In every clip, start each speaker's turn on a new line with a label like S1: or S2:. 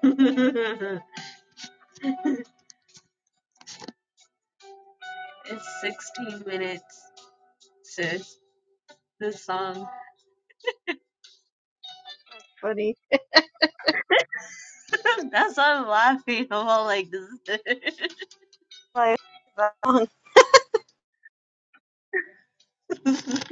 S1: it's 16 minutes, sis. This song.
S2: funny.
S1: That's why I'm laughing. I'm all like, this is it.
S2: Like, That song-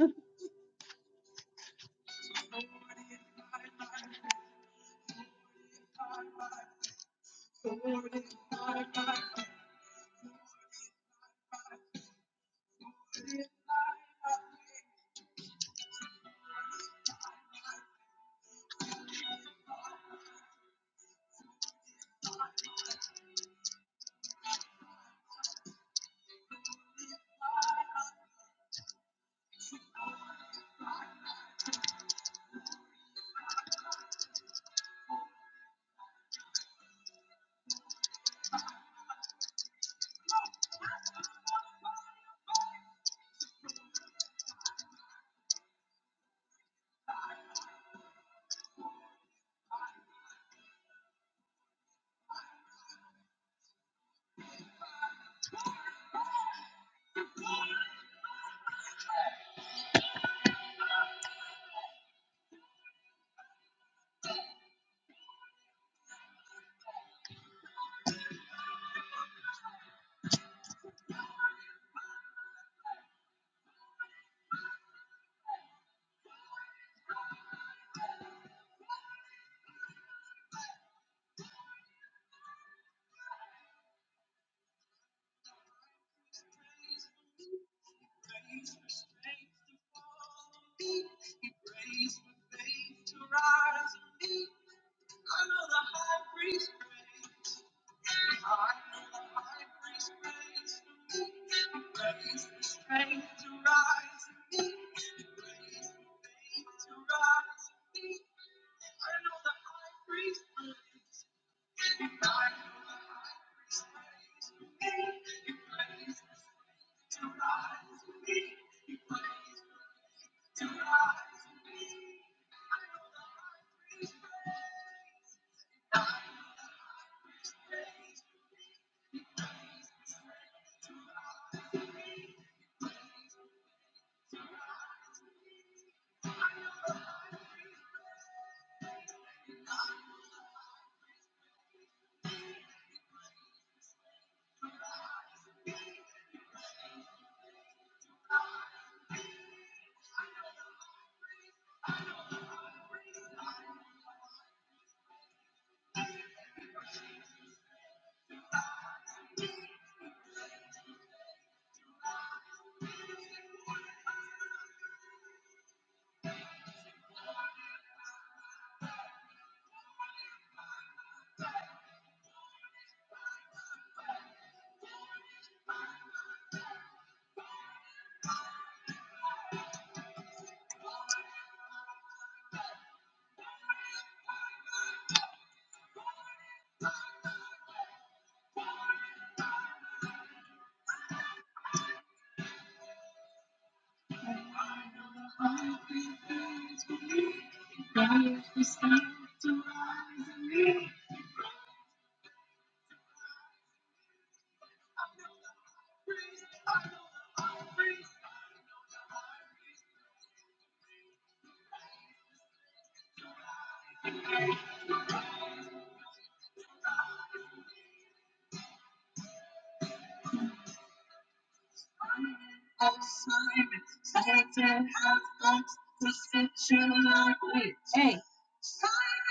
S1: Hey,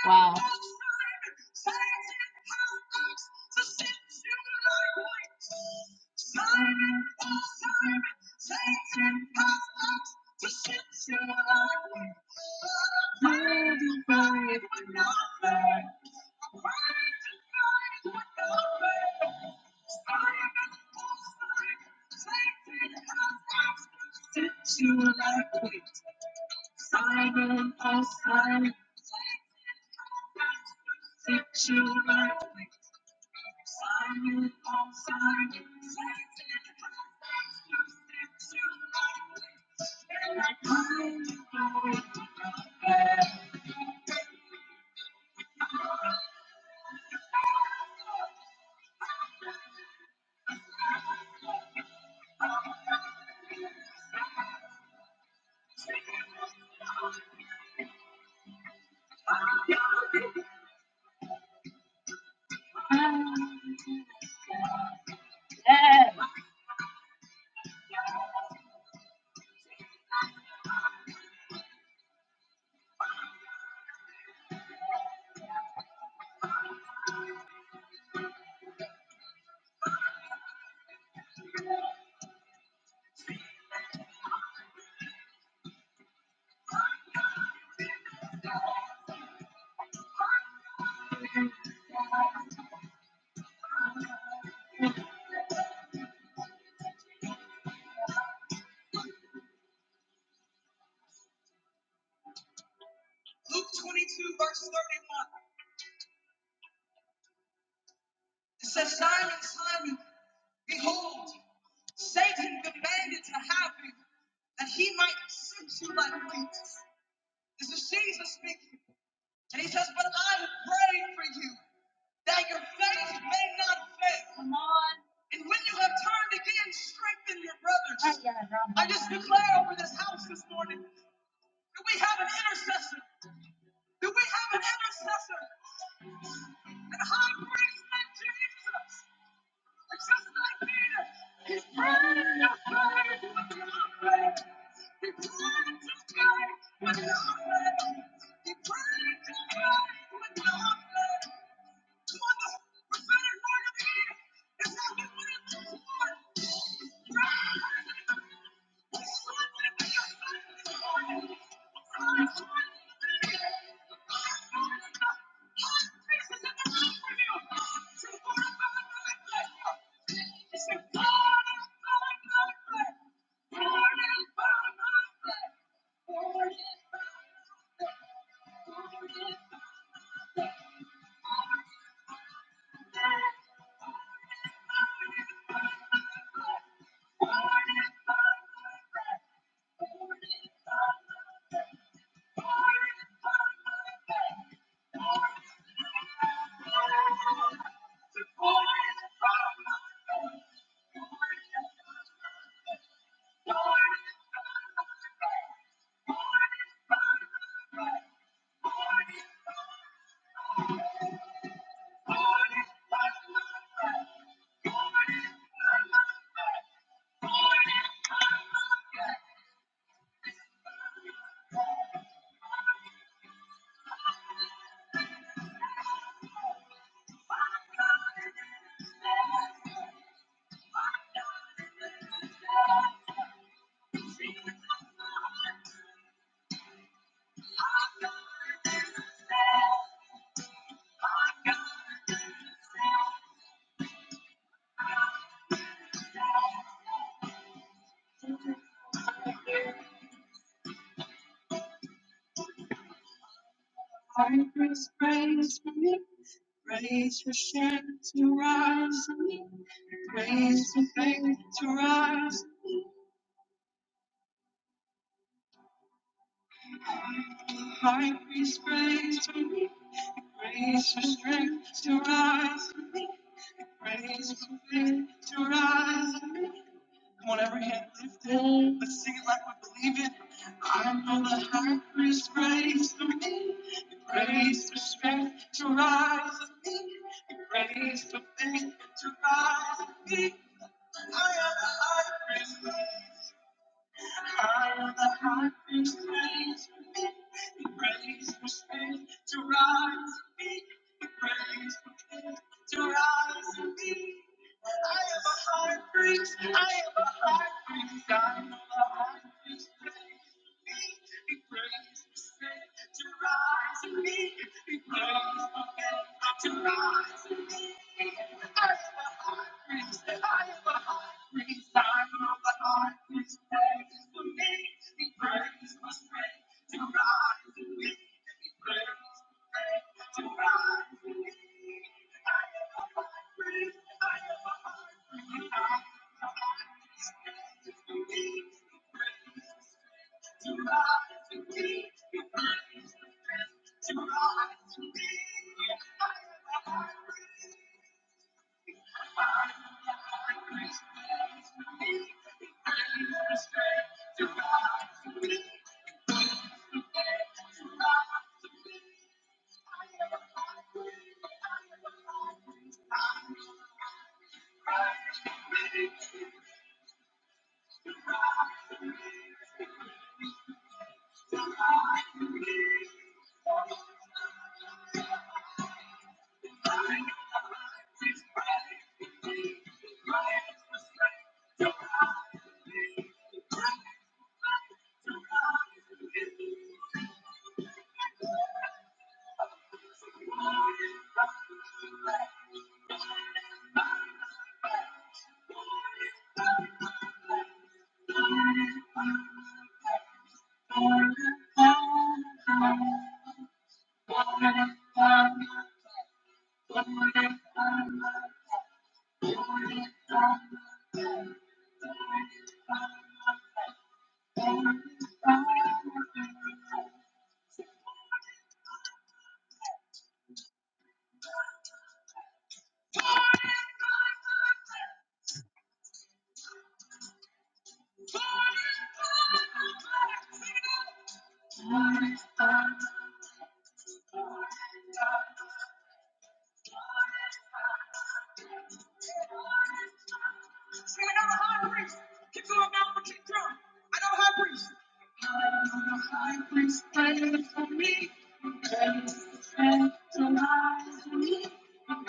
S1: wow. ay, ay,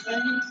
S1: Yes.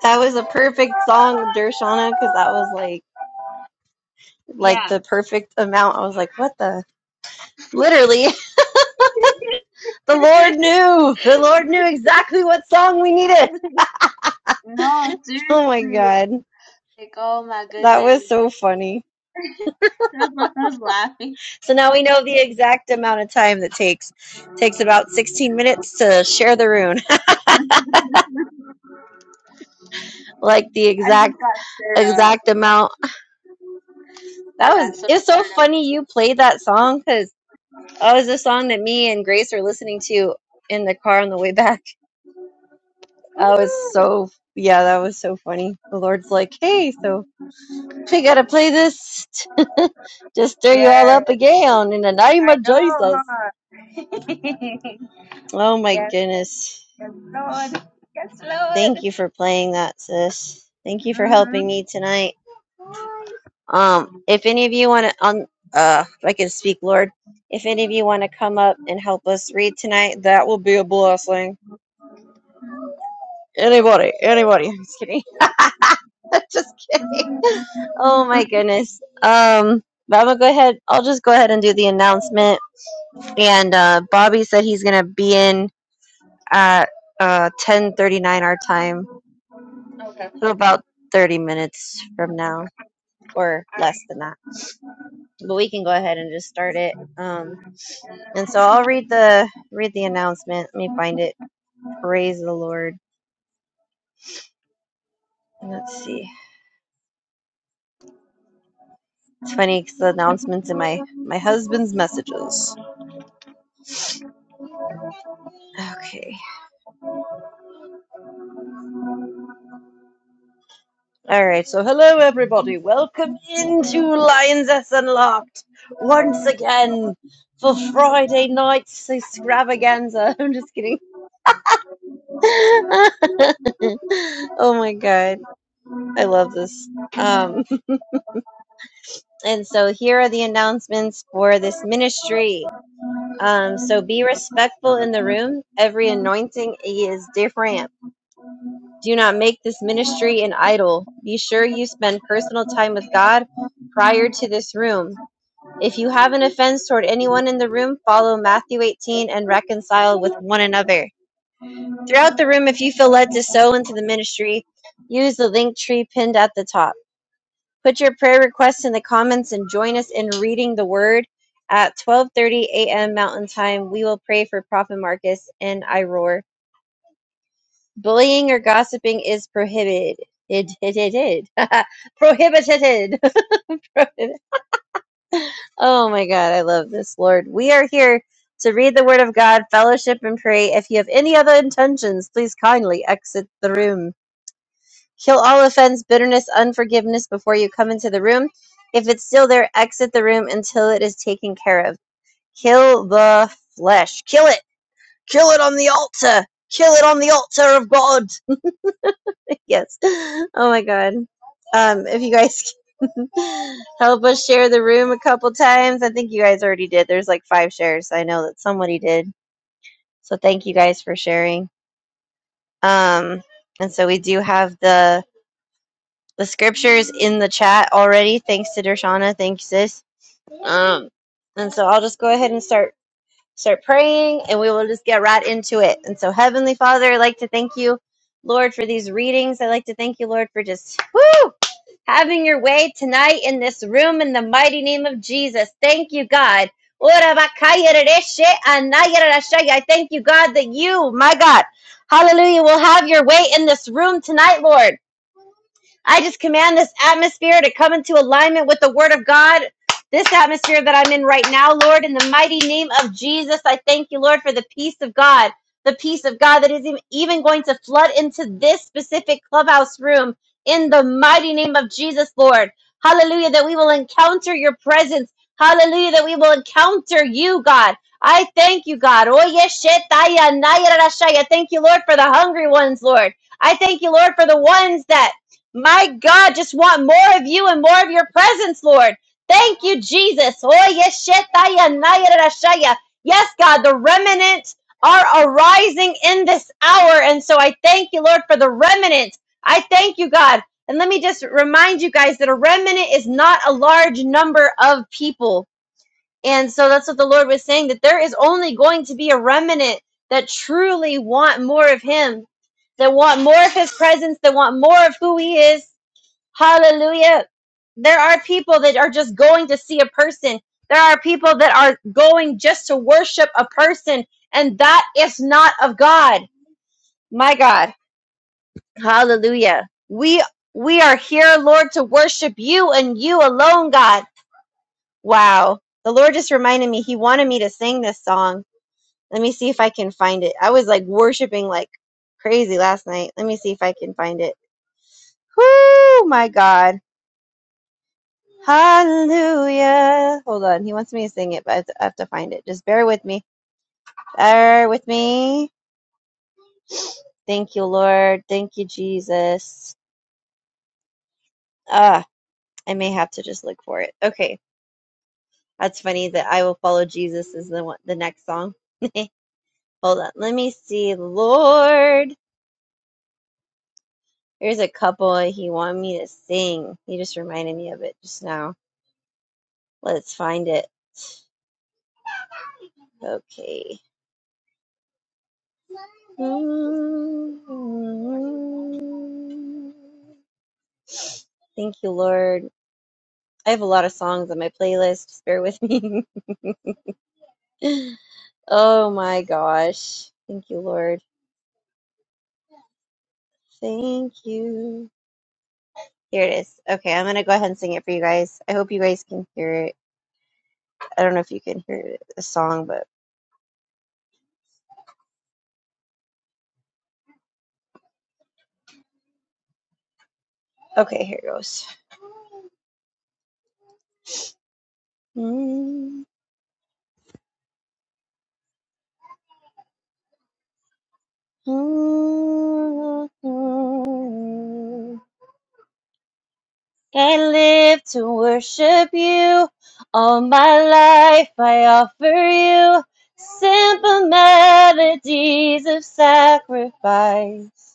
S2: that was a perfect song, Dershana, because that was like like the perfect amount. I was like, what the? Literally, the Lord knew. The Lord knew exactly what song we needed.
S1: no,
S2: Oh my
S1: seriously.
S2: God,
S1: Like, oh my
S2: that
S1: goodness.
S2: was so funny.
S1: That's why I was laughing.
S2: So now we know the exact amount of time that takes. Takes about 16 minutes to share the rune,
S1: I
S2: like the exact
S1: just got stirred up.
S2: exact amount.
S1: I
S2: That
S1: got
S2: was
S1: so
S2: it's so
S1: stirred up.
S2: funny you played that song because. Oh, it was a song that me and Grace were listening to in the car on the way back. I was so, yeah, that was so funny. The Lord's like, hey, so we got to play this just stir you all
S1: Yes,
S2: up again in the name of
S1: I know,
S2: Jesus.
S1: huh?
S2: Oh my
S1: yes,
S2: goodness.
S1: yes, Lord. Yes,
S2: Thank
S1: Lord.
S2: you for playing that, sis. Thank you for
S1: Mm-hmm.
S2: helping me tonight. Um, if any of you want to, um, uh, if I can speak, Lord, if any of you want to come up and help us read tonight, that will be a blessing Anybody, anybody. I'm just kidding. just kidding. Oh my goodness. Um, but I'm gonna go ahead. I'll just go ahead and do the announcement. And uh, Bobby said he's gonna be in at uh 10:39 our time,
S1: Okay.
S2: so about 30 minutes from now, or less than that. But we can go ahead and just start it. Um, and so I'll read the read the announcement. Let me find it. Praise the Lord. Let's see. It's funny because the announcements in my my husband's messages. Okay. All right. So, hello, everybody. Welcome into Lions Unlocked once again for Friday night's extravaganza. I'm just kidding. oh my god, I love this. Um, and so here are the announcements for this ministry. Um, so be respectful in the room. Every anointing is different. Do not make this ministry an idol. Be sure you spend personal time with God prior to this room. If you have an offense toward anyone in the room, follow Matthew 18 and reconcile with one another. Throughout the room, if you feel led to sow into the ministry, use the link tree pinned at the top. Put your prayer requests in the comments and join us in reading the word at 12:30 a.m. Mountain Time. We will pray for Prophet Marcus and I Roar. Bullying or gossiping is prohibited. It, it, it, it. prohibited. oh my God, I love this, Lord. We are here to read the Word of God, fellowship, and pray. If you have any other intentions, please kindly exit the room. Kill all offense, bitterness, unforgiveness before you come into the room. If it's still there, exit the room until it is taken care of. Kill the flesh. Kill it. Kill it on the altar. Kill it on the altar of God. yes. Oh my god. Um, if you guys can help us share the room a couple times, I think you guys already did. There's like five shares. so I know that somebody did. So thank you guys for sharing. Um, and so we do have the the scriptures in the chat already. Thanks to Dershana. Thanks, sis. Um, and so I'll just go ahead and start start praying, and we will just get right into it. And so, Heavenly Father, I'd like to thank you, Lord, for these readings. I'd like to thank you, Lord, for just woo. having your way tonight in this room in the mighty name of Jesus. Thank you, God. Ora bakaya rereshe anaya I thank you, God, that you, my God, hallelujah, will have your way in this room tonight, Lord. I just command this atmosphere to come into alignment with the word of God. This atmosphere that I'm in right now, Lord, in the mighty name of Jesus, I thank you, Lord, for the peace of God, the peace of God that is even going to flood into this specific clubhouse room in the mighty name of Jesus, Lord. Hallelujah, that we will encounter your presence. Hallelujah, that we will encounter you, God. I thank you, God. Oye, shetaya, naya, rashaya. Thank you, Lord, for the hungry ones, Lord. I thank you, Lord, for the ones that my God, just want more of you and more of your presence, Lord. Thank you, Jesus. Oh, yes, shetaya, naya, rashaya. Yes, God, the remnant are arising in this hour. And so I thank you, Lord, for the remnant. I thank you, God. And let me just remind you guys that a remnant is not a large number of people. And so that's what the Lord was saying that there is only going to be a remnant that truly want more of Him, that want more of His presence, that want more of who He is Hallelujah. There are people that are just going to see a person. There are people that are going just to worship a person, and that is not of God. My God. Hallelujah. We we are here, Lord, to worship you and you alone, God. Wow. The Lord just reminded me he wanted me to sing this song. Let me see if I can find it. I was like worshiping like crazy last night. Let me see if I can find it. Whoo, my God. Hallelujah. Hold on. He wants me to sing it, but I have to I have to find it. Just bear with me. Bear with me. Thank you, Lord. Thank you, Jesus. Ah, I may have to just look for it. Okay. That's funny that I will follow Jesus is the one, the next song. Hold on. Let me see. Lord. There's a couple he wanted me to sing. He just reminded me of it just now. Let's find it. Okay. Thank you, Lord. I have a lot of songs on my playlist. Just bear with me. oh my gosh. Thank you, Lord. Thank you. Here it is. Okay, I'm going to go ahead and sing it for you guys. I hope you guys can hear it. I don't know if you can hear the song, but okay, here it goes. Mm, mm, mm, Can't live to worship you. All my life I offer you simple melodies of sacrifice.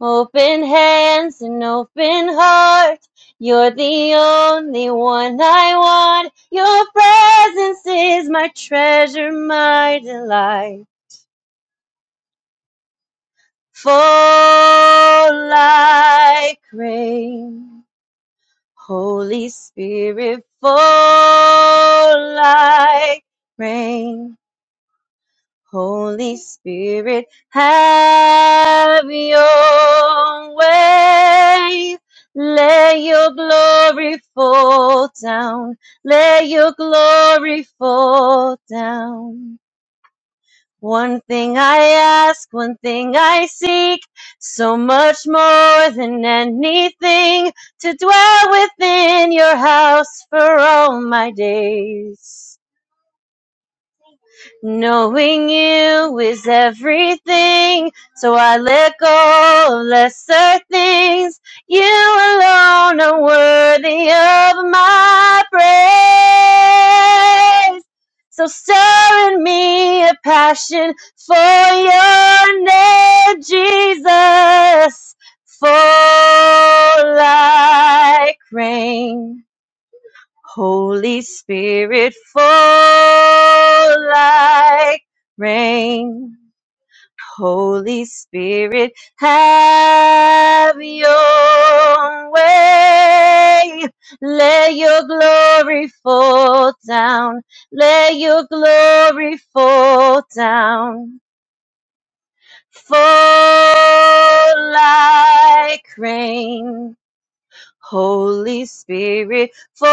S2: Open hands and open heart. You're the only one I want. Your presence is my treasure, my delight. Fall like rain. Holy Spirit, fall like rain. Holy Spirit, have your way. Let your glory fall down. Let your glory fall down. One thing I ask, one thing I seek, so much more than anything, to dwell within your house for all my days. Knowing you is everything, so I let go of lesser things. You alone are worthy of my praise. So stir in me a passion for your name, Jesus, fall like rain Holy Spirit, fall like rain. Holy Spirit, have your way. Let your glory fall down. Let your glory fall down. Fall like rain. Holy Spirit, fall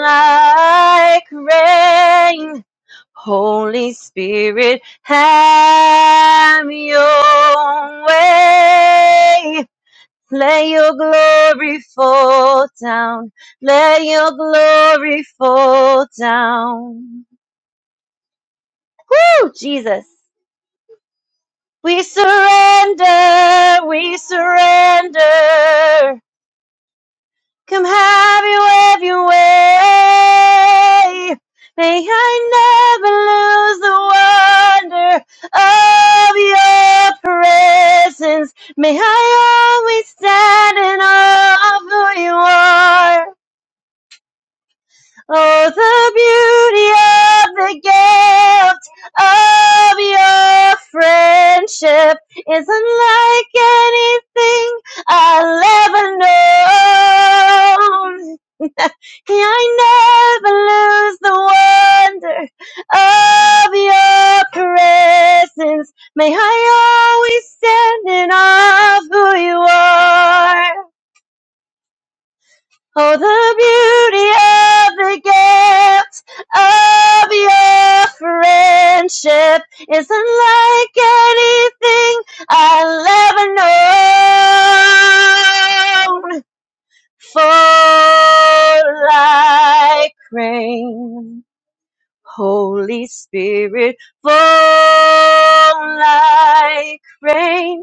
S2: like rain. Holy Spirit, have your way. Let your glory fall down. Let your glory fall down. Woo, Jesus. We surrender, we surrender. Come have you every way. May I never lose the wonder of your presence. May I always stand in awe of who you are. Oh, the beauty of the gift of your friendship is unlike anything I'll ever know. I never lose the wonder of your presence. May I always stand in awe of who you are. Oh, the beauty of the gifts of your friendship is unlike anything I'll ever know. Fall like rain, Holy Spirit, fall like rain.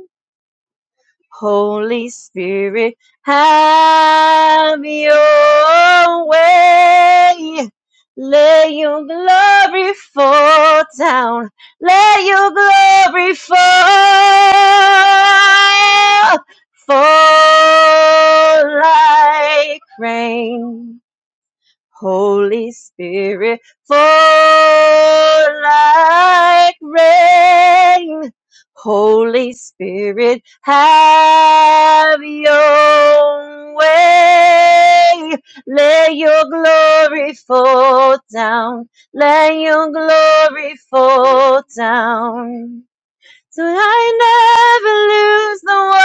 S2: Holy Spirit, have your way. Let your glory fall down. Let your glory fall. Fall like rain Holy Spirit, fall like rain. Holy Spirit, have your way. Let your glory fall down. Let your glory fall down so I never lose the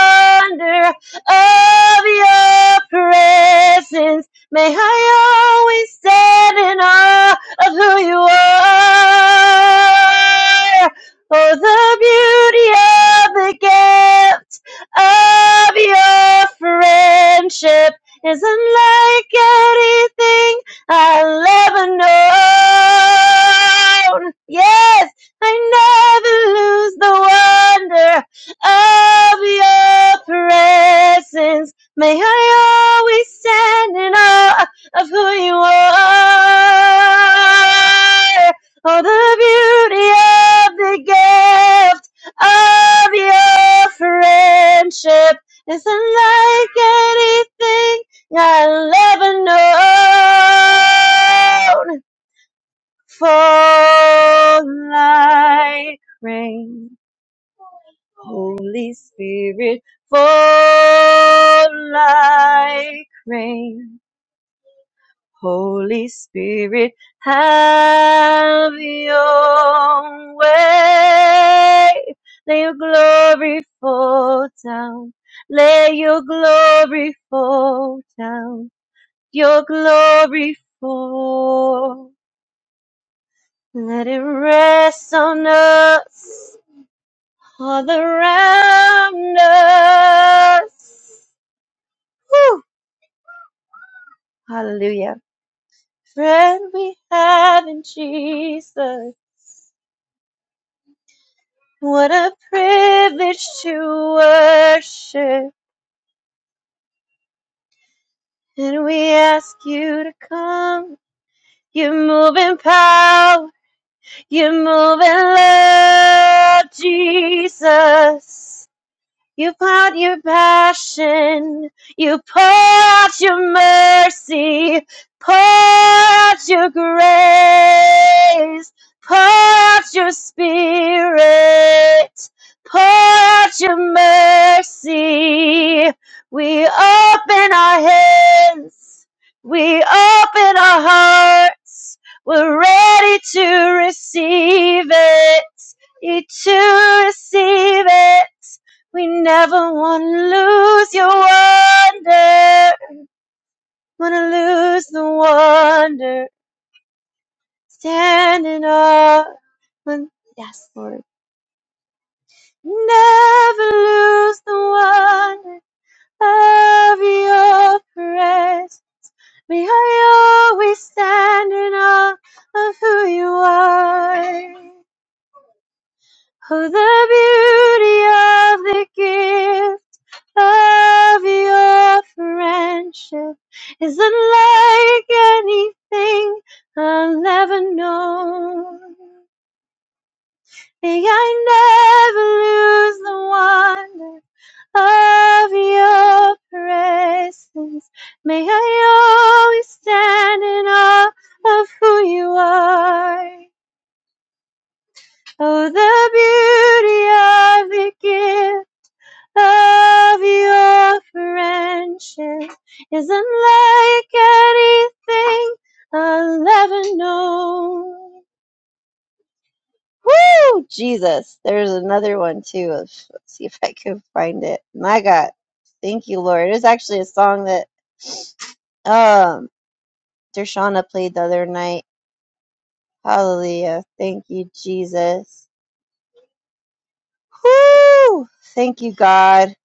S2: wonder of your presence. May I always stand in awe of who you are. Oh, the beauty of the gift of your friendship is unlike anything I'll ever know. Yes! I never lose the wonder of your presence. May I always stand in awe of who you are. Oh, the beauty of the gift of your friendship is unlike anything I'll ever know fall like rain. Holy Spirit, fall like rain. Holy Spirit, have your way. Let your glory fall down. Let your glory fall down. Your glory fall. Let it rest on us. all the us. Whew. Hallelujah. Friend we have in Jesus. What a privilege to worship. And we ask you to come. You move in power. You move in love, Jesus. You pour out your passion. You pour out your mercy. Pour out your grace. Pour out your spirit. Pour out your mercy. We open our hands. We open our hearts. We're ready to receive it. To receive it we never want to lose your wonder. Want to lose the wonder. Standing up. When, yes, Lord. Never lose the wonder of your praise. May I always stand in awe of who you are. Oh, the beauty of the gift of your friendship is unlike anything I'll ever know. May I never lose the wonder of your presence. May I always stand in awe of who you are. Oh, the beauty of the gift. of your friendship isn't like anything I'll ever know. Woo! Jesus. There's another one too. Let's see if I can find it. My God. Thank you, Lord. It's actually a song that um Dershana played the other night. Hallelujah. Thank you, Jesus. Woo! Thank you, God.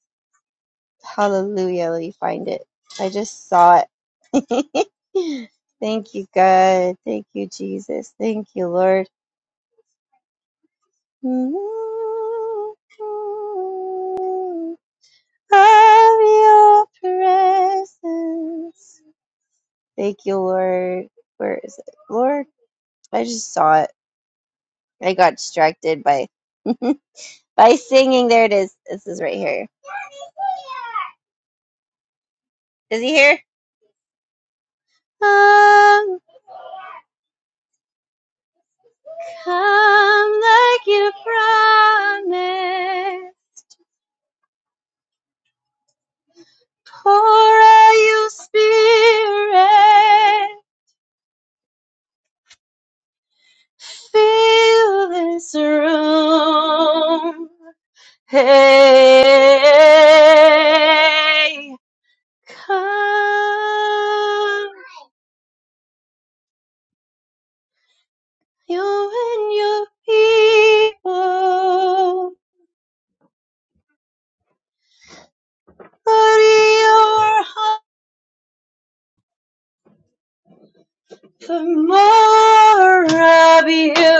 S2: Hallelujah. Let me find it. I just saw it. Thank you, God. Thank you, Jesus. Thank you, Lord. Of your presence. Thank you, Lord. Where is it? Lord, I just saw it. I got distracted by by singing. There it is. This is right here. Is he here? Come, come like you promised. Pour out your spirit fill this room. Hey, come, you and your people, put your heart for more of you.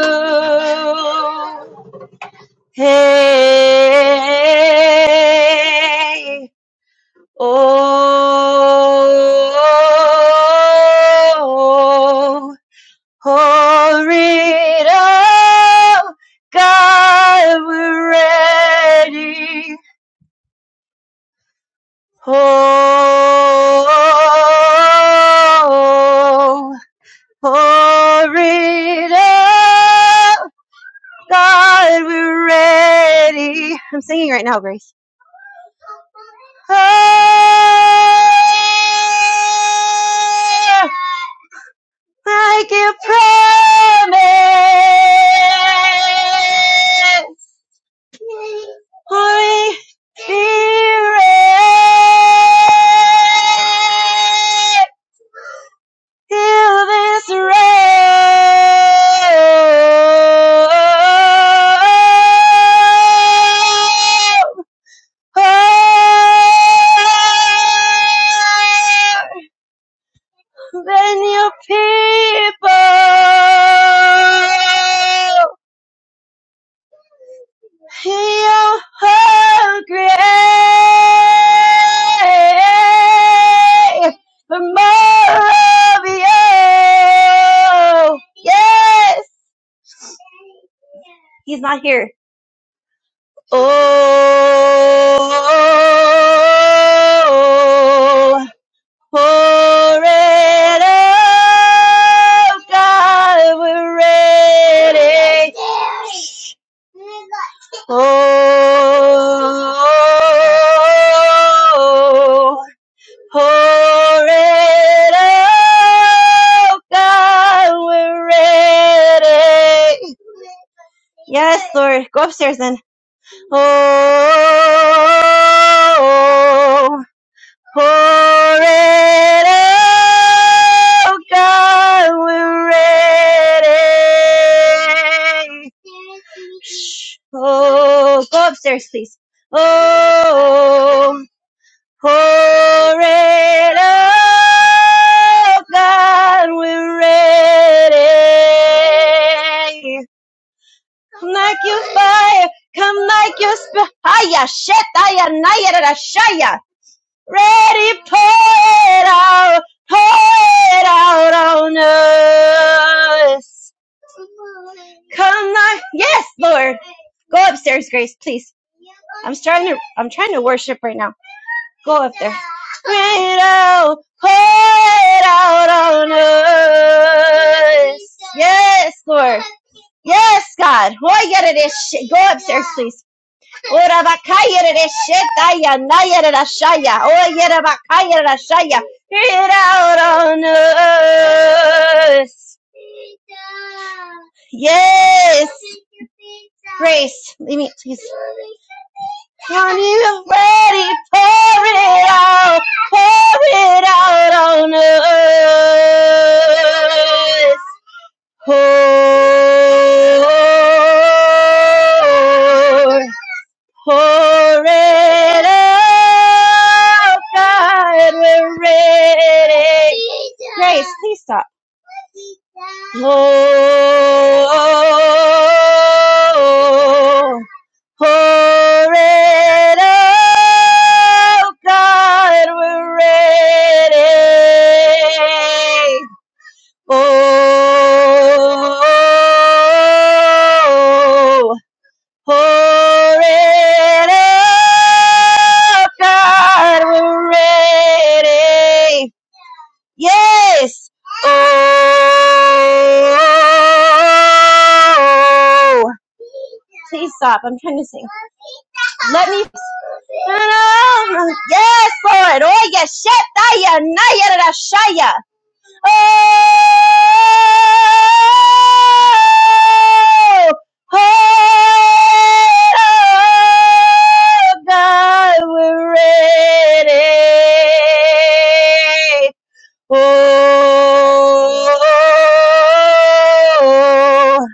S2: Hey. Oh, hurry up, God, we're ready. Oh, hurry up, God, we're ready. I'm singing right now, Grace. Oh, Like you promised. Holy Spirit. Heal this road room. When your people hear her grace. The more of you. Yes. He's not here. Oh, Pour it out, God, we're ready. Oh, oh, oh, oh. pour it out, God, we're ready. Yes, Lord, go upstairs then. Oh, oh, oh, oh. Pour it out, God, we're ready. Shh. Oh, go upstairs, please. Oh, pour it out, God, we're ready. Come like you fire, come like your spirit. Hiya, shit, hiya, naya, shaya ready, pour it out, pour it out on us. Come on, yes, Lord. Go upstairs, Grace, please. I'm trying to, I'm trying to worship right now. Go up there. Pour it out, pour it out on us. Yes, Lord. Yes, God. Go upstairs, please. Ora bakaya de shetaya naya de shaya. Oh yera bakaya de shaya. It out on us. Yes. Grace, leave me, please. Are you ready? Pour it out. Pour it out on us. Pour, pour it out, God, we're ready. Grace, please stop. Ho, ho, red, Oh, pour it out, God, we're ready. Oh, oh, pour it out, God, we're ready. Yes. Oh, please stop. I'm trying to sing. Let me. Yes, Lord. Oh, yes, shit. I, yeah, nah, yeah, da, da, Oh, oh, God, we're ready. Oh,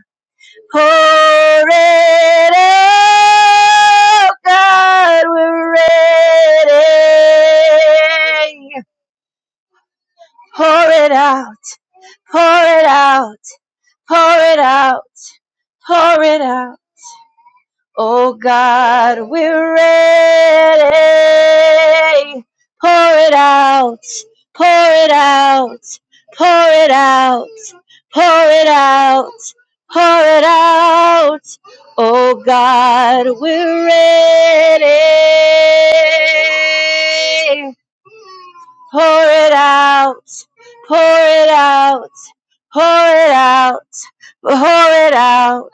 S2: oh, ready. Oh, God, we're ready. Pour it out, pour it out. Pour it out, pour it out. Oh God, we're ready. Pour it out, pour it out, pour it out, pour it out, pour it out. Oh God, we're ready. Pour it out, pour it out, pour it out, pour it out.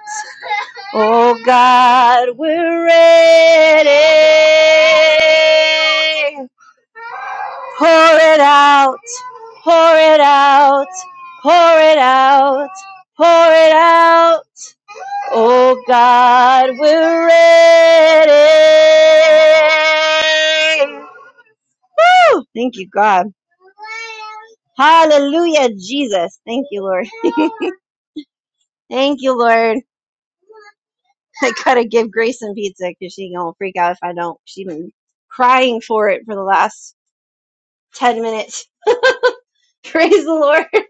S2: Oh God, we're ready. Pour it out, pour it out, pour it out, pour it out. Oh God, we're ready. Woo! Thank you, God. Hallelujah, Jesus. Thank you, Lord. Thank you, Lord. I gotta give Grayson pizza because she gonna freak out if I don't. She been crying for it for the last ten minutes. Praise the Lord.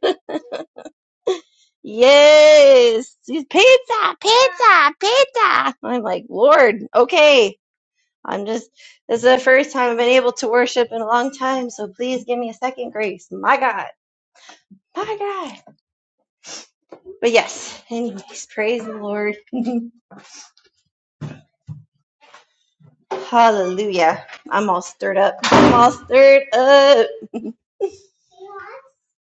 S2: Yes, she's pizza, pizza, pizza. I'm like, Lord, okay. I'm just. This is the first time I've been able to worship in a long time, so please give me a second grace. My God, my God. But yes. Anyways, praise the Lord. Hallelujah. I'm all stirred up. I'm all stirred up.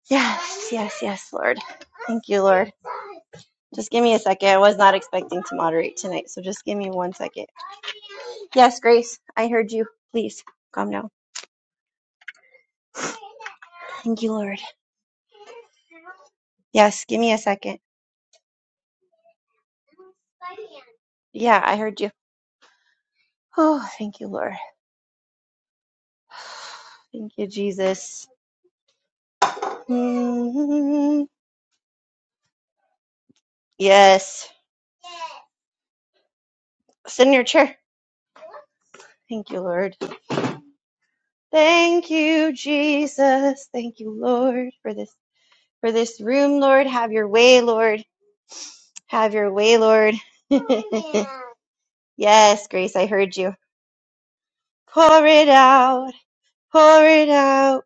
S2: Yes, yes, yes, Lord. Thank you, Lord. Just give me a second. I was not expecting to moderate tonight, so just give me one second. Yes, Grace, I heard you. Please calm down. Thank you, Lord. Yes, give me a second. Yeah, I heard you. Oh, thank you, Lord. Thank you, Jesus. Mhm. Yes, sit in your chair. Thank you, Lord. Thank you, Jesus. Thank you, Lord, for this for this room, Lord. Have your way, Lord. Have your way, Lord. Yes, Grace, I heard you. Pour it out, pour it out,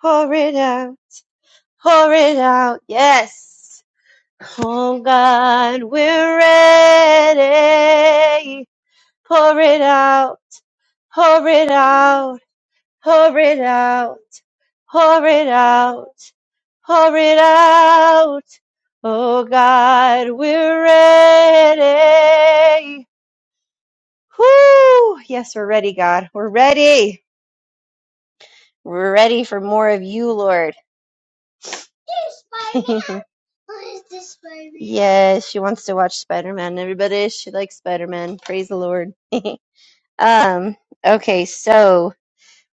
S2: pour it out, pour it out. Yes. Oh God, we're ready. Pour it out, pour it out, pour it out, pour it out, pour it out. Oh God, we're ready. Whoo! Yes, we're ready, God. We're ready. We're ready for more of you, Lord. Here's Spider-Man. What is this, Spider-Man? Yes, she wants to watch Spider Man. Everybody, she likes Spider Man. Praise the Lord. um. Okay, so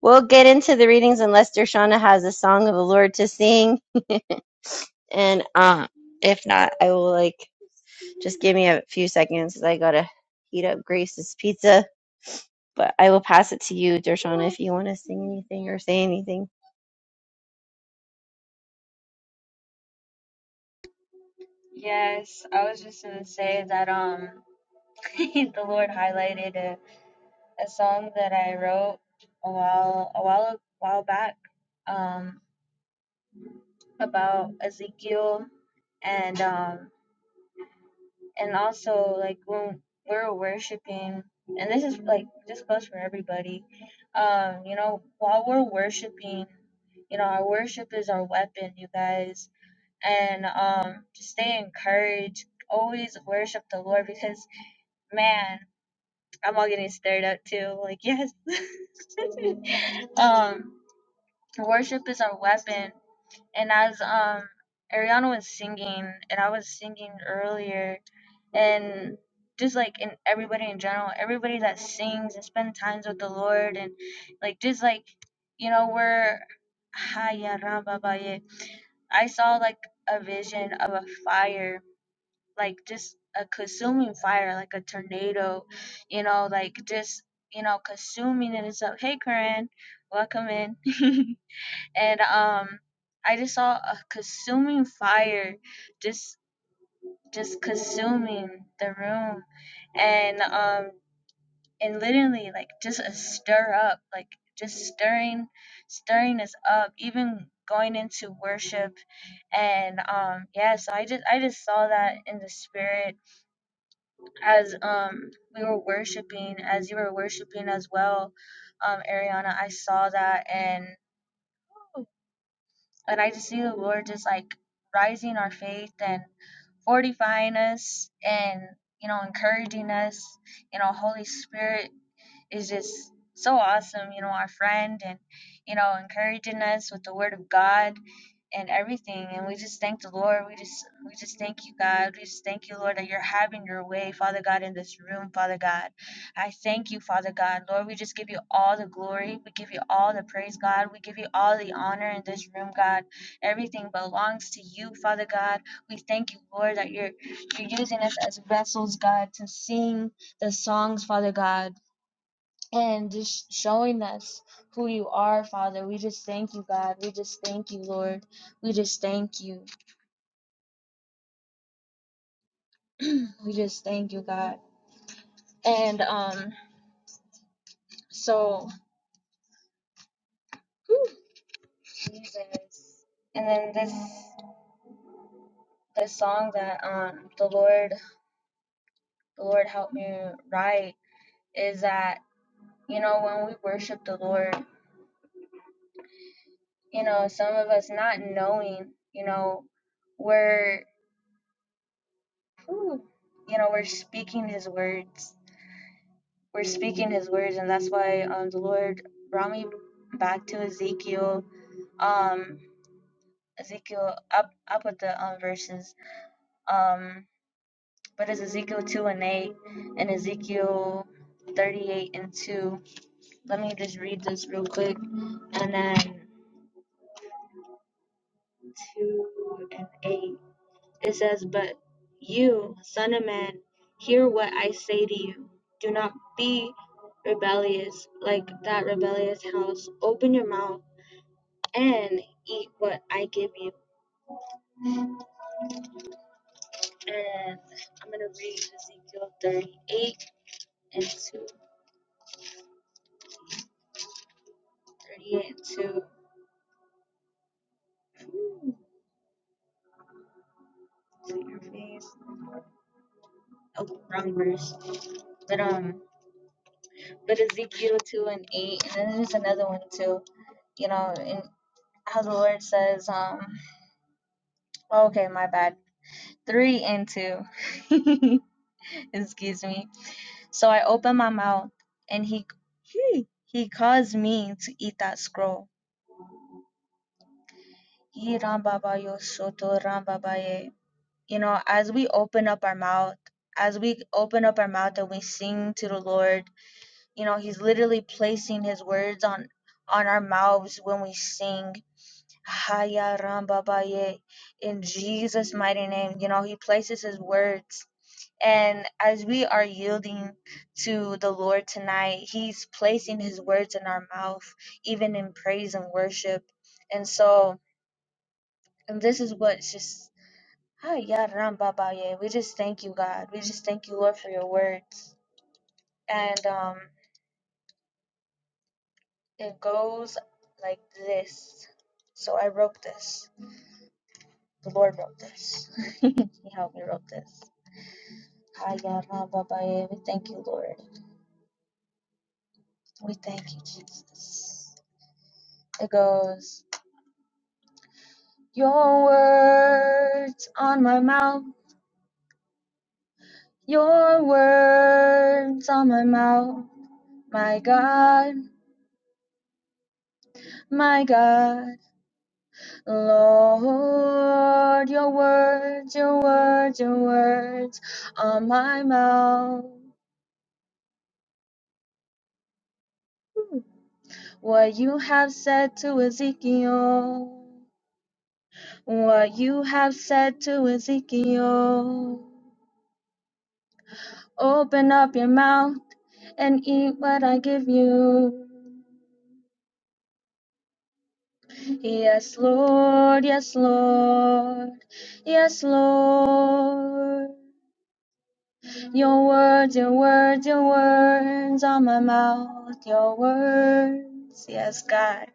S2: we'll get into the readings unless Dershana has a song of the Lord to sing, and um, if not, I will like just give me a few seconds because I gotta heat up Grace's pizza. But I will pass it to you, Dershana, if you want to sing anything or say anything.
S1: Yes, I was just gonna say that um the Lord highlighted a, a song that I wrote a while a while a while back um about Ezekiel and um. and also like when we're worshiping and this is like this goes for everybody um you know while we're worshiping you know our worship is our weapon you guys and um just stay encouraged always worship the lord because man i'm all getting stirred up too like yes um worship is our weapon and as um ariana was singing and i was singing earlier and just like in everybody in general, everybody that sings and spend times with the Lord and like just like you know we're Haya Ramba Baye. I saw like a vision of a fire, like just a consuming fire, like a tornado, you know, like just you know consuming it itself. Hey, Corinne, welcome in. and um, I just saw a consuming fire, just just consuming the room and um and literally like just a stir up like just stirring stirring us up even going into worship and um yeah so i just i just saw that in the spirit as um we were worshiping as you were worshiping as well um ariana i saw that and and i just see the lord just like rising our faith and. fortifying us and you know encouraging us you know holy spirit is just so awesome you know our friend and you know encouraging us with the word of god and everything. And we just thank the Lord. We just we just thank you, God. We just thank you, Lord, that you're having your way, Father God, in this room, Father God. I thank you, Father God. Lord, we just give you all the glory. We give you all the praise, God. We give you all the honor in this room, God. Everything belongs to you, Father God. We thank you, Lord, that you're you're using us as vessels, God, to sing the songs, Father God and just showing us who you are, Father. We just thank you, God. We just thank you, Lord. We just thank you. we just thank you, God. And um, so whew, Jesus. And then this this song that um the Lord the Lord helped me write is that you know when we worship the Lord, you know some of us not knowing, you know, we're whew, you know we're speaking His words we're speaking his words and that's why um the lord brought me back to ezekiel um ezekiel up up with the um verses um but it's ezekiel 2 and 8 and ezekiel 38 and 2 let me just read this real quick and then 2 and 8 it says but you son of man hear what i say to you do not be rebellious like that rebellious house open your mouth and eat what I give you. And I'm gonna read Ezekiel 38 and 2. 38 and 2. Whew, see your face. Oh, wrong verse. But um, but Ezekiel 2 and 8, and then there's another one too. You know, and how the Lord says, um, oh, okay, my bad. 3 and 2. Excuse me. So I opened my mouth, and he he he caused me to eat that scroll Ye Rambabayo Soto Rambabaye. You know, as we open up our mouth, as we open up our mouth and we sing to the Lord, you know, He's literally placing His words on on our mouths when we sing. Haya Rambabaye. In Jesus' mighty name, you know, He places His words. And as we are yielding to the Lord tonight, He's placing His words in our mouth, even in praise and worship. And so, and this is what just Hi, yeah, Rambabaye. We just thank you, God. We just thank you, Lord, for your words. And um, it goes like this. So I wrote this. The Lord wrote this. He helped me wrote this. Hi, yeah, Rambabaye. We thank you, Lord. We thank you, Jesus. It goes, Your words on my mouth. Your words on my mouth. My God, my God. Lord, your words, your words, your words are my mouth. What you have said to Ezekiel, what you have said to Ezekiel. Open up your mouth and eat what I give you. Yes, Lord, yes, Lord, yes, Lord. Your words, your words, your words on my mouth, your words, yes, God.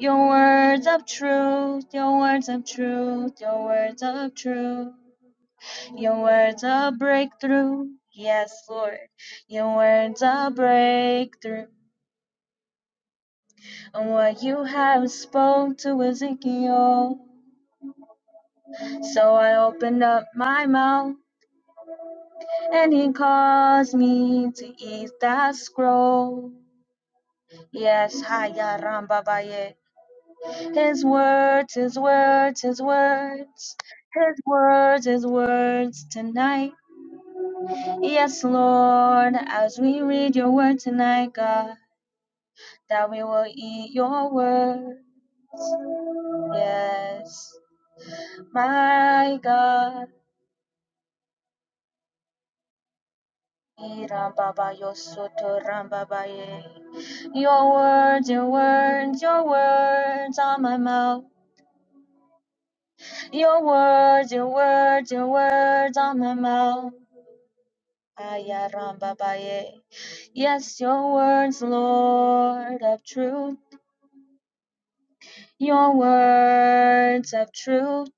S1: Your words of truth, your words of truth, your words of truth, your words of breakthrough, yes, Lord. Your words of breakthrough, and what you have spoke to Ezekiel. So I opened up my mouth, and he caused me to eat that scroll. Yes, Haya Rambabaye. His words, his words, his words, his words, his words tonight. Yes, Lord, as we read your word tonight, God, that we will eat your words. Yes, my God. Irambaba yosoto rambabaye. Your words, your words, your words are my mouth. Your words, your words, your words on my mouth. Ayarambabaye. Yes, your words, Lord of truth. Your words of truth.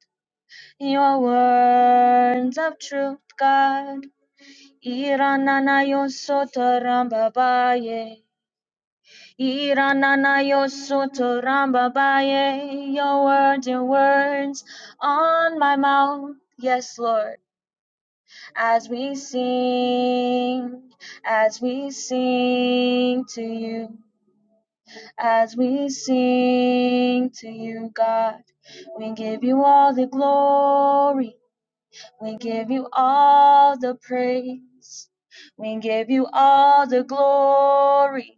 S1: Your words of truth, God. Iranana yo soto rambabaye. Iranana yo soto rambabaye. Your words, your words on my mouth. Yes, Lord. as we sing, as we sing to you, as we sing to you, God. We give you all the glory, we give you all the praise, we give you all the glory,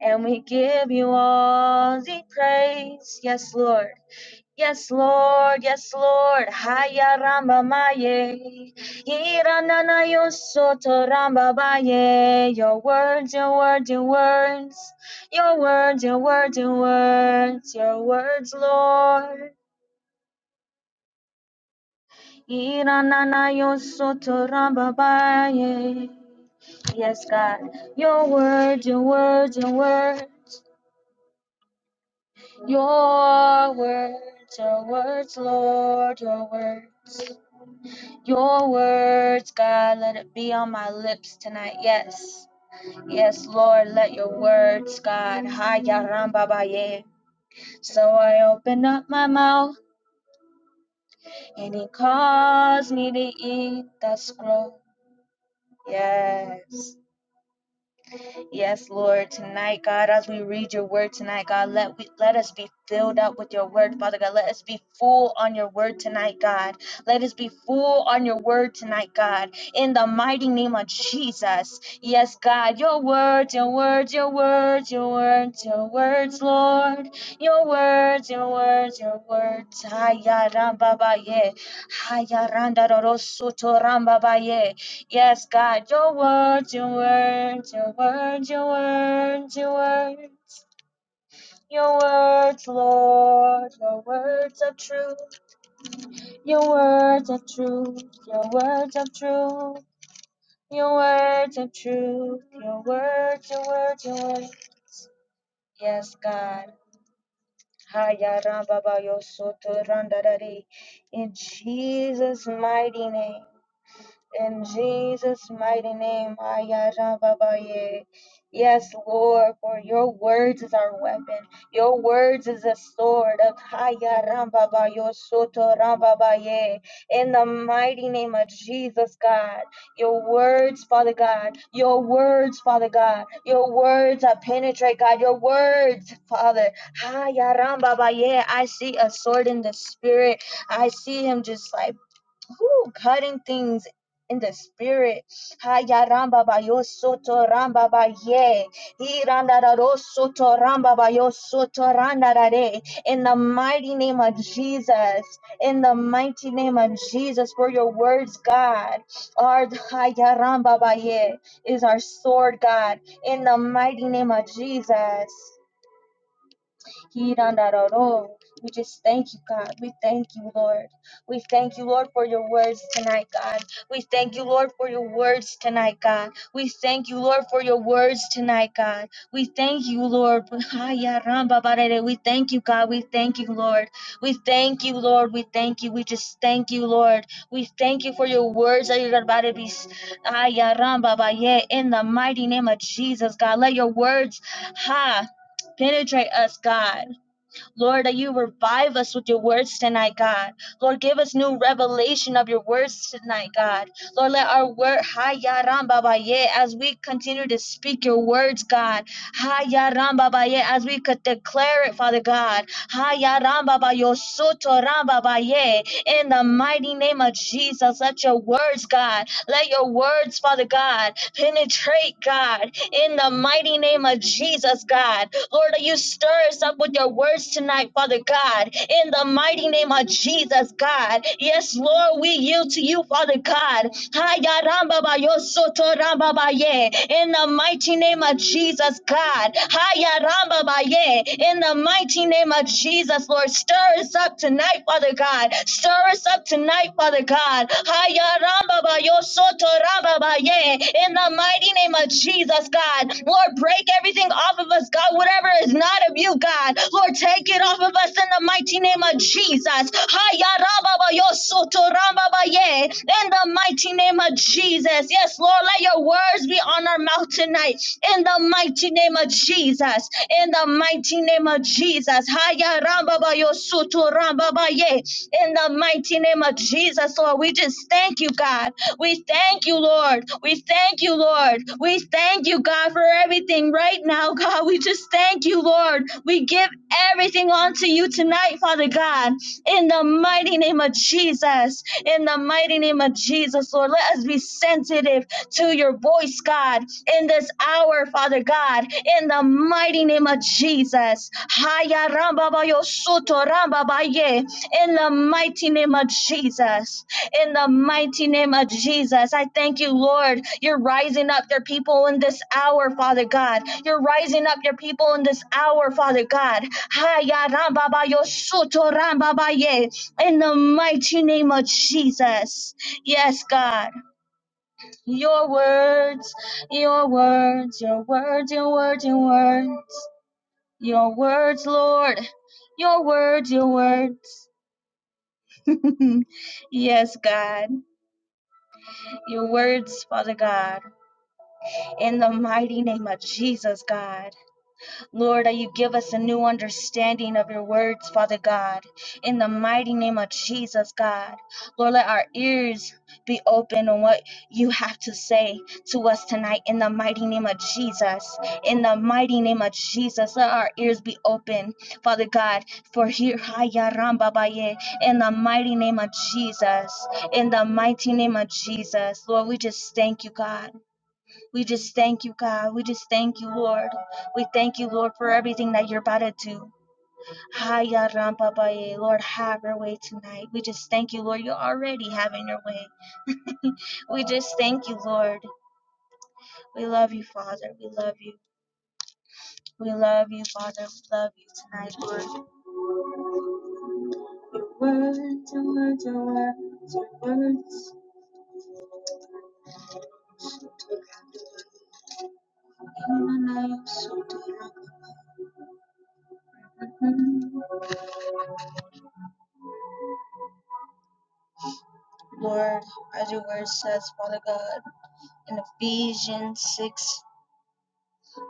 S1: and we give you all the praise. Yes, Lord. Yes, Lord, yes, Lord. Haya ramba maye. Iranana yo soto ramba baye. Your words, your words, your words. Your words, your words, your words. Your words, Lord. Iranana yo soto ramba baye. Yes, God. Your words, your words, your words. Your words, your words, Lord, your words. Your words, God, let it be on my lips tonight. Yes. Yes, Lord, let your words, God. So I open up my mouth and he caused me to eat the scroll. Yes. Yes, Lord, tonight, God, as we read your word tonight, God, let we let us be filled up with your word, Father God. Let us be full on your word tonight, God. Let us be full on your word tonight, God. In the mighty name of Jesus. Yes, God, your words, your words, your words, your words, your words, Lord. Your words, your words, your words. Hayarambabaye. Hayarandarorosotorambabaye. Yes, God, your words, your words, your words, your words, your words, your words, Lord, your words of truth, your words of truth, your words of truth, your words of truth, your words, your words, your words. Yes, God. Haya ramba ba yo soto randa dadi. In Jesus' mighty name. In Jesus' mighty name, Ayarababaye. Yes, Lord, for your words is our weapon. Your words is a sword. Ayarababayo sotorababaye. In the mighty name of Jesus, God. Your words, Father God. Your words, Father God. Your words that penetrate, God. Your words, Father. Ayarambabaye. I see a sword in the spirit. I see him just like whew, cutting things in the spirit. Haya ramba soto ramba ba ye. soto ramba ba soto randa In the mighty name of Jesus, in the mighty name of Jesus, for your words, God, Our haya ramba ba is our sword, God. In the mighty name of Jesus. We just thank you, God. We thank you, Lord. We thank you, Lord, for your words tonight, God. We thank you, Lord, for your words tonight, God. We thank you, Lord, for your words tonight, God. We thank you, Lord. We thank you, God. We thank you, Lord. We thank you, Lord. We thank you. We just thank you, Lord. We thank you for your words that you're about to be. Haya ramba baye. In the mighty name of Jesus, God, let your words, ha, penetrate us, God. Lord, that you revive us with your words tonight, God. Lord, give us new revelation of your words tonight, God. Lord, let our word, Ha ya ram baba ye, as we continue to speak your words, God. Ha ya ram baba ye, as we could declare it, Father God. Ha ya ram baba yo soto ram baba ye. In the mighty name of Jesus, let your words, God, let your words, Father God, penetrate, God in the mighty name of Jesus, God. Lord, you stir us up with your words tonight, Father God, in the mighty name of Jesus, God. Yes, Lord, we yield to you, Father God. Hayarambabayosotorambabaye. In the mighty name of Jesus, God. Hayarambabaye. In the mighty name of Jesus, Lord, stir us up tonight, Father God. God. Stir us up tonight, Father God. Haya ramba ba yo In the mighty name of Jesus, God. Lord, break everything off of us, God. Whatever is not of you, God. Lord, take it off of us in the mighty name of Jesus. Haya ramba ba yo In the mighty name of Jesus. Yes, Lord, let your words be on our mouth tonight. In the mighty name of Jesus. In the mighty name of Jesus. Haya ramba ba yo soto ramba ba ye. In the mighty name of Jesus, Lord, we just thank you, God. We thank you, Lord. We thank you, Lord. We thank you, God, for everything right now, God. We just thank you, Lord. We give everything onto you tonight, Father God. In the mighty name of Jesus. In the mighty name of Jesus, Lord, let us be sensitive to your voice, God, in this hour, Father God, in the mighty name of Jesus. Haya ramba ba yo soto ramba ba ye. In the mighty name of Jesus. In the mighty name of Jesus. I thank you, Lord. You're rising up your people in this hour, Father God. You're rising up your people in this hour, Father God. Haya ramba ba yo soto ramba ba ye. In the mighty name of Jesus. Yes, God. Your words, your words, your words, your words, your words, your words, Lord, your words, your words. yes, God, your words, Father God, in the mighty name of Jesus, God. Lord, that you give us a new understanding of your words, Father God, in the mighty name of Jesus, God. Lord, let our ears be open on what you have to say to us tonight in the mighty name of Jesus. In the mighty name of Jesus, let our ears be open, Father God, for here, Haya Ramba Baye, in the mighty name of Jesus. In the mighty name of Jesus, Lord, we just thank you, God. We just thank you, God. We just thank you, Lord. We thank you, Lord, for everything that you're about to do. Haya Rampa Baye. Lord, have your way tonight. We just thank you, Lord. You're already having your way. We just thank you, Lord. We love you, Father. We love you. We love you, Father. We love you tonight, Lord. Your words, your words, your words, your words. In the name of Sotah. Lord, as your word says, Father God, in Ephesians 6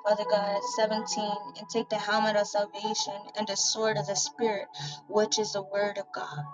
S1: Father God, 17, and take the helmet of salvation and the sword of the Spirit, which is the word of God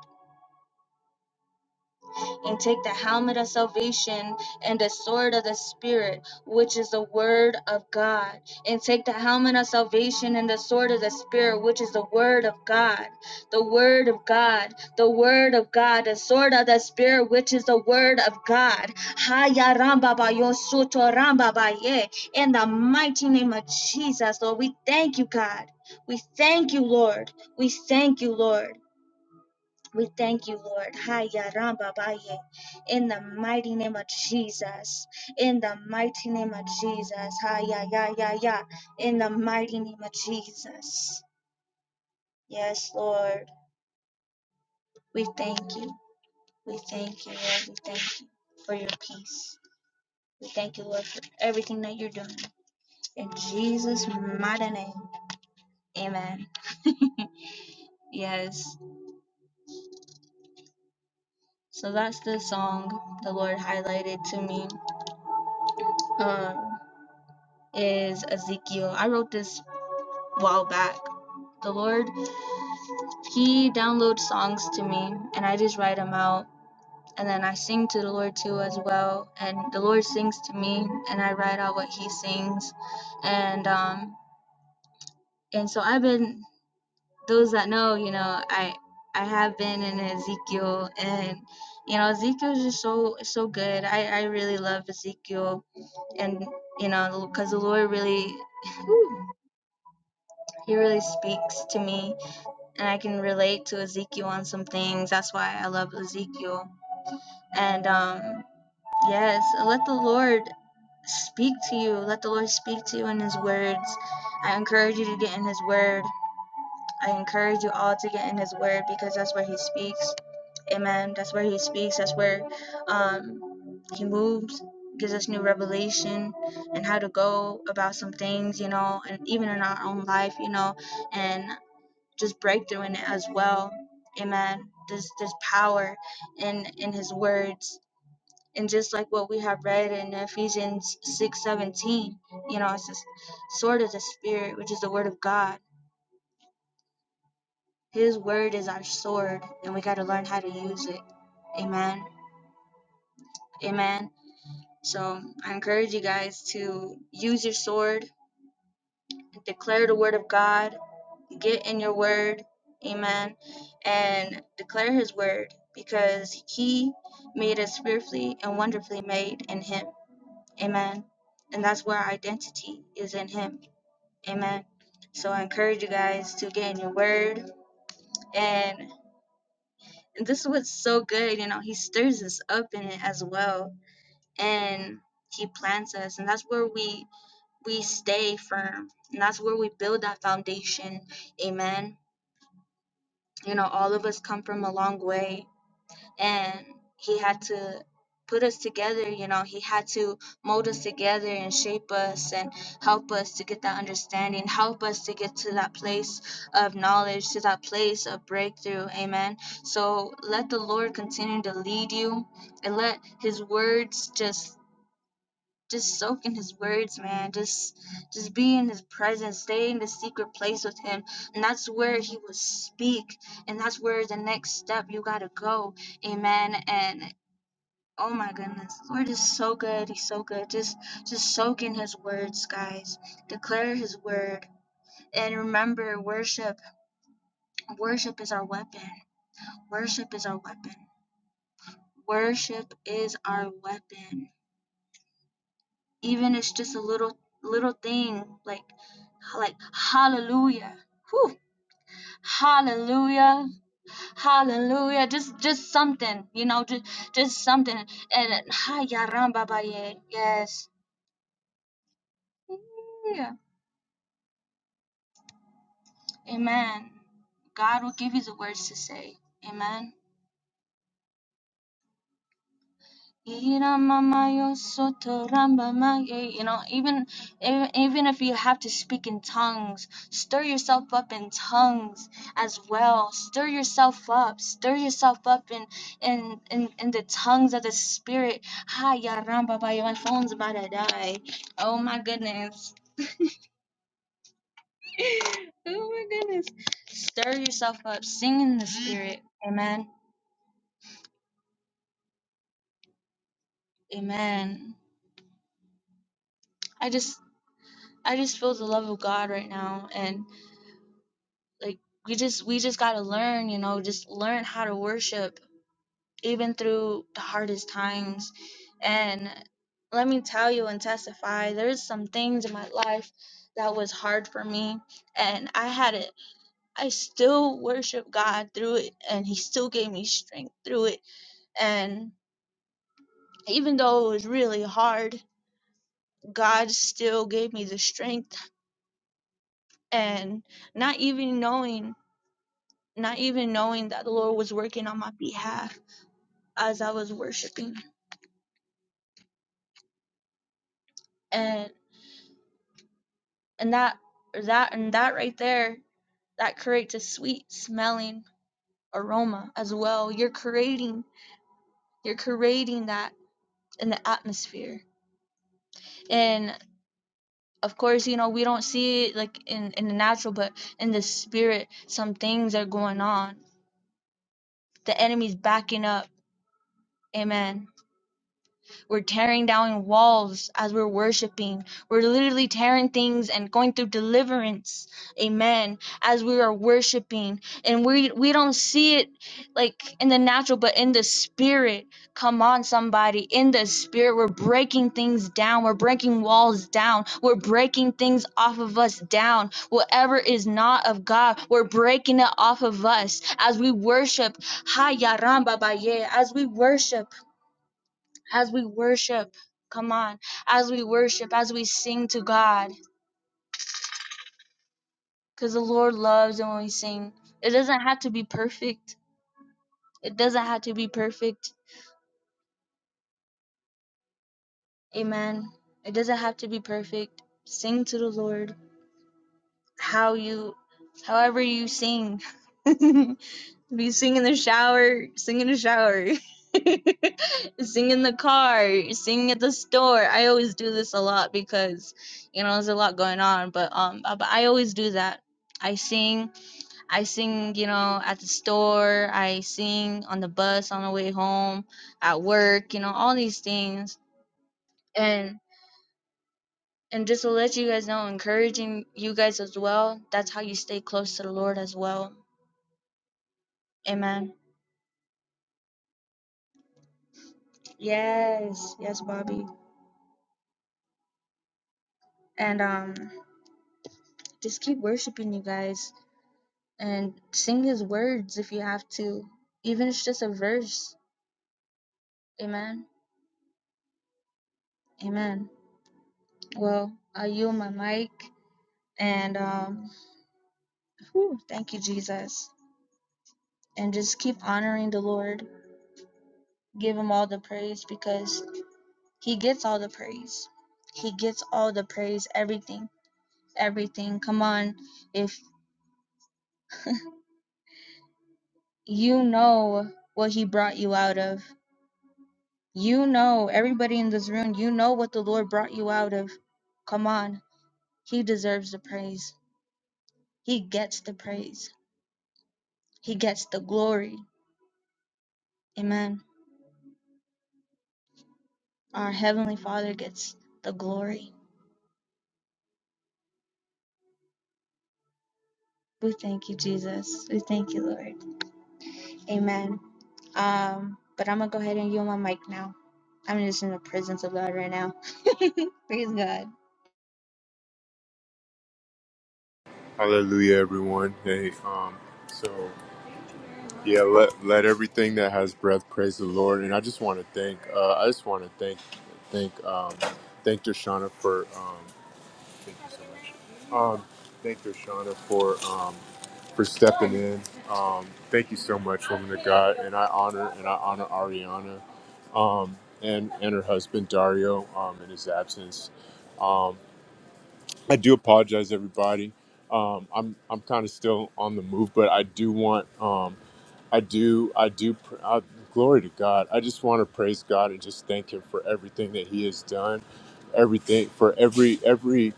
S1: and take the helmet of salvation and the sword of the Spirit, which is the word of God. And take the helmet of salvation and the sword of the Spirit, which is the word of God. The word of God, the word of God, the sword of the Spirit, which is the word of God. Haya ramba ba yo soto ramba ba ye. In the mighty name of Jesus, Lord, we thank you, God. We thank you, Lord. We thank you, Lord. We thank you, Lord. Haya Ramba Baye. In the mighty name of Jesus. In the mighty name of Jesus. Haya ya ya ya. In the mighty name of Jesus. Yes, Lord. We thank you. We thank you, Lord. We thank you for your peace. We thank you, Lord, for everything that you're doing. In Jesus' mighty name. Amen. yes. So that's the song the Lord highlighted to me. Um is Ezekiel. I wrote this a while back. The Lord, He downloads songs to me, and I just write them out. And then I sing to the Lord too as well. And the Lord sings to me, and I write out what He sings. And um, and so I've been those that know, you know, I I have been in Ezekiel, and you know, Ezekiel is just so so good. I I really love Ezekiel, and you know, because the Lord really, he really speaks to me and I can relate to Ezekiel on some things. That's why I love Ezekiel. And um, yes, let the Lord speak to you. Let the Lord speak to you in His words. I encourage you to get in His word. I encourage you all to get in His word because that's where He speaks. Amen. That's where He speaks. That's where um, He moves. Gives us new revelation and how to go about some things, you know, and even in our own life, you know, and just breakthrough in it as well. Amen. There's there's power in in his words. And just like what we have read in Ephesians six seventeen, you know, it's just sword of the spirit, which is the word of God. His word is our sword, and we gotta learn how to use it. Amen. Amen. So I encourage you guys to use your sword, declare the word of God get in your word, amen, and declare his word because he made us fearfully and wonderfully made in him, amen. And that's where our identity is in him, amen. So I encourage you guys to get in your word. And, and this is what's so good, you know, he stirs us up in it as well. And he plants us. And that's where we we stay firm. And that's where we build that foundation. Amen. You know, all of us come from a long way and he had to put us together you know he had to mold us together and shape us and help us to get that understanding help us to get to that place of knowledge to that place of breakthrough amen so let the lord continue to lead you and let his words just just soak in his words, man. Just just be in his presence. Stay in the secret place with him. And that's where he will speak. And that's where the next step you gotta go. Amen. And oh my goodness. The Lord is so good. He's so good. Just just soak in his words, guys. Declare his word. And remember worship. Worship is our weapon. Worship is our weapon. Worship is our weapon. even it's just a little little thing like like hallelujah Whew. hallelujah hallelujah just just something you know just just something and hi babaye yes yeah. amen god will give you the words to say amen Ina mama yo soto ramba ma ye. You know, even even even if you have to speak in tongues, stir yourself up in tongues as well. Stir yourself up. Stir yourself up in in in, in the tongues of the spirit. Hi ya ramba ba yo. My phone's about to die. Oh my goodness. oh my goodness. Stir yourself up. Sing in the spirit. Amen. Amen. I just I just feel the love of God right now and like we just we just got to learn you know just learn how to worship even through the hardest times and let me tell you and testify there's some things in my life that was hard for me and i had it i still worship god through it and he still gave me strength through it and even though it was really hard god still gave me the strength and not even knowing not even knowing that the lord was working on my behalf as I was worshiping, and and that or that and that right there that creates a sweet smelling aroma as well. You're creating you're creating that in the atmosphere, and of course you know we don't see it like in in the natural, but in the spirit, some things are going on. The enemy's backing up. Amen. We're tearing down walls as we're worshiping. We're literally tearing things and going through deliverance. Amen. As we are worshiping. And we we don't see it like in the natural, but in the spirit. Come on, somebody. In the spirit, we're breaking things down. We're breaking walls down. We're breaking things off of us down. Whatever is not of God, we're breaking it off of us as we worship. Hi, Yaram Baba Ye. As we worship as we worship. Come on, as we worship, as we sing to God, because the Lord loves and when we sing. It doesn't have to be perfect. It doesn't have to be perfect. Amen. It doesn't have to be perfect. Sing to the Lord how you, however you sing. And We sing in the shower, sing in the shower, sing in the car, sing at the store. I always do this a lot because you know there's a lot going on, but um, uh, but I always do that. I sing, I sing, you know, at the store. I sing on the bus on the way home, at work, you know, all these things. And and just to let you guys know, encouraging you guys as well. That's how you stay close to the Lord as well. Amen. Yes, yes, Bobby. and um just keep worshiping you guys and sing his words if you have to even if it's just a verse amen amen well i yield my mic and um whew, thank you jesus and just keep honoring the lord give him all the praise because he gets all the praise he gets all the praise everything everything come on if you know what he brought you out of You know, everybody in this room, you know what the Lord brought you out of. Come on. He deserves the praise. He gets the praise. He gets the glory. Amen. Our Heavenly Father gets the glory. We thank you, Jesus. We thank you, Lord. Amen. Um, but I'm going to go ahead and yield my mic now. I'm just in the presence of God right now. praise God.
S3: Hallelujah, everyone. Hey, um, so yeah, let let everything that has breath praise the Lord. And I just want to thank, uh, I just want to thank, thank, um, thank Dershana for, um, thank you so much. Um, thank Dershana for, um, for stepping in. Um, thank you so much, woman of God. And I honor and I honor Ariana, um, and and her husband Dario, um, in his absence. Um, I do apologize, everybody. Um, I'm I'm kind of still on the move, but I do want um, I do I do pr- uh, glory to God. I just want to praise God and just thank Him for everything that He has done, everything for every every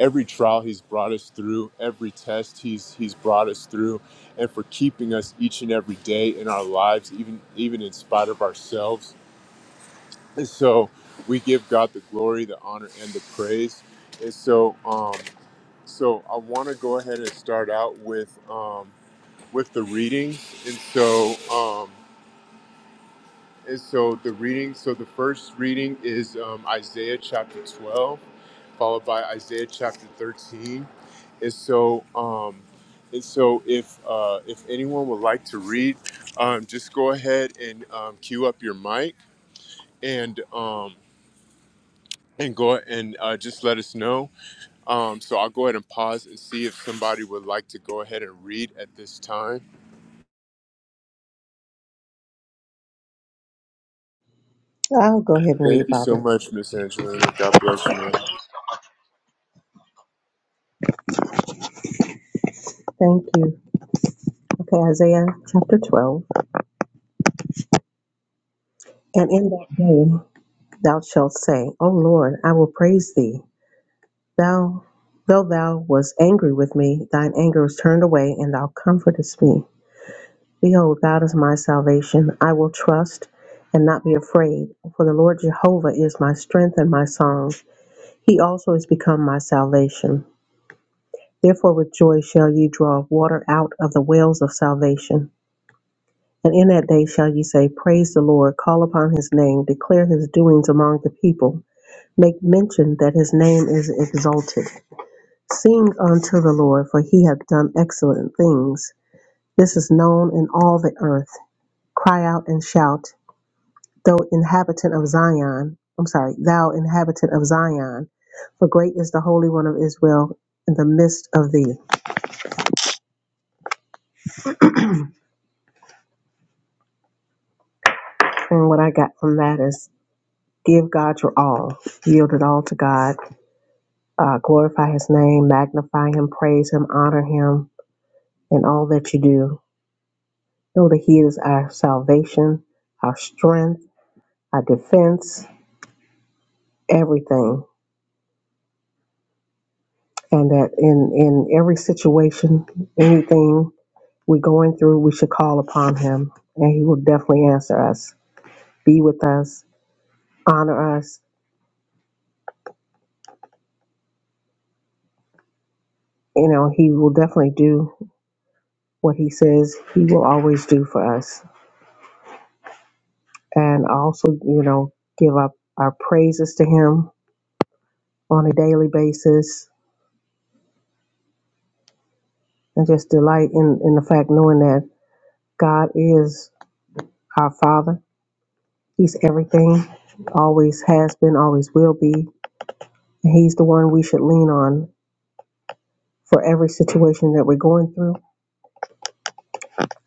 S3: every trial He's brought us through, every test He's He's brought us through, and for keeping us each and every day in our lives, even even in spite of ourselves. And so we give God the glory, the honor, and the praise. And so, um, so I want to go ahead and start out with um, with the readings. And so, um, and so the reading. So the first reading is um, Isaiah chapter twelve, followed by Isaiah chapter thirteen. And so, um, and so if uh, if anyone would like to read, um, just go ahead and um, cue up your mic and. Um, and go and uh, just let us know. Um, so I'll go ahead and pause and see if somebody would like to go ahead and read at this time.
S4: I'll go ahead and
S3: Thank
S4: read,
S3: you so
S4: Bobby.
S3: much, Miss Angelina. God bless you, ma'am.
S4: Thank you. Okay, Isaiah chapter 12. And in that day thou shalt say, O Lord, I will praise thee. Thou, though thou wast angry with me, thine anger is turned away, and thou comfortest me. Behold, God is my salvation. I will trust and not be afraid. For the Lord Jehovah is my strength and my song. He also is become my salvation. Therefore with joy shall ye draw water out of the wells of salvation. And in that day shall ye say, Praise the Lord, call upon his name, declare his doings among the people, make mention that his name is exalted. Sing unto the Lord, for he hath done excellent things. This is known in all the earth. Cry out and shout, thou inhabitant of Zion. I'm sorry, thou inhabitant of Zion, for great is the Holy One of Israel in the midst of thee. And what I got from that is give God your all, yield it all to God Uh, glorify his name, magnify him, praise him, honor him in all that you do. Know that he is our salvation, our strength, our defense, everything. And that in, in every situation, anything we're going through, we should call upon him and he will definitely answer us, be with us, honor us. You know, he will definitely do what he says he will always do for us. And also, you know, give up our praises to him on a daily basis and just delight in, in the fact knowing that God is our Father. He's everything, always has been, always will be. And he's the one we should lean on for every situation that we're going through.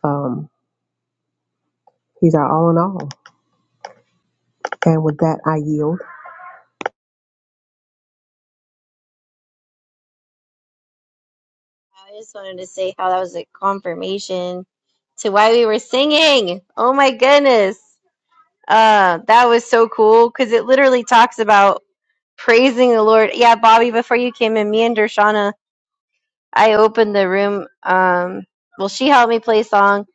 S4: Um, he's our all in all. And with that, I yield.
S2: I just wanted to say how that was a confirmation to why we were singing. Oh my goodness. Uh, that was so cool because it literally talks about praising the Lord. Yeah, Bobby, before you came in, me and Dershana, I opened the room. Um, well, she helped me play a song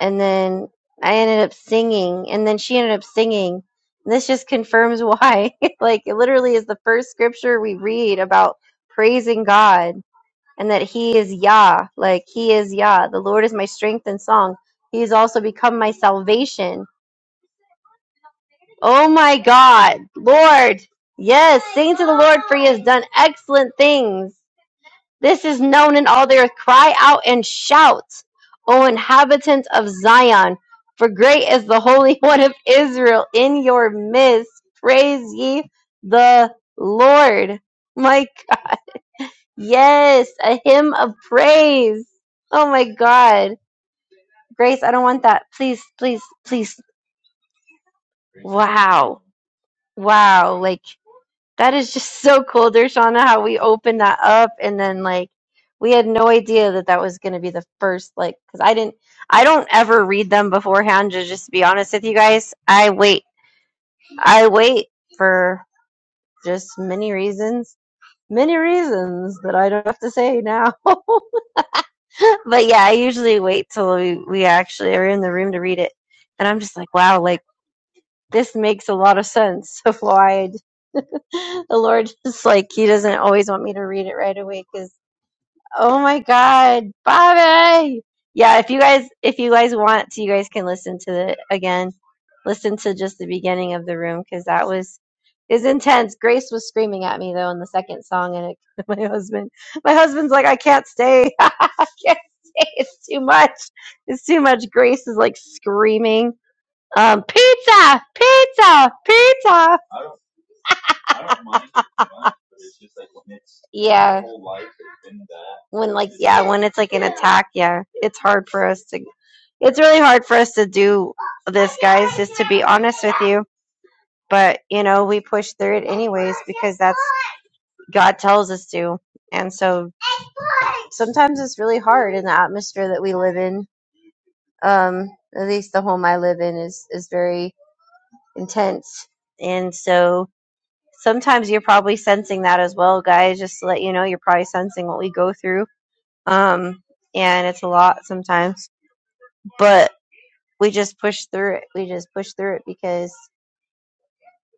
S2: and then I ended up singing and then she ended up singing. this just confirms why. like, it literally is the first scripture we read about praising God and that he is Yah, like he is Yah. The Lord is my strength and song. He has also become my salvation. Oh my God, Lord. Yes, sing to the Lord for he has done excellent things. This is known in all the earth. Cry out and shout, O inhabitants of Zion, for great is the Holy One of Israel in your midst. Praise ye the Lord. my. Yes, a hymn of praise. Oh my God. Grace, I don't want that. Please, please, please. Wow. Wow. Like, that is just so cool, Dershana, how we opened that up. And then, like, we had no idea that that was going to be the first, like, because I didn't, I don't ever read them beforehand, to just be honest with you guys. I wait. I wait for just many reasons. Many reasons that I don't have to say now. But yeah, I usually wait till we, we actually are in the room to read it. And I'm just like, wow, like this makes a lot of sense of why I'd- the Lord is like, He doesn't always want me to read it right away because. Oh my God, Bobby! Yeah, if you guys if you guys want to, you guys can listen to the again. Listen to just the beginning of the room because that was is intense. Grace was screaming at me though in the second song, and it, my husband, my husband's like, I can't stay. I can't stay. It's too much. It's too much. Grace is like screaming, um, pizza, pizza, pizza. Yeah. when like yeah when it's like an attack yeah it's hard for us to it's really hard for us to do this guys just to be honest with you but you know we push through it anyways because that's god tells us to and so sometimes it's really hard in the atmosphere that we live in um at least the home i live in is is very intense and so sometimes you're probably sensing that as well guys just to let you know you're probably sensing what we go through um, and it's a lot sometimes, but we just push through it. We just push through it because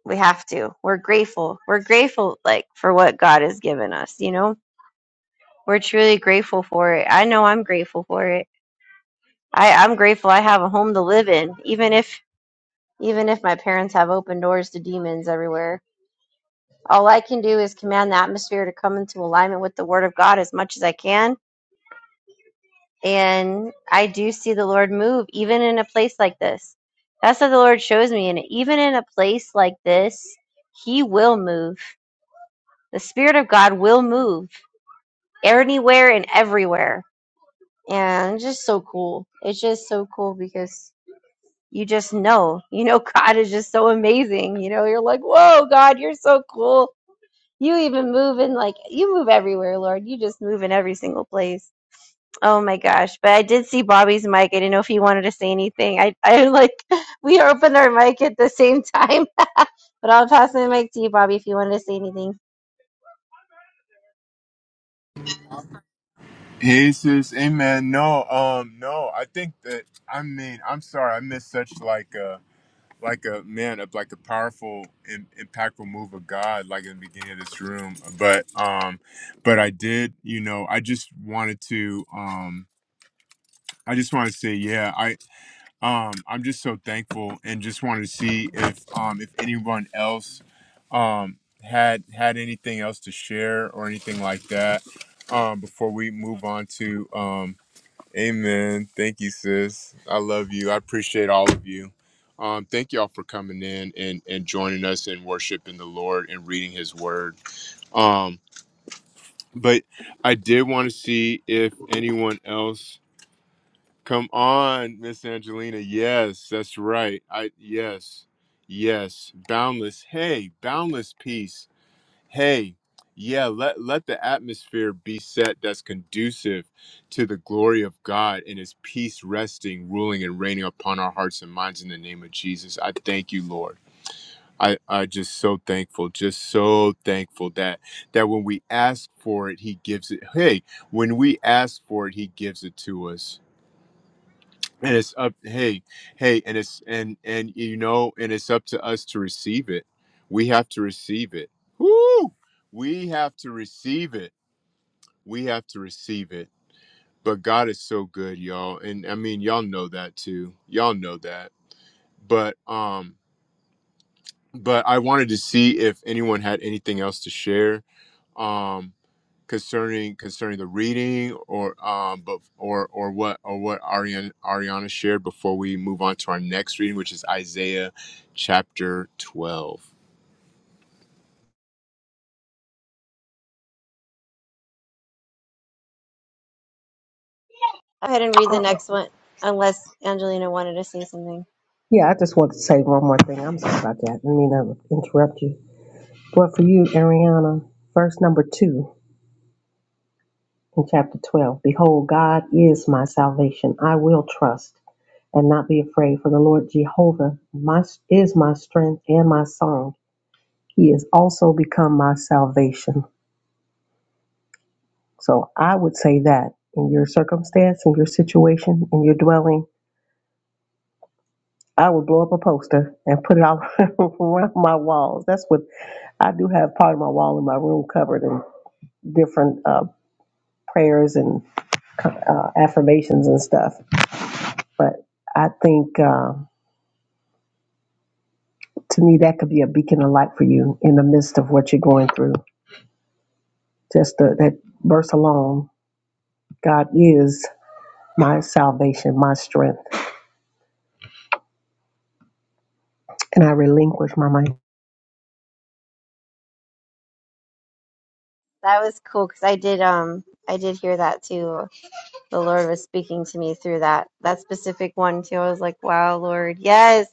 S2: we have to. We're grateful. We're grateful, like for what God has given us. You know, we're truly grateful for it. I know I'm grateful for it. I, I'm grateful I have a home to live in, even if even if my parents have open doors to demons everywhere. All I can do is command the atmosphere to come into alignment with the Word of God as much as I can and I do see the Lord move even in a place like this. That's what the Lord shows me. And even in a place like this, He will move. The Spirit of God will move anywhere and everywhere. And it's just so cool. It's just so cool because you just know, you know, God is just so amazing. You know, you're like, whoa, God, you're so cool. You even move in like, you move everywhere, Lord. You just move in every single place Oh my gosh. But I did see Bobby's mic. I didn't know if he wanted to say anything. I, I like, we opened our mic at the same time. but I'll pass my mic to you, Bobby, if you wanted to say anything.
S3: Hey, sis. Amen. No, um, no. I think that I mean I'm sorry I missed such like a like a man of like a powerful and impactful move of God like in the beginning of this room. But um, but I did. You know, I just wanted to um, I just want to say, yeah. I. Um, I'm just so thankful and just wanted to see if um if anyone else um had had anything else to share or anything like that um before we move on to um amen. Thank you sis. I love you. I appreciate all of you. Um thank y'all for coming in and and joining us in worshiping the Lord and reading his word. Um but I did want to see if anyone else Come on, Miss Angelina. Yes, that's right. I yes. Yes. Boundless. Hey, boundless peace. Hey. Yeah, let let the atmosphere be set that's conducive to the glory of God and his peace resting, ruling and reigning upon our hearts and minds in the name of Jesus. I thank you, Lord. I I just so thankful, just so thankful that that when we ask for it, he gives it. Hey, when we ask for it, he gives it to us and it's up hey hey and it's and and you know and it's up to us to receive it we have to receive it Woo! we have to receive it we have to receive it but god is so good y'all and i mean y'all know that too y'all know that but um but i wanted to see if anyone had anything else to share um concerning concerning the reading or um but or or what or what Ariana Ariana shared before we move on to our next reading, which is Isaiah chapter twelve.
S2: Go ahead and read the next one, unless Angelina wanted to say something.
S4: Yeah, I just want to say one more thing. I'm sorry about that. I didn't mean to interrupt you. But for you, Ariana, verse number two in chapter 12 Behold, God is my salvation. I will trust. and not be afraid, for the Lord Jehovah my, is my strength and my song. He has also become my salvation. So I would say that in your circumstance, in your situation, in your dwelling, I would blow up a poster and put it all around my walls. That's what I do have part of my wall in my room covered in different uh, prayers and uh, affirmations and stuff. But I think uh, to me, that could be a beacon of light for you in the midst of what you're going through. Just the, that verse alone God is my salvation, my strength. And I relinquish my mind.
S2: That was cool because I did, um, I did hear that too. The Lord was speaking to me through that, that specific one too. I was like, wow, Lord, yes.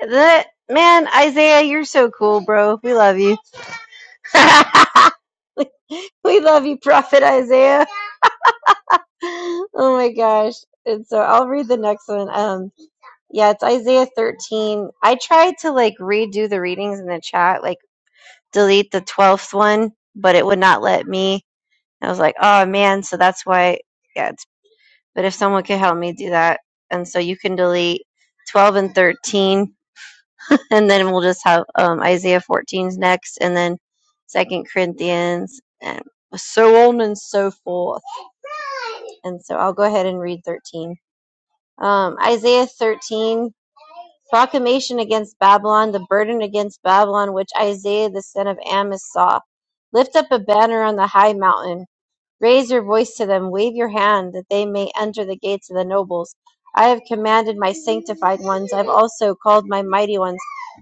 S2: That, man, Isaiah, you're so cool, bro. We love you. we love you, Prophet Isaiah. Oh my gosh. And so I'll read the next one. Um yeah, it's Isaiah 13. I tried to like redo the readings in the chat, like delete the 12th one, but it would not let me. I was like, "Oh man, so that's why yeah, it's, but if someone could help me do that." And so you can delete 12 and 13 and then we'll just have um Isaiah 14's next and then 2nd Corinthians and so on and so forth. And so I'll go ahead and read 13. Um, Isaiah 13, proclamation against Babylon, the burden against Babylon, which Isaiah the son of Amos saw. Lift up a banner on the high mountain Raise your voice to them, wave your hand, that they may enter the gates of the nobles. I have commanded my sanctified ones, I have also called my mighty ones.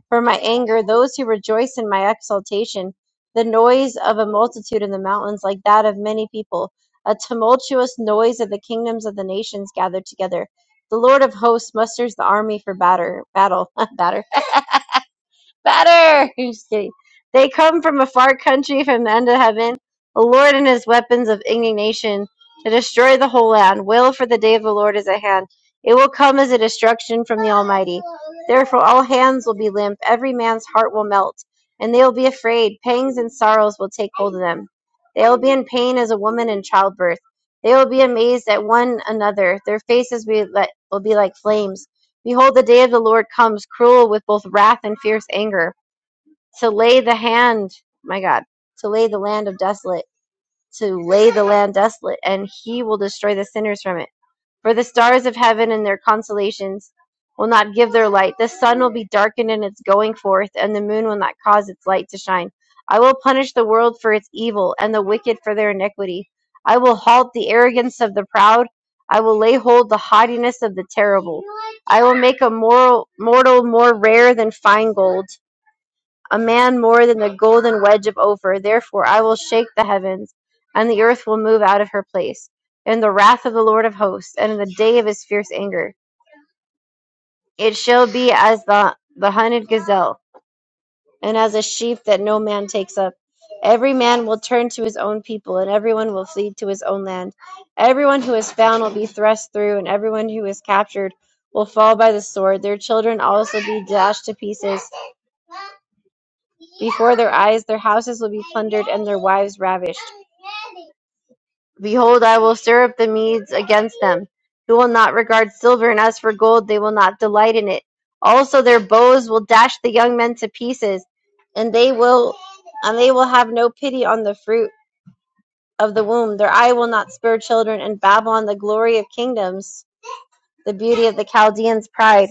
S2: For my anger, those who rejoice in my exaltation, the noise of a multitude in the mountains, like that of many people, a tumultuous noise of the kingdoms of the nations gathered together. The Lord of hosts musters the army for batter, battle, battle better. I'm just kidding. They come from a far country from the end of heaven. The Lord and his weapons of indignation to destroy the whole land. Wail for the day of the Lord is at hand. It will come as a destruction from the Almighty. Therefore, all hands will be limp, every man's heart will melt, and they will be afraid. Pangs and sorrows will take hold of them. They will be in pain as a woman in childbirth. They will be amazed at one another. Their faces will be like, will be like flames Behold, the day of the Lord comes, cruel with both wrath and fierce anger, to lay the hand, my God, to lay the land of desolate, to lay the land desolate, and he will destroy the sinners from it. For the stars of heaven and their constellations will not give their light. The sun will be darkened in its going forth, and the moon will not cause its light to shine. I will punish the world for its evil, and the wicked for their iniquity. I will halt the arrogance of the proud. I will lay hold the haughtiness of the terrible. I will make a moral, mortal more rare than fine gold a man more than the golden wedge of Ophir. Therefore I will shake the heavens, and the earth will move out of her place, in the wrath of the Lord of hosts, and in the day of his fierce anger. It shall be as the, the hunted gazelle, and as a sheep that no man takes up. Every man will turn to his own people, and everyone will flee to his own land. Everyone who is found will be thrust through, and everyone who is captured will fall by the sword. Their children also be dashed to pieces Before their eyes their houses will be plundered and their wives ravished. Behold, I will stir up the Medes against them, who will not regard silver, and as for gold, they will not delight in it. Also, their bows will dash the young men to pieces, and they will, and they will have no pity on the fruit of the womb. Their eye will not spare children, and Babylon, the glory of kingdoms, the beauty of the Chaldeans' pride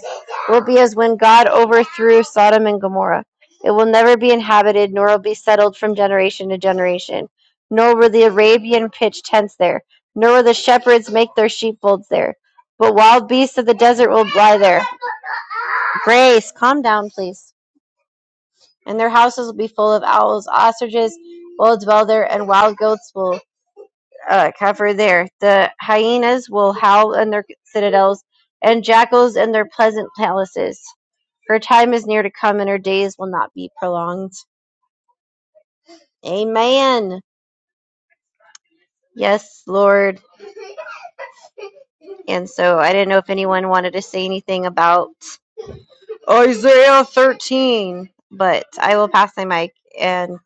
S2: will be as when God overthrew Sodom and Gomorrah. It will never be inhabited, nor will be settled from generation to generation. Nor will the Arabian pitch tents there, nor will the shepherds make their sheepfolds there. But wild beasts of the desert will lie there. Grace, calm down, please. And their houses will be full of owls, ostriches will dwell there, and wild goats will uh, cover there. The hyenas will howl in their citadels, and jackals in their pleasant palaces. Her time is near to come, and her days will not be prolonged. Amen. Yes, Lord. And so I didn't know if anyone wanted to say anything about Isaiah 13, but I will pass my mic. And,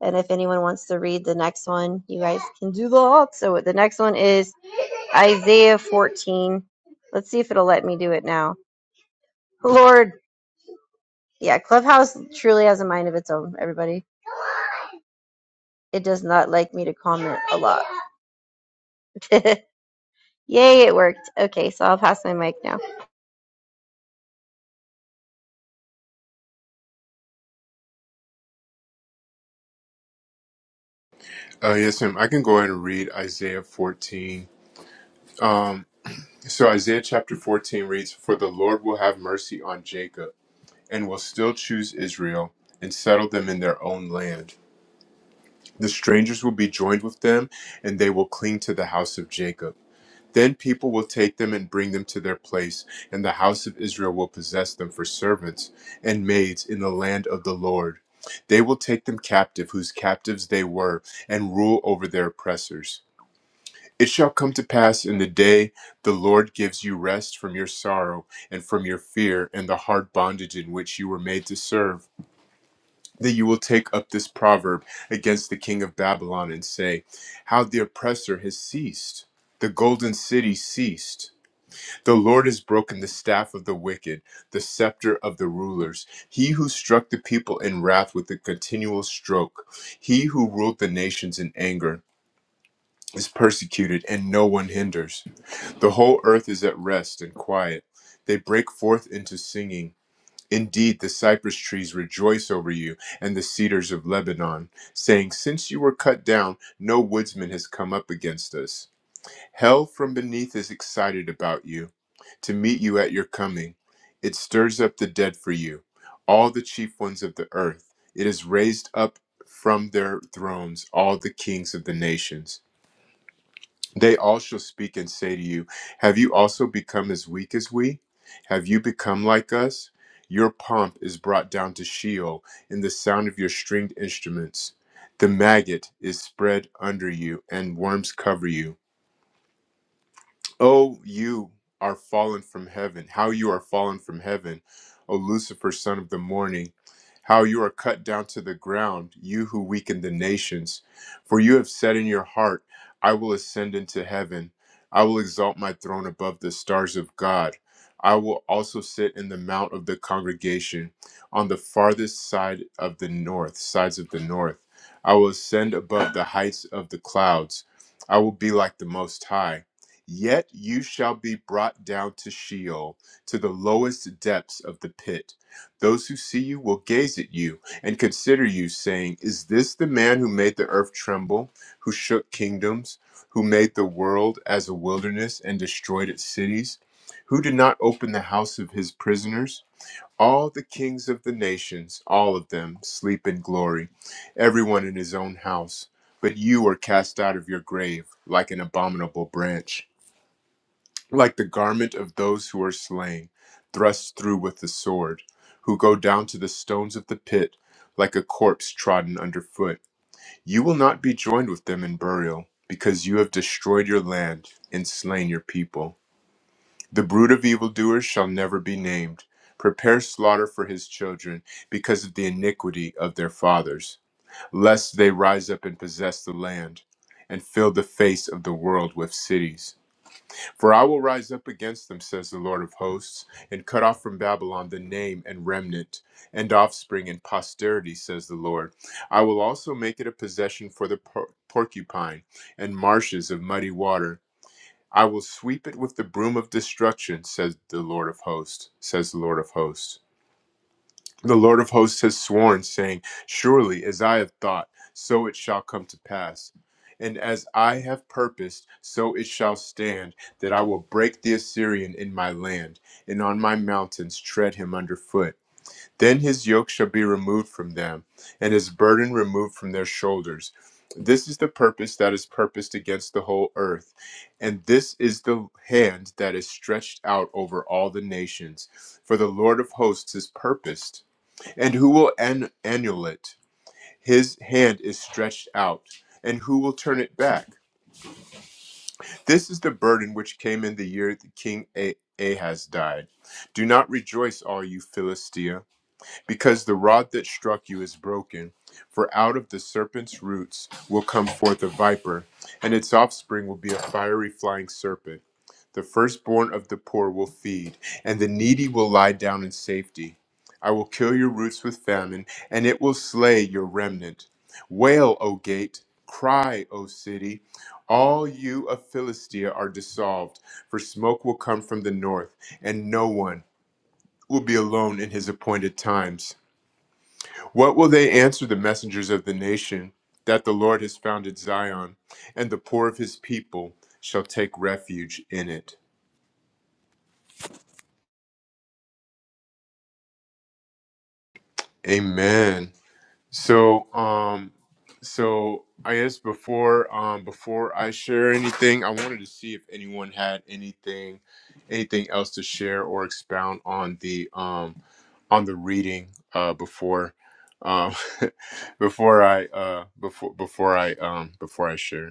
S2: and if anyone wants to read the next one, you guys can do that. So the next one is Isaiah 14. Let's see if it'll let me do it now. Lord, yeah, Clubhouse truly has a mind of its own, everybody. It does not like me to comment a lot. Yay, it worked. Okay, so I'll pass my mic now. I didn't
S3: Uh, yes, ma'am. I can go ahead and read Isaiah fourteen. Um, so Isaiah chapter fourteen reads, "For the Lord will have mercy on Jacob, and will still choose Israel and settle them in their own land. The strangers will be joined with them, and they will cling to the house of Jacob." Then people will take them and bring them to their place, and the house of Israel will possess them for servants and maids in the land of the Lord. They will take them captive, whose captives they were, and rule over their oppressors. It shall come to pass in the day the Lord gives you rest from your sorrow and from your fear and the hard bondage in which you were made to serve, that you will take up this proverb against the king of Babylon and say, How the oppressor has ceased! The golden city ceased! The Lord has broken the staff of the wicked, the scepter of the rulers. He who struck the people in wrath with a continual stroke, he who ruled the nations in anger, is persecuted, and no one hinders. The whole earth is at rest and quiet. They break forth into singing. Indeed, the cypress trees rejoice over you, and the cedars of Lebanon, saying, Since you were cut down, no woodsman has come up against us. Hell from beneath is excited about you, to meet you at your coming. It stirs up the dead for you, all the chief ones of the earth. It is raised up from their thrones, all the kings of the nations. They all shall speak and say to you, Have you also become as weak as we? Have you become like us? Your pomp is brought down to Sheol in the sound of your stringed instruments. The maggot is spread under you, and worms cover you Oh, you are fallen from heaven. How you are fallen from heaven, O Lucifer, son of the morning. How you are cut down to the ground, you who weaken the nations. For you have said in your heart, I will ascend into heaven. I will exalt my throne above the stars of God. I will also sit in the mount of the congregation on the farthest side of the north, sides of the north. I will ascend above the heights of the clouds. I will be like the Most High. Yet you shall be brought down to Sheol, to the lowest depths of the pit. Those who see you will gaze at you and consider you, saying, Is this the man who made the earth tremble, who shook kingdoms, who made the world as a wilderness and destroyed its cities, who did not open the house of his prisoners? All the kings of the nations, all of them, sleep in glory, everyone in his own house. But you are cast out of your grave like an abominable branch like the garment of those who are slain, thrust through with the sword, who go down to the stones of the pit, like a corpse trodden underfoot. You will not be joined with them in burial, because you have destroyed your land and slain your people. The brood of evildoers shall never be named. Prepare slaughter for his children, because of the iniquity of their fathers, lest they rise up and possess the land, and fill the face of the world with cities. For I will rise up against them, says the Lord of hosts, and cut off from Babylon the name and remnant and offspring and posterity, says the Lord. I will also make it a possession for the por- porcupine and marshes of muddy water. I will sweep it with the broom of destruction, says the Lord of hosts, says the Lord of hosts. The Lord of hosts has sworn, saying, Surely as I have thought, so it shall come to pass. And as I have purposed, so it shall stand, that I will break the Assyrian in my land, and on my mountains tread him under foot. Then his yoke shall be removed from them, and his burden removed from their shoulders. This is the purpose that is purposed against the whole earth, and this is the hand that is stretched out over all the nations. For the Lord of hosts is purposed and who will an- annul it? His hand is stretched out, and who will turn it back? This is the burden which came in the year that King A- Ahaz died. Do not rejoice, all you Philistia because the rod that struck you is broken. For out of the serpent's roots will come forth a viper, and its offspring will be a fiery flying serpent. The firstborn of the poor will feed, and the needy will lie down in safety. I will kill your roots with famine, and it will slay your remnant. Wail, O gate! Cry, O city! All you of Philistia are dissolved, for smoke will come from the north, and no one will be alone in his appointed times. What will they answer the messengers of the nation that the Lord has founded Zion, and the poor of his people shall take refuge in it? Amen. So, um, so I guess before um, before I share anything, I wanted to see if anyone had anything anything else to share or expound on the um, on the reading uh, before um, before I uh, before before I um, before I share.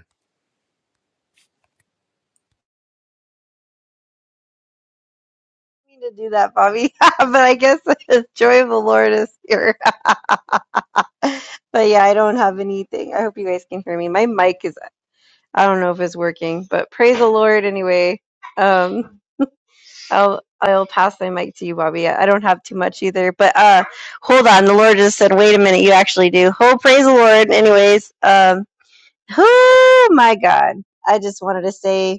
S2: mean to do that, Bobby, but I guess the joy of the Lord is here. but yeah, I don't have anything. I hope you guys can hear me. My mic is, I don't know if it's working, but praise the Lord anyway. Um, I'll I'll pass my mic to you, Bobby. I don't have too much either, but uh, hold on. The Lord just said, "Wait a minute, you actually do." Oh, praise the Lord. Anyways, um, oh my God, I just wanted to say.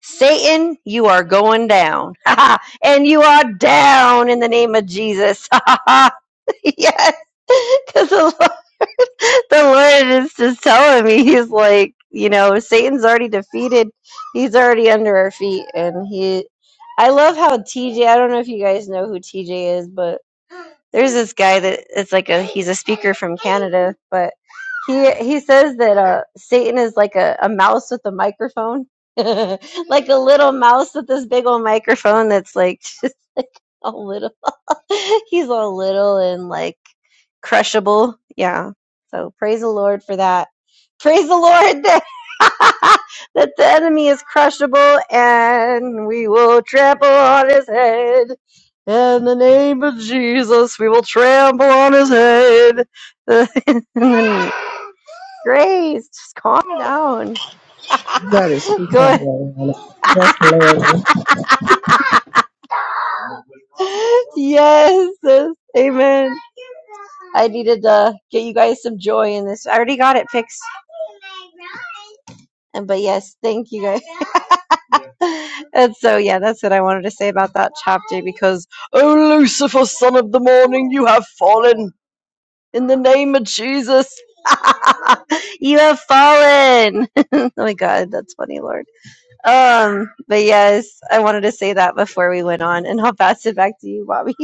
S2: Satan, you are going down. and you are down in the name of Jesus. yes. Because the, Lord- the Lord is just telling me, He's like, you know, Satan's already defeated. He's already under our feet. And he, I love how TJ, I don't know if you guys know who TJ is, but there's this guy that it's like a he's a speaker from Canada, but he he says that uh Satan is like a, a mouse with a microphone. like a little mouse with this big old microphone that's like just like a little He's all little and like crushable. Yeah. So praise the Lord for that. Praise the Lord that, that the enemy is crushable and we will trample on his head. In the name of Jesus, we will trample on his head. Grace, just calm down.
S4: That is too far,
S2: Good.
S4: Lorena. That's hilarious.
S2: yes, sis. amen. I needed to get you guys some joy in this. I already got it fixed, and but yes, thank you guys. and so, yeah, that's what I wanted to say about that chapter because, oh Lucifer, son of the morning, you have fallen in the name of Jesus. you have fallen. oh my God, that's funny, Lord. Um, but yes, I wanted to say that before we went on, and I'll pass it back to you, Bobby.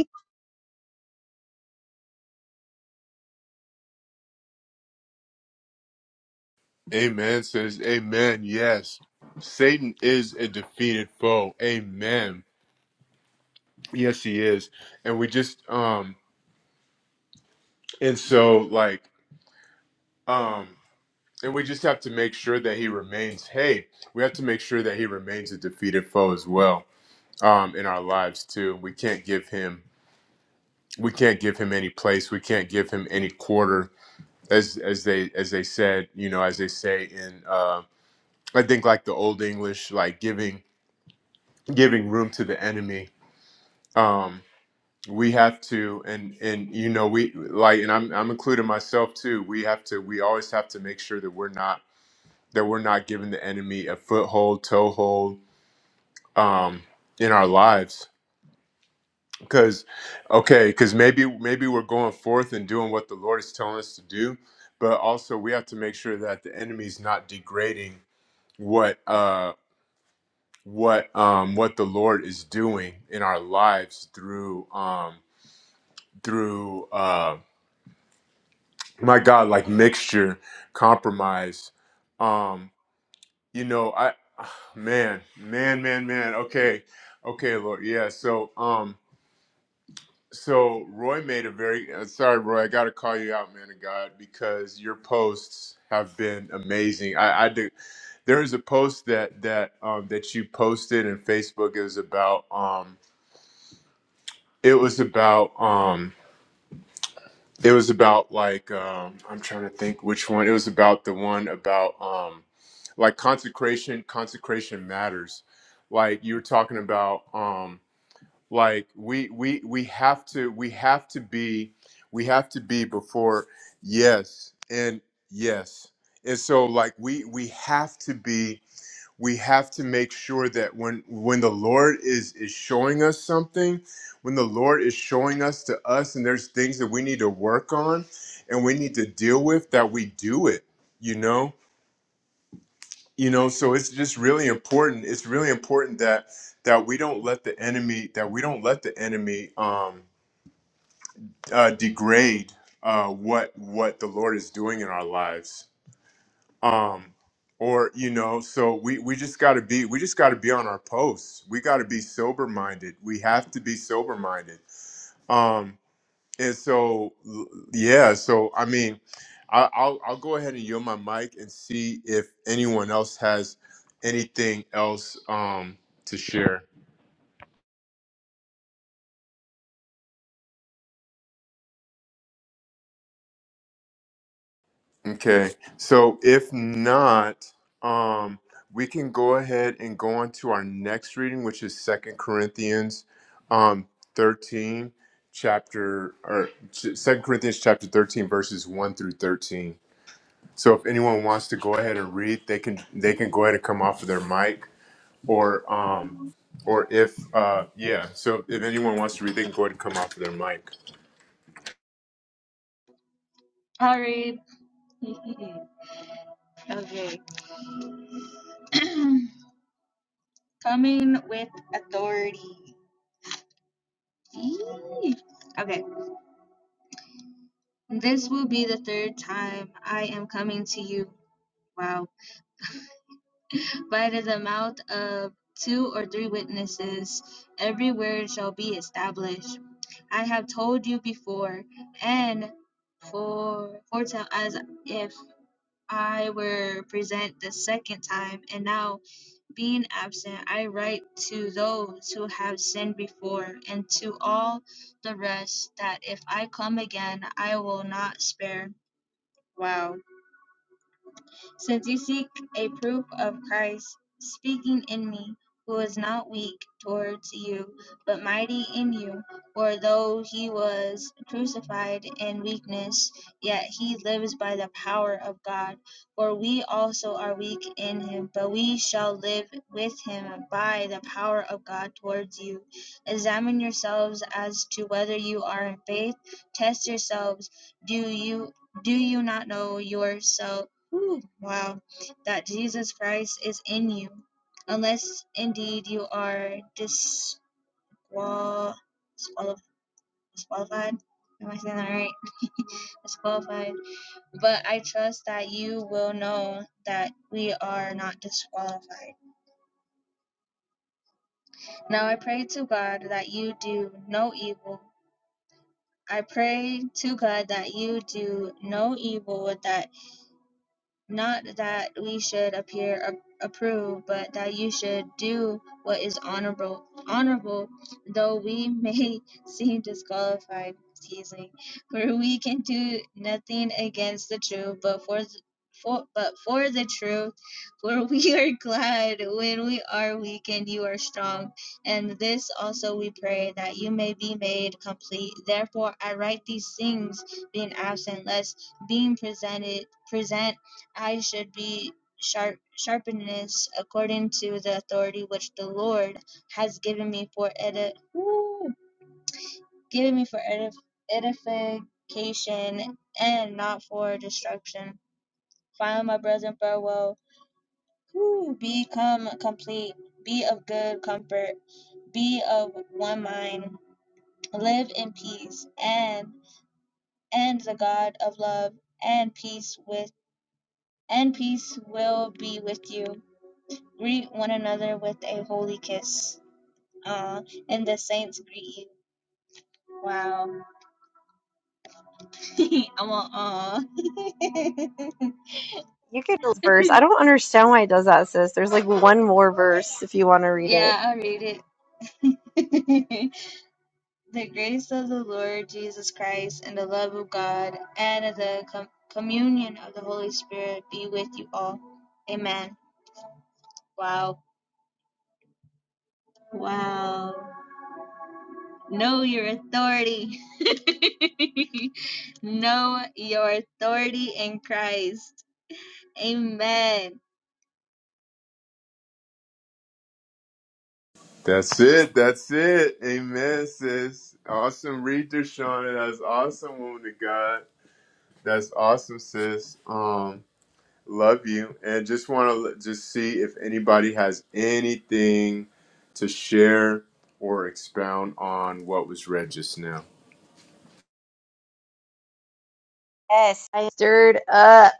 S3: Amen, says Amen. Yes. Satan is a defeated foe. Amen. Yes, he is. And we just um and so like um and we just have to make sure that he remains hey, we have to make sure that he remains a defeated foe as well um in our lives too. We can't give him we can't give him any place. We can't give him any quarter as as they as they said, you know, as they say in uh I think like the old English like giving giving room to the enemy um we have to and and you know we like and I'm I'm including myself too we have to we always have to make sure that we're not that we're not giving the enemy a foothold toehold um in our lives cuz okay cuz maybe maybe we're going forth and doing what the Lord is telling us to do but also we have to make sure that the enemy's not degrading what uh what um what the Lord is doing in our lives through um through um my god like mixture compromise um you know i man man man man okay okay lord yeah so um so roy made a very uh, sorry roy i gotta call you out man of god because your posts have been amazing i i do there is a post that that um that you posted in facebook is about um it was about um It was about like um, I'm trying to think which one. It was about the one about um, like consecration. Consecration matters. Like you were talking about, um, like we we we have to we have to be we have to be before yes and yes and so like we we have to be we have to make sure that when when the lord is is showing us something when the lord is showing us to us and there's things that we need to work on and we need to deal with that we do it you know you know so it's just really important it's really important that that we don't let the enemy that we don't let the enemy um uh degrade uh what what the lord is doing in our lives um or you know so we we just got to be we just got to be on our posts we got to be sober minded we have to be sober minded um and so l- yeah so i mean I, i'll i'll go ahead and yield my mic and see if anyone else has anything else um to share Okay, so if not, um, we can go ahead and go on to our next reading, which is Second Corinthians, um, thirteen, chapter or Second Corinthians chapter thirteen, verses one through thirteen. So if anyone wants to go ahead and read, they can they can go ahead and come off of their mic, or um, or if uh, yeah. So if anyone wants to read, they can go ahead and come off of their mic.
S1: All right. okay. Coming with authority. Eee. Okay. This will be the third time I am coming to you. Wow. By the mouth of two or three witnesses, every word shall be established. I have told you before, and for foretell as if I were present the second time, and now being absent, I write to those who have sinned before, and to all the rest, that if I come again, I will not spare. Wow. Since you seek a proof of Christ speaking in me, who is not weak towards you, but mighty in you, for though he was crucified in weakness, yet he lives by the power of God. For we also are weak in him, but we shall live with him by the power of God towards you. Examine yourselves as to whether you are in faith. Test yourselves. Do you do you not know yourself? Wow, that Jesus Christ is in you, unless indeed you are disqual- disqual- disqualified. Am I saying that right? Disqualified. But I trust that you will know that we are not disqualified. Now I pray to God that you do no evil. I pray to God that you do no evil that not that we should appear ap- approved, but that you should do what is honorable, honorable, though we may seem disqualified, teasing, for we can do nothing against the truth, but for th- for, but for the truth, for we are glad when we are weak and you are strong. And this also we pray that you may be made complete. Therefore, I write these things, being absent, lest being presented present eyes should be sharp sharpened according to the authority which the Lord has given me for edif- woo, given me for edif- edification and not for destruction. Finally, my brethren, farewell. Woo, become complete. Be of good comfort. Be of one mind. Live in peace, and and the God of love and peace with and peace will be with you. Greet one another with a holy kiss. Uh, and the saints greet you. Wow. I'm all, aw.
S2: You get those verse. I don't understand why it does that, sis. There's like one more verse if you want to read it.
S1: yeah, I read it. the grace of the Lord Jesus Christ and the love of God and of the com- communion of the Holy Spirit be with you all. Amen. Wow. Wow. Know your authority. know your authority in Christ. Amen.
S3: That's it. That's it. Amen, sis. Awesome reader, Shauna. That's awesome, woman of God. That's awesome, sis. Um, love you, and just want to just see if anybody has anything to share or expound on what was read just now.
S2: Yes, I stirred up.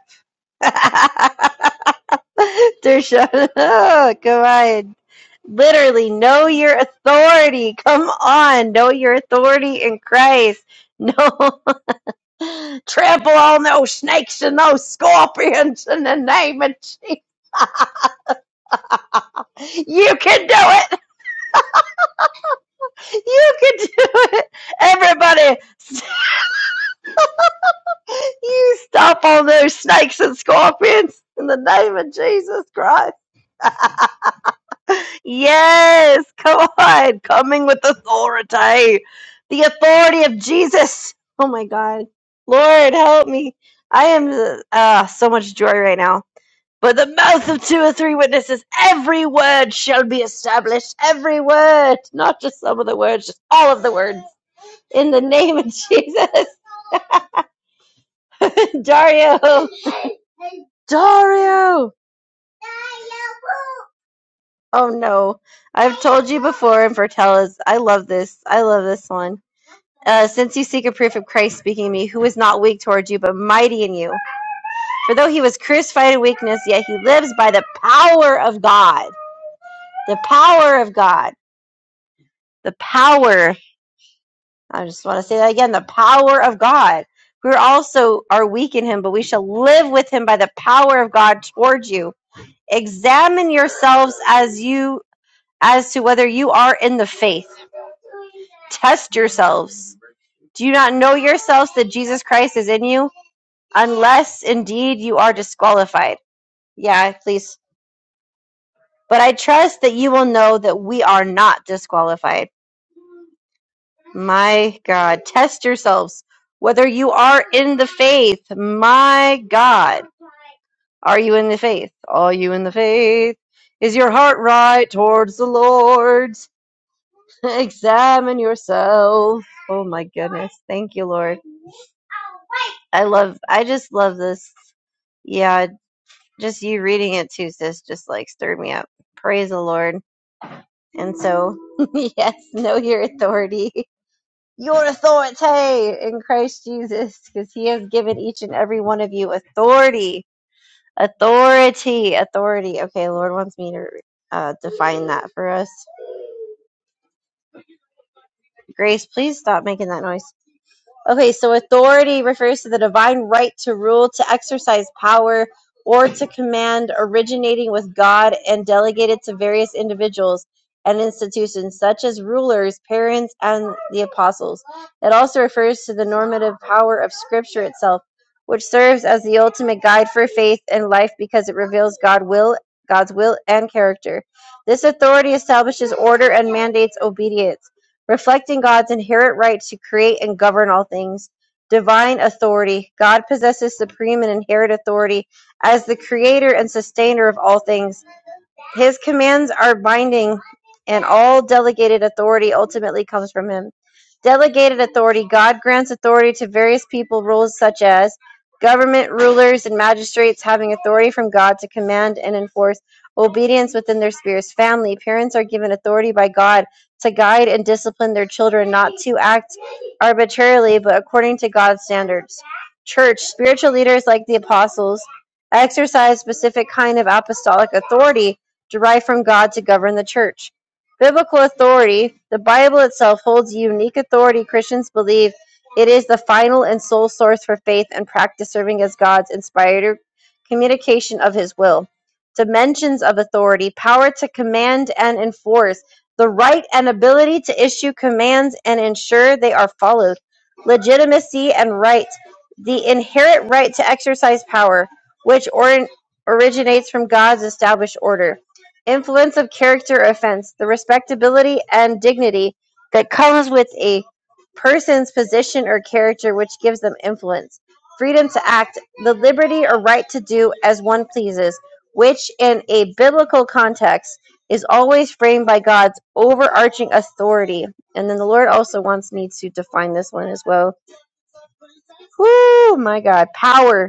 S2: Dersha, oh, come on. Literally, know your authority. Come on, know your authority in Christ. No, trample on those snakes and those scorpions in the name of Jesus. You can do it. You can do it. Everybody, You stop all those snakes and scorpions in the name of Jesus Christ. Yes, come on, coming with authority. The authority of Jesus. Oh my God. Lord, help me. I am uh, so much joy right now. But the mouth of two or three witnesses, every word shall be established. Every word, not just some of the words, just all of the words. In the name of Jesus. Dario. Dario. Oh no. I've told you before in Vertellas. I love this. I love this one. Uh, since you seek a proof of Christ speaking in me, who is not weak toward you, but mighty in you. For though he was crucified in weakness, yet he lives by the power of God. The power of God. The power. I just want to say that again. The power of God. We also are weak in him, but we shall live with him by the power of God toward you. Examine yourselves as you as to whether you are in the faith Test yourselves. Do you not know yourselves that Jesus Christ is in you? Unless indeed you are disqualified. Yeah, please. But I trust that you will know that we are not disqualified. My God. Test yourselves whether you are in the faith. My God. Are you in the faith? Are you in the faith? Is your heart right towards the Lord? Examine yourself. Oh my goodness. Thank you, Lord. I love, I just love this. Yeah, just you reading it too, sis, just like stirred me up. Praise the Lord. And so, yes, know your authority, your authority in Christ Jesus, because He has given each and every one of you authority, authority, authority. Okay, Lord wants me to uh, define that for us. Grace, please stop making that noise. Okay, so authority refers to the divine right to rule, to exercise power, or to command, originating with God and delegated to various individuals and institutions, such as rulers, parents, and the apostles. It also refers to the normative power of Scripture itself, which serves as the ultimate guide for faith and life because it reveals God will, God's will and character. This authority establishes order and mandates obedience reflecting God's inherent right to create and govern all things. Divine authority. God possesses supreme and inherent authority as the creator and sustainer of all things. His commands are binding, and all delegated authority ultimately comes from him. Delegated authority God grants authority to various people, rules such as government, rulers, and magistrates having authority from God to command and enforce obedience within their spheres. Family, parents are given authority by God to guide and discipline their children, not to act arbitrarily, but according to God's standards. Church, spiritual leaders like the apostles exercise specific kind of apostolic authority derived from God to govern the church. Biblical authority, the Bible itself holds unique authority. Christians believe it is the final and sole source for faith and practice, serving as God's inspired communication of his will. Dimensions of authority, power to command and enforce, the right and ability to issue commands and ensure they are followed. Legitimacy and right, the inherent right to exercise power, which or- originates from God's established order Influence of character offense: the respectability and dignity that comes with a person's position or character which gives them influence. Freedom to act: the liberty or right to do as one pleases, which in a biblical context is always framed by God's overarching authority. And then the Lord also wants me to define this one as well. Whoo, my God. Power.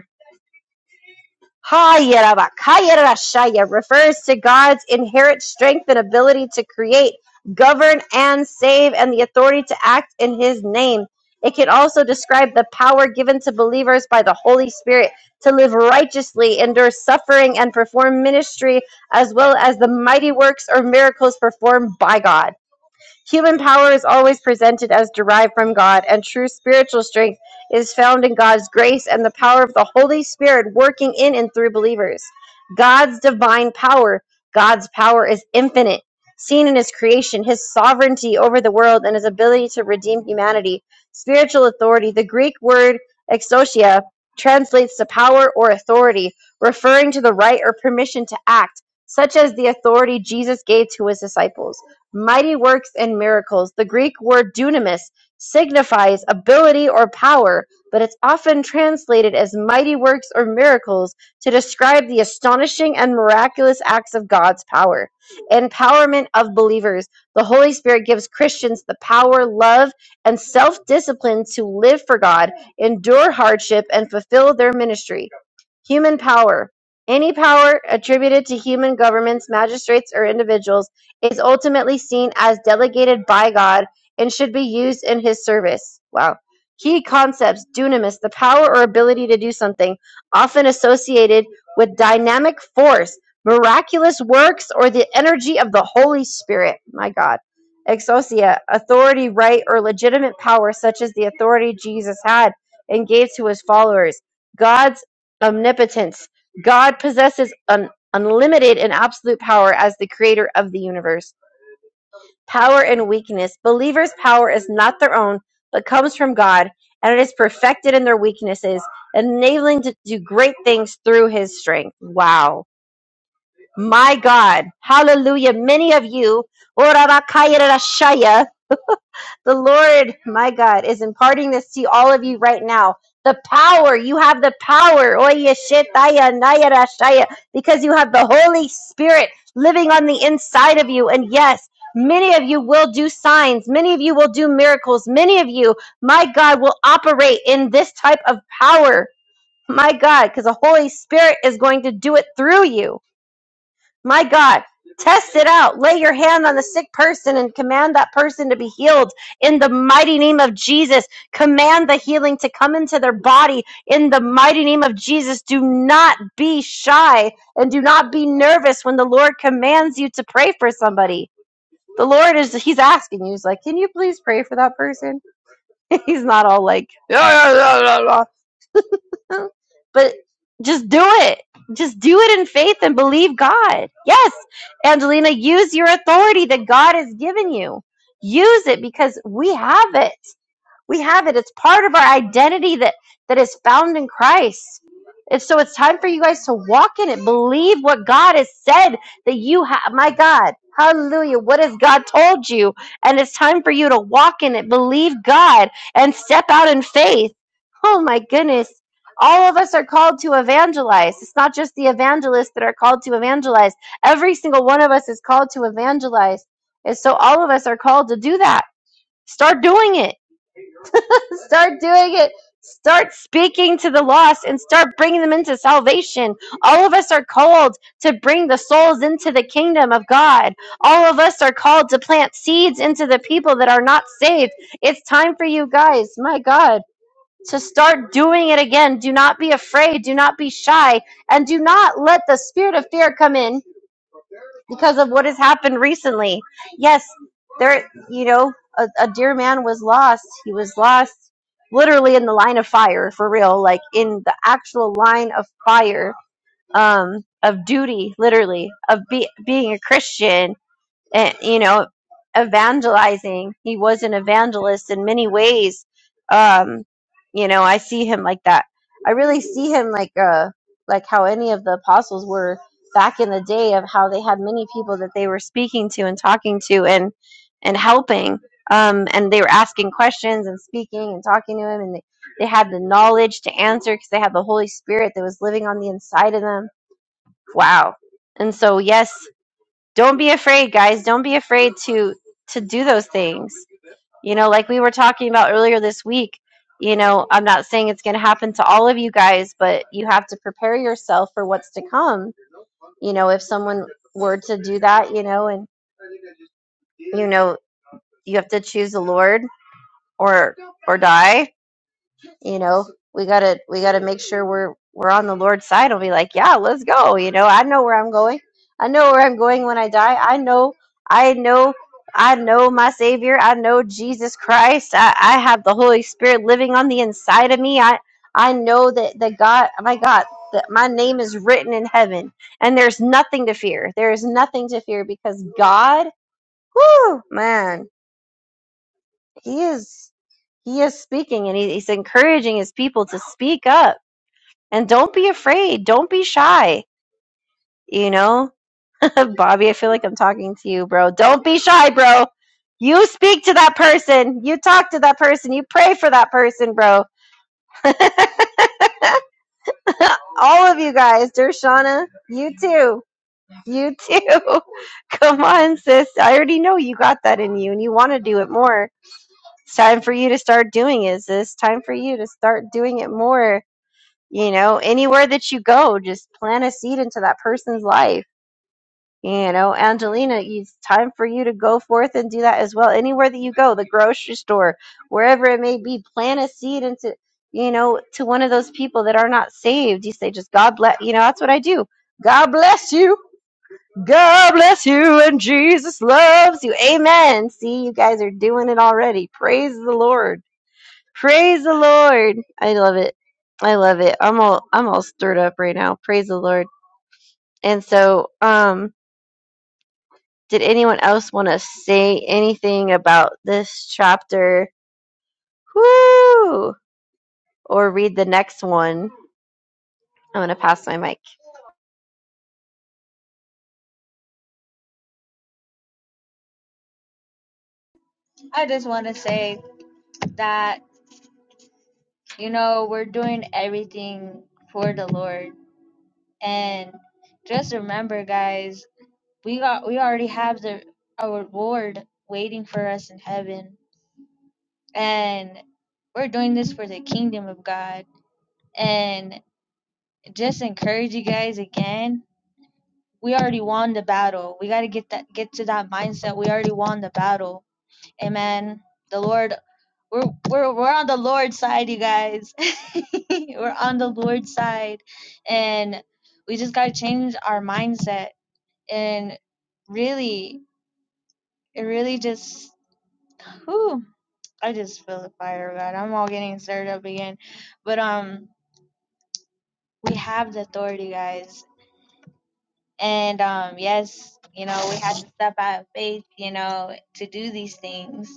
S2: Hayarabakayarashaya refers to God's inherent strength and ability to create, govern, and save, and the authority to act in His name. It can also describe the power given to believers by the Holy Spirit to live righteously, endure suffering, and perform ministry, as well as the mighty works or miracles performed by God. Human power is always presented as derived from God, and true spiritual strength is found in God's grace and the power of the Holy Spirit working in and through believers. God's divine power, God's power is infinite, seen in his creation, his sovereignty over the world, and his ability to redeem humanity. Spiritual authority, the Greek word exousia, translates to power or authority, referring to the right or permission to act, such as the authority Jesus gave to his disciples mighty works and miracles. The Greek word dunamis signifies ability or power, but it's often translated as mighty works or miracles to describe the astonishing and miraculous acts of God's power. Empowerment of believers. The Holy Spirit gives Christians the power, love, and self discipline to live for God, endure hardship, and fulfill their ministry. Human power: Any power attributed to human governments, magistrates, or individuals is ultimately seen as delegated by God and should be used in his service. Wow. Key concepts: dunamis, the power or ability to do something, often associated with dynamic force, miraculous works, or the energy of the Holy Spirit. My God. Exosia, authority, right, or legitimate power, such as the authority Jesus had and gave to his followers. God's omnipotence. God possesses an unlimited and absolute power as the creator of the universe. Power and weakness. Believers' power is not their own, but comes from God, and it is perfected in their weaknesses, enabling to do great things through his strength. Wow. My God. Hallelujah. Many of you the Lord, my God, is imparting this to all of you right now. The power, you have the power, Oye, shetaya, naya, rashaya, because you have the Holy Spirit living on the inside of you. And yes, many of you will do signs, many of you will do miracles, many of you, my God, will operate in this type of power, my God, because the Holy Spirit is going to do it through you. My God, test it out. Lay your hand on the sick person and command that person to be healed in the mighty name of Jesus. Command the healing to come into their body in the mighty name of Jesus. Do not be shy and do not be nervous when the Lord commands you to pray for somebody. The Lord is, He's asking you, He's like, can you please pray for that person? He's not all like, but just do it. Just do it in faith and believe God. Yes, Angelina, use your authority that God has given you. Use it because we have it. We have it. It's part of our identity that that is found in Christ. And so it's time for you guys to walk in it. Believe what God has said that you have. My God, hallelujah. What has God told you? And it's time for you to walk in it. Believe God and step out in faith. Oh my goodness. All of us are called to evangelize. It's not just the evangelists that are called to evangelize. Every single one of us is called to evangelize. And so all of us are called to do that. Start doing it Start doing it. Start speaking to the lost and start bringing them into salvation. All of us are called to bring the souls into the kingdom of God. All of us are called to plant seeds into the people that are not saved. It's time for you guys, my God, to start doing it again. Do not be afraid. Do not be shy. And do not let the spirit of fear come in because of what has happened recently. Yes, there, you know, a, a dear man was lost. He was lost literally in the line of fire for real, like in the actual line of fire um, of duty, literally, of be, being a Christian and you know evangelizing he was an evangelist in many ways um you know i see him like that i really see him like uh like how any of the apostles were back in the day of how they had many people that they were speaking to and talking to and and helping um and they were asking questions and speaking and talking to him and they, they had the knowledge to answer because they had the holy spirit that was living on the inside of them wow and so yes don't be afraid guys don't be afraid to to do those things you know like we were talking about earlier this week you know i'm not saying it's going to happen to all of you guys but you have to prepare yourself for what's to come you know if someone were to do that you know and you know you have to choose the lord or or die you know we gotta we gotta make sure we're we're on the lord's side and be like yeah let's go you know i know where i'm going i know where i'm going when i die i know i know i know my savior i know jesus christ i, I have the holy spirit living on the inside of me i i know that that god my god that my name is written in heaven and there's nothing to fear there is nothing to fear because god whoo man he is he is speaking and he, he's encouraging his people to speak up and don't be afraid don't be shy you know bobby i feel like i'm talking to you bro don't be shy bro you speak to that person you talk to that person you pray for that person bro all of you guys dershana you too you too come on sis i already know you got that in you and you want to do it more it's time for you to start doing it sis time for you to start doing it more you know anywhere that you go just plant a seed into that person's life You know, Angelina, it's time for you to go forth and do that as well. Anywhere that you go, the grocery store, wherever it may be, plant a seed into, you know, to one of those people that are not saved. You say, just God bless, you know, that's what I do. God bless you. God bless you. And Jesus loves you. Amen. See, you guys are doing it already. Praise the Lord. Praise the Lord. I love it. I love it. I'm all, I'm all stirred up right now. Praise the Lord. And so, um, Did anyone else want to say anything about this chapter? Woo! Or read the next one? I'm gonna pass my mic.
S1: I just want to say that, you know, we're doing everything for the Lord. And just remember, guys, we got we already have the our reward waiting for us in heaven. And we're doing this for the kingdom of God. And just encourage you guys again. We already won the battle. We got to get that get to that mindset. We already won the battle. Amen. The Lord We're we're we're on the Lord's side, you guys. we're on the Lord's side, and we just gotta change our mindset. And really, it really just, whew, I just feel the fire, of God. I'm all getting stirred up again, but um, we have the authority, guys. And um, yes, you know, we had to step out of faith, you know, to do these things.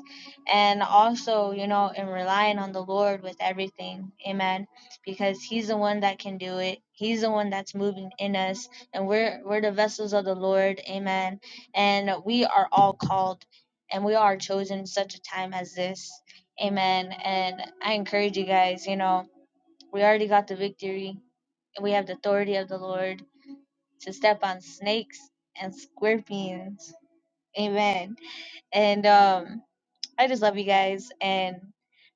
S1: And also, you know, in relying on the Lord with everything. Amen. Because he's the one that can do it. He's the one that's moving in us. And we're we're the vessels of the Lord. Amen. And we are all called and we are chosen in such a time as this. Amen. And I encourage you guys, you know, we already got the victory. We have the authority of the Lord to step on snakes and scorpions. Amen. And um, I just love you guys, and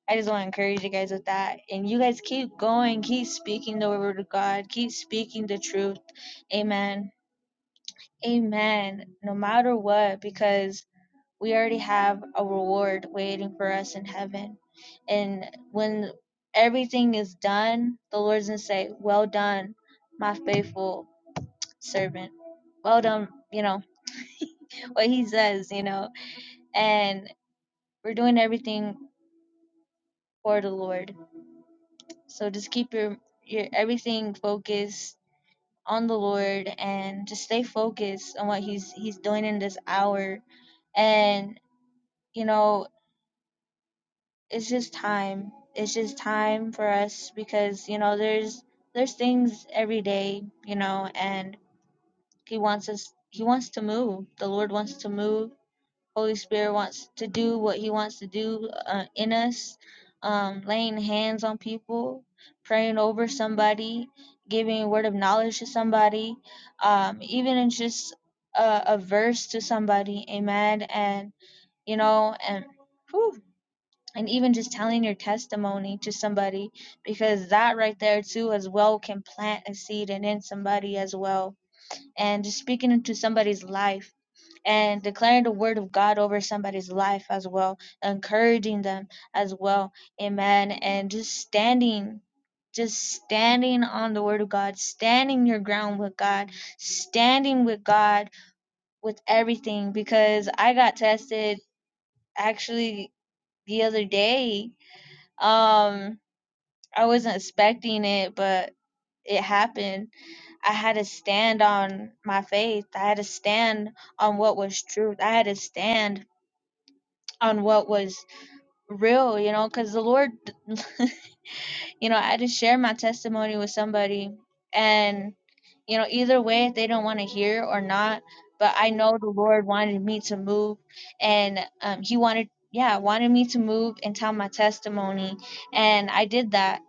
S1: I just want to encourage you guys with that. And you guys keep going, keep speaking the word of God, keep speaking the truth. Amen. Amen. No matter what, because we already have a reward waiting for us in heaven. And when everything is done, the Lord's gonna say, "Well done, my faithful servant." Well done, you know what he says, you know, and we're doing everything for the Lord. So just keep your your everything focused on the Lord and just stay focused on what he's he's doing in this hour. And you know, it's just time. It's just time for us because you know there's there's things every day, you know, and he wants us he wants to move. The Lord wants to move Holy Spirit wants to do what He wants to do uh, in us, um, laying hands on people, praying over somebody, giving a word of knowledge to somebody, um, even in just a, a verse to somebody, amen. And you know, and whew, and even just telling your testimony to somebody, because that right there too, as well, can plant a seed and in somebody as well, and just speaking into somebody's life and declaring the word of God over somebody's life as well, encouraging them as well. Amen. And just standing just standing on the word of God, standing your ground with God, standing with God with everything because I got tested actually the other day. Um I wasn't expecting it, but it happened. I had to stand on my faith. I had to stand on what was truth. I had to stand on what was real, you know, because the Lord, you know, I just share my testimony with somebody. And, you know, either way, if they don't want to hear or not, but I know the Lord wanted me to move and um, He wanted, yeah, wanted me to move and tell my testimony. And I did that.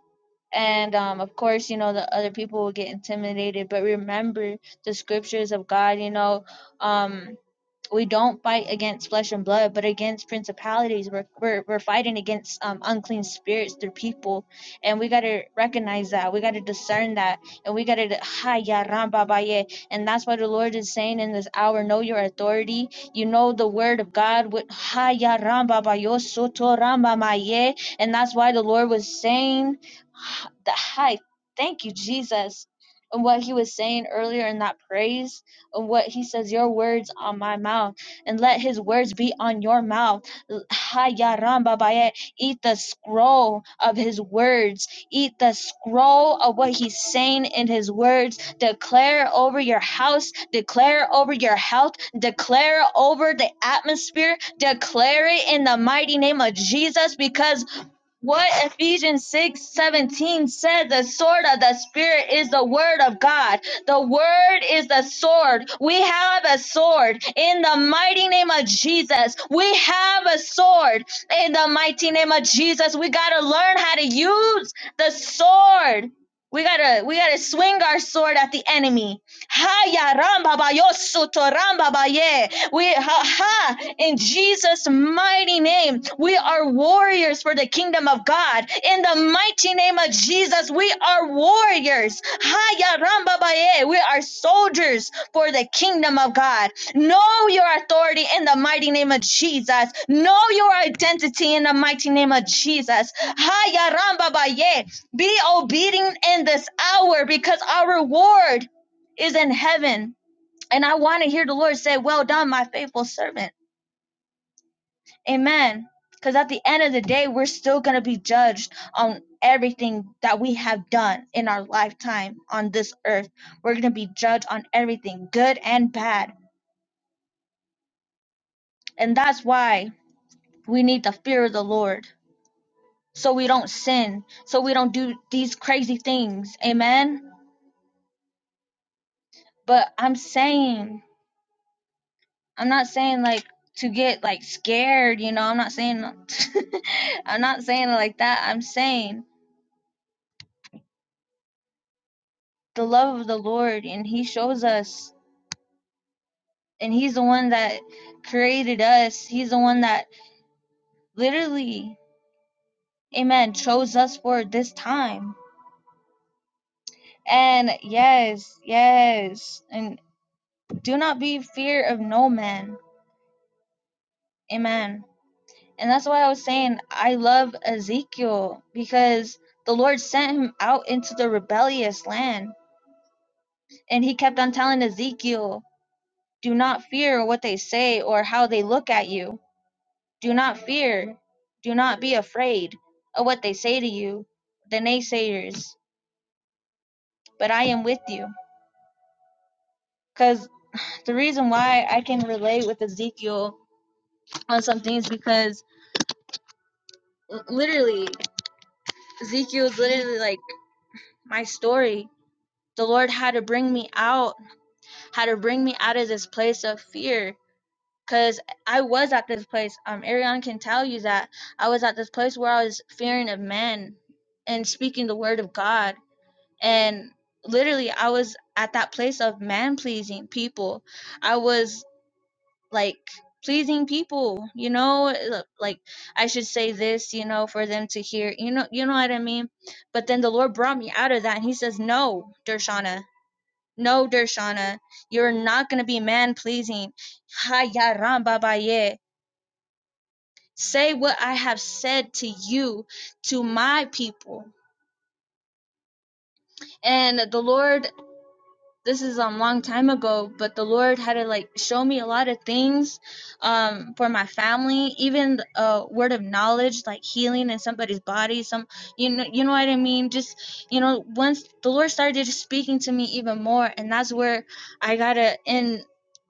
S1: And um, of course, you know, the other people will get intimidated, but remember the scriptures of God, you know. Um, we don't fight against flesh and blood, but against principalities. We're we're, we're fighting against um, unclean spirits through people, and we gotta recognize that. We gotta discern that, and we gotta ha ya ramba baye. And that's why the Lord is saying in this hour, know your authority. You know the word of God with ha ya ramba bayo soto ramba ba, And that's why the Lord was saying the hi. Thank you, Jesus. And what he was saying earlier in that praise of what he says, Your words on my mouth, and let his words be on your mouth. Hayarambabaye, Eat the scroll of his words, eat the scroll of what he's saying in his words. Declare over your house, declare over your health, declare over the atmosphere, declare it in the mighty name of Jesus because what Ephesians six seventeen 17 said, the sword of the Spirit is the word of God. The word is the sword. We have a sword in the mighty name of Jesus. We have a sword in the mighty name of Jesus. We got to learn how to use the sword. We got to we got to swing our sword at the enemy. Haya ramba ba ramba baye. We ha, ha in Jesus' mighty name, we are warriors for the kingdom of God. In the mighty name of Jesus, we are warriors. Haya ramba baye. We are soldiers for the kingdom of God. Know your authority in the mighty name of Jesus. Know your identity in the mighty name of Jesus. Haya ramba baye. Be obedient in this hour because our reward is in heaven. And I want to hear the Lord say, Well done, my faithful servant. Amen. Because at the end of the day, we're still going to be judged on everything that we have done in our lifetime on this earth. We're going to be judged on everything, good and bad. And that's why we need the fear of the Lord so we don't sin, so we don't do these crazy things. Amen. But I'm saying I'm not saying like to get like scared, you know. I'm not saying I'm not saying it like that. I'm saying the love of the Lord and he shows us and he's the one that created us. He's the one that literally amen chose us for this time. And yes, yes. And do not be fear of no man. Amen. And that's why I was saying I love Ezekiel because the Lord sent him out into the rebellious land And he kept on telling Ezekiel, Do not fear what they say or how they look at you. Do not fear. Do not be afraid of what they say to you, the naysayers. But I am with you. Because the reason why I can relate with Ezekiel on some things, because literally, Ezekiel is literally like my story. The Lord had to bring me out, had to bring me out of this place of fear Cause I was at this place. Um, Ariana can tell you that I was at this place where I was fearing of men and speaking the word of God. And literally, I was at that place of man pleasing people. I was like pleasing people, you know, uh, like I should say this, you know, for them to hear, you know, you know what I mean. But then the Lord brought me out of that, and He says, "No, Dershana, no, Dershana, you're not gonna be man pleasing." Haya ramba baye Say what I have said to you, to my people. And the Lord this is a um long time ago, but the Lord had to like show me a lot of things um for my family, even a uh, word of knowledge like healing in somebody's body, some you know you know what I mean? Just you know, once the Lord started just speaking to me even more and that's where I gotta in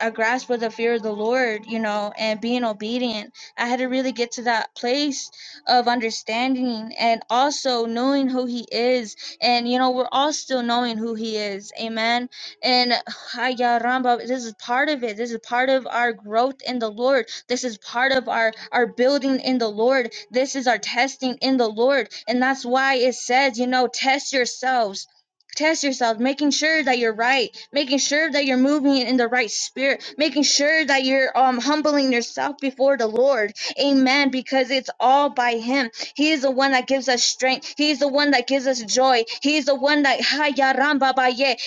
S1: a grasp of the fear of the Lord, you know, and being obedient. I had to really get to that place of understanding and also knowing who He is. And, you know, we're all still knowing who He is. Amen and Haya Ramba, this is part of it. This is part of our growth in the Lord. This is part of our, our building in the Lord. This is our testing in the Lord. And that's why it says, you know, test yourselves. Test yourselves, making sure that you're right, making sure that you're moving in the right spirit, making sure that you're um humbling yourself before the Lord. Amen. Because it's all by Him he is the one that gives us strength. He is the one that gives us joy. He is the one that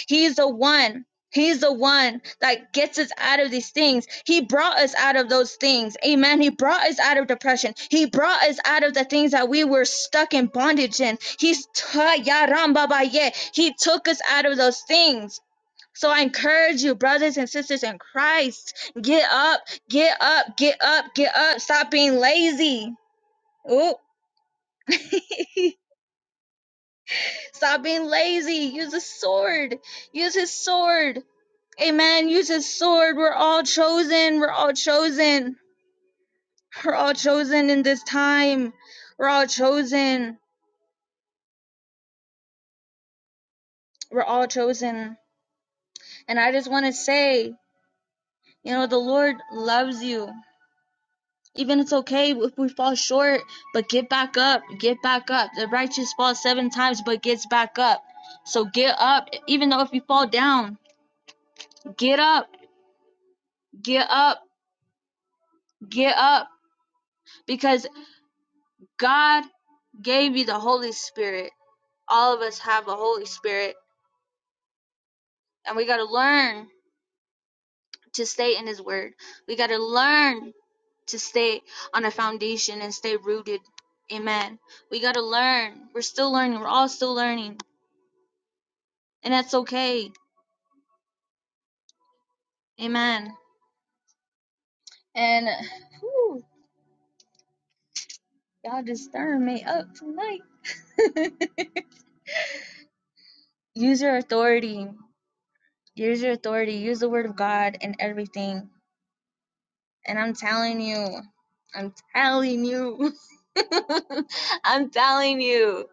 S1: He is the one. He's the one that gets us out of these things. He brought us out of those things. Amen. He brought us out of depression. He brought us out of the things that we were stuck in bondage in. He's He took us out of those things. So I encourage you, brothers and sisters in Christ, get up, get up, get up, get up. Stop being lazy. Ooh. Stop being lazy. Use a sword. Use his sword. Amen. Use his sword. We're all chosen. We're all chosen. We're all chosen in this time. We're all chosen. We're all chosen. And I just want to say, you know, the Lord loves you. Even it's okay if we fall short, but get back up. Get back up. The righteous falls seven times, but gets back up. So get up. Even though if you fall down, get up. Get up. Get up because God gave you the Holy Spirit. All of us have a Holy Spirit, and we got to learn to stay in His Word. We got to learn to stay on a foundation and stay rooted. Amen. We got to learn. We're still learning. We're all still learning, and that's okay. Amen. And whew, y'all just stirring me up tonight. use your authority. Use your authority. Use the Word of God and everything And I'm telling you, I'm telling you, I'm telling you,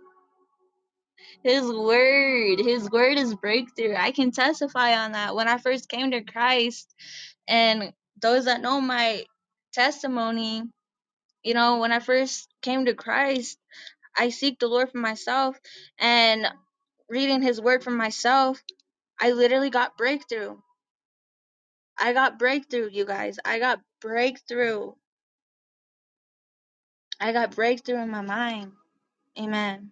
S1: His word, His word is breakthrough. I can testify on that. When I first came to Christ, and those that know my testimony, you know, when I first came to Christ, I seek the Lord for myself and reading His word for myself, I literally got breakthrough. I got breakthrough, you guys. I got breakthrough. I got breakthrough in my mind. Amen.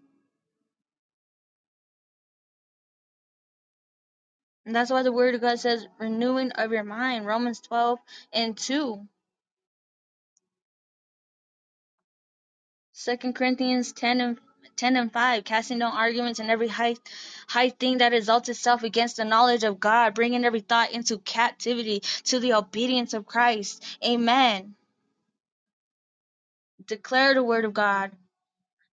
S1: And that's why the word of God says renewing of your mind. Romans 12 and 2. 2 Corinthians 10 and 10 and 5, casting down arguments and every high, high thing that exalts itself against the knowledge of God, bringing every thought into captivity to the obedience of Christ. Amen. Declare the word of God.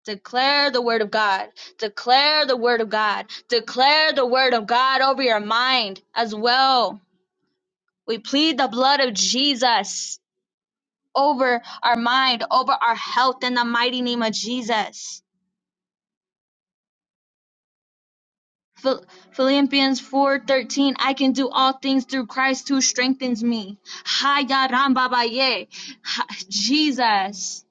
S1: Declare the word of God. Declare the word of God. Declare the word of God over your mind as well. We plead the blood of Jesus over our mind, over our health in the mighty name of Jesus. Philippians 4:13 I can do all things through Christ who strengthens me. Haya rambabaye. Jesus.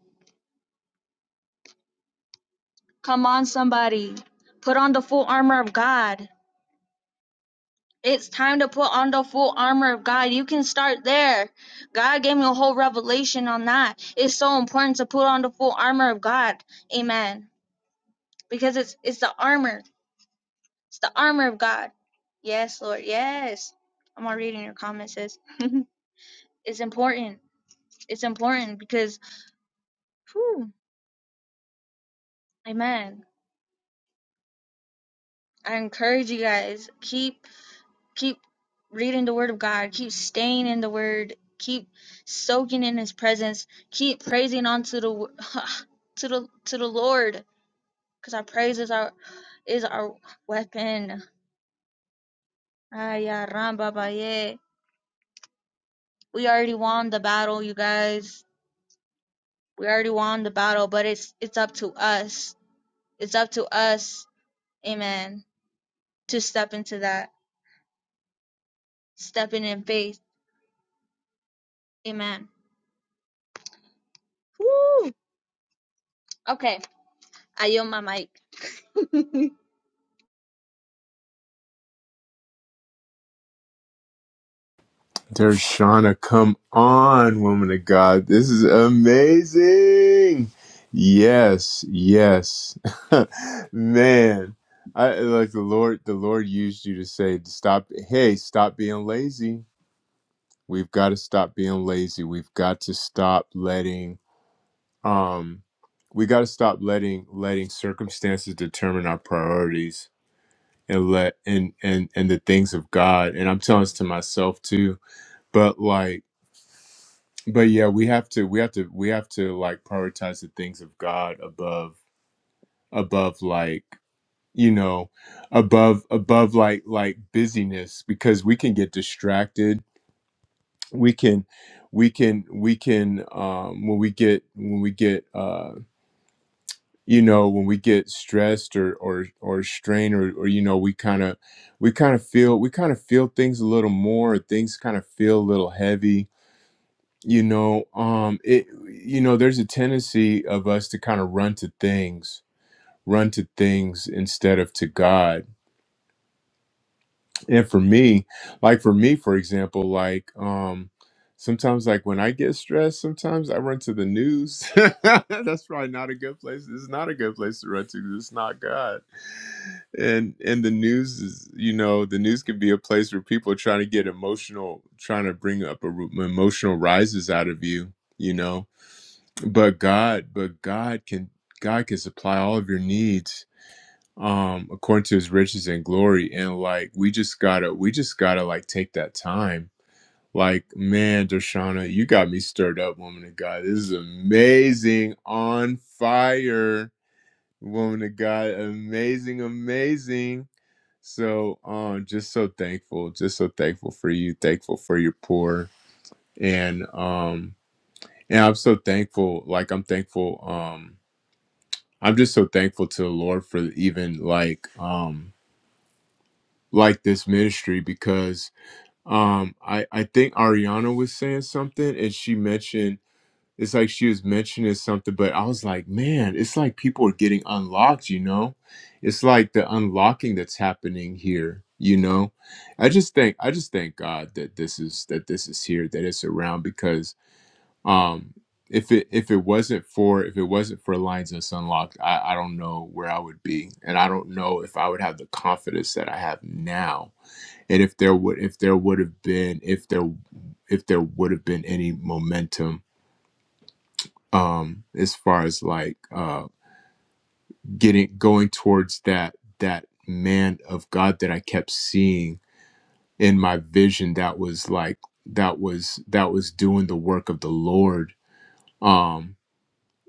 S1: Come on somebody. Put on the full armor of God. It's time to put on the full armor of God. You can start there. God gave me a whole revelation on that. It's so important to put on the full armor of God. Amen. Because it's it's the armor. It's the armor of God. Yes, Lord. Yes. I'm already reading your comments, sis. it's important. It's important because, whew, amen. I encourage you guys keep keep reading the Word of God. Keep staying in the Word. Keep soaking in His presence. Keep praising onto the wo- to the to the Lord, because our praise is our is our weapon. Ah, yeah, ram, Baba, yeah. We already won the battle, you guys. We already won the battle, but it's it's up to us. It's up to us, amen, to step into that, stepping in faith, amen. Woo. Okay, I yield my mic.
S3: Dershana, come on, woman of God. This is amazing. Yes, yes. Man, I like the Lord, the Lord used you to say, to stop, hey, stop being lazy. We've got to stop being lazy. We've got to stop letting um we got to stop letting letting circumstances determine our priorities and let and and and the things of God. And I'm telling this to myself too, but like but yeah we have to we have to we have to like prioritize the things of god above above like you know above above like like busyness because we can get distracted we can we can we can um when we get when we get uh you know when we get stressed or or or strained or, or you know we kind of we kind of feel we kind of feel things a little more things kind of feel a little heavy you know um it you know there's a tendency of us to kind of run to things run to things instead of to god and for me like for me for example like um sometimes like when i get stressed sometimes i run to the news that's probably not a good place it's not a good place to run to 'cause it's not god and and the news is you know the news can be a place where people are trying to get emotional trying to bring up a, ru- emotional rises out of you you know but God, but God can God can supply all of your needs um according to his riches and glory and like we just gotta we just gotta like take that time like man Dershana you got me stirred up woman of God this is amazing on fire woman of God amazing amazing so um just so thankful just so thankful for you thankful for your pour. and um and I'm so thankful like I'm thankful um I'm just so thankful to the Lord for even like um like this ministry because um I I think Ariana was saying something and she mentioned it's like she was mentioning something but I was like man it's like people are getting unlocked you know it's like the unlocking that's happening here you know I just thank I just thank God that this is that this is here that it's around because. Um, if it if it wasn't for if it wasn't for Lines Us Unlocked, I, I don't know where I would be, and I don't know if I would have the confidence that I have now. And if there would if there would have been if there if there would have been any momentum um as far as like uh getting going towards that that man of God that I kept seeing in my vision that was like that was that was doing the work of the Lord um.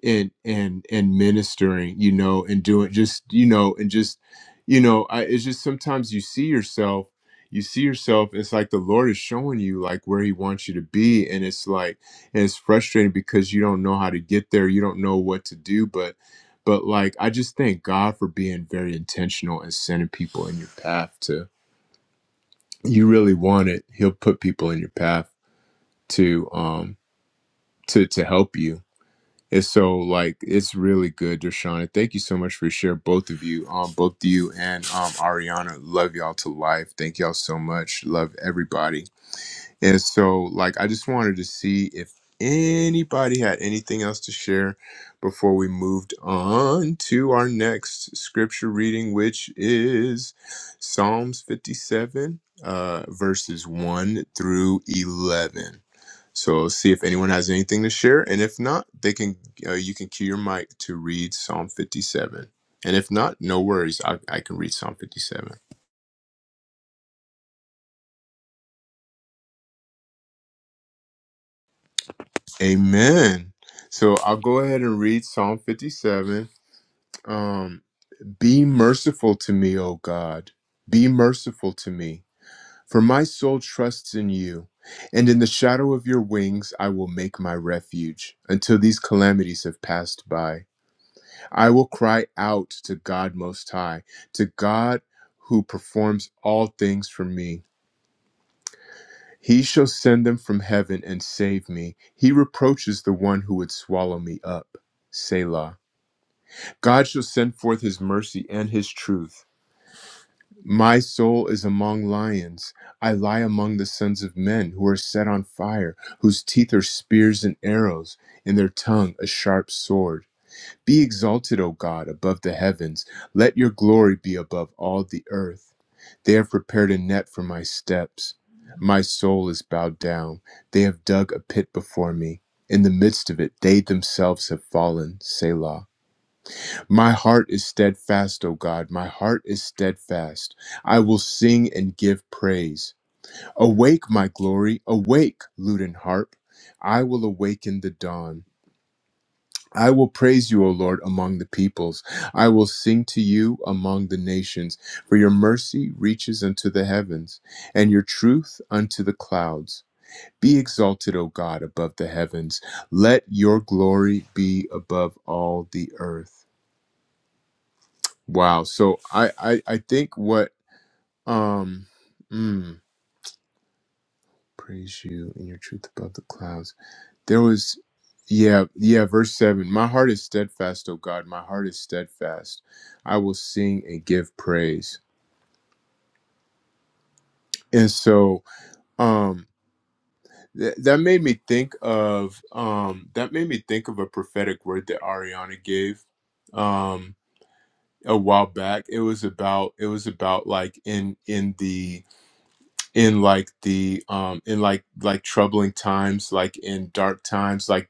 S3: and and and ministering you know and doing just you know and just you know I, it's just sometimes you see yourself you see yourself it's like the lord is showing you like where he wants you to be and it's like and it's frustrating because you don't know how to get there you don't know what to do but but like i just thank god for being very intentional and sending people in your path to you really want it he'll put people in your path to um to to help you and so, like, it's really good, Dershana. Thank you so much for your share, both of you, um, both you and um, Ariana. Love y'all to life. Thank y'all so much. Love everybody. And so, like, I just wanted to see if anybody had anything else to share before we moved on to our next scripture reading, which is Psalms 57, uh, verses 1 through 11. So see if anyone has anything to share, and if not, they can uh, you can cue your mic to read Psalm 57. And if not, no worries, I, I can read Psalm 57. Amen. So I'll go ahead and read Psalm 57. Um, Be merciful to me, O God. Be merciful to me, for my soul trusts in you. And in the shadow of your wings, I will make my refuge until these calamities have passed by. I will cry out to God Most High, to God who performs all things for me. He shall send them from heaven and save me. He reproaches the one who would swallow me up. Selah. God shall send forth his mercy and his truth. My soul is among lions. I lie among the sons of men who are set on fire, whose teeth are spears and arrows, in their tongue a sharp sword. Be exalted, O God, above the heavens. Let your glory be above all the earth. They have prepared a net for my steps. My soul is bowed down. They have dug a pit before me. In the midst of it, they themselves have fallen. Selah. My heart is steadfast, O God. My heart is steadfast. I will sing and give praise. Awake, my glory. Awake, lute and harp. I will awaken the dawn. I will praise you, O Lord, among the peoples. I will sing to you among the nations, for your mercy reaches unto the heavens, and your truth unto the clouds. Be exalted, O God, above the heavens. Let your glory be above all the earth. Wow. So I I, I think what um mm, praise you and your truth above the clouds. There was, yeah, yeah, verse 7. My heart is steadfast, O God. My heart is steadfast. I will sing and give praise. And so, um, th- that made me think of um that made me think of a prophetic word that Ariana gave um a while back. It was about it was about like in in the in like the um in like like troubling times like in dark times like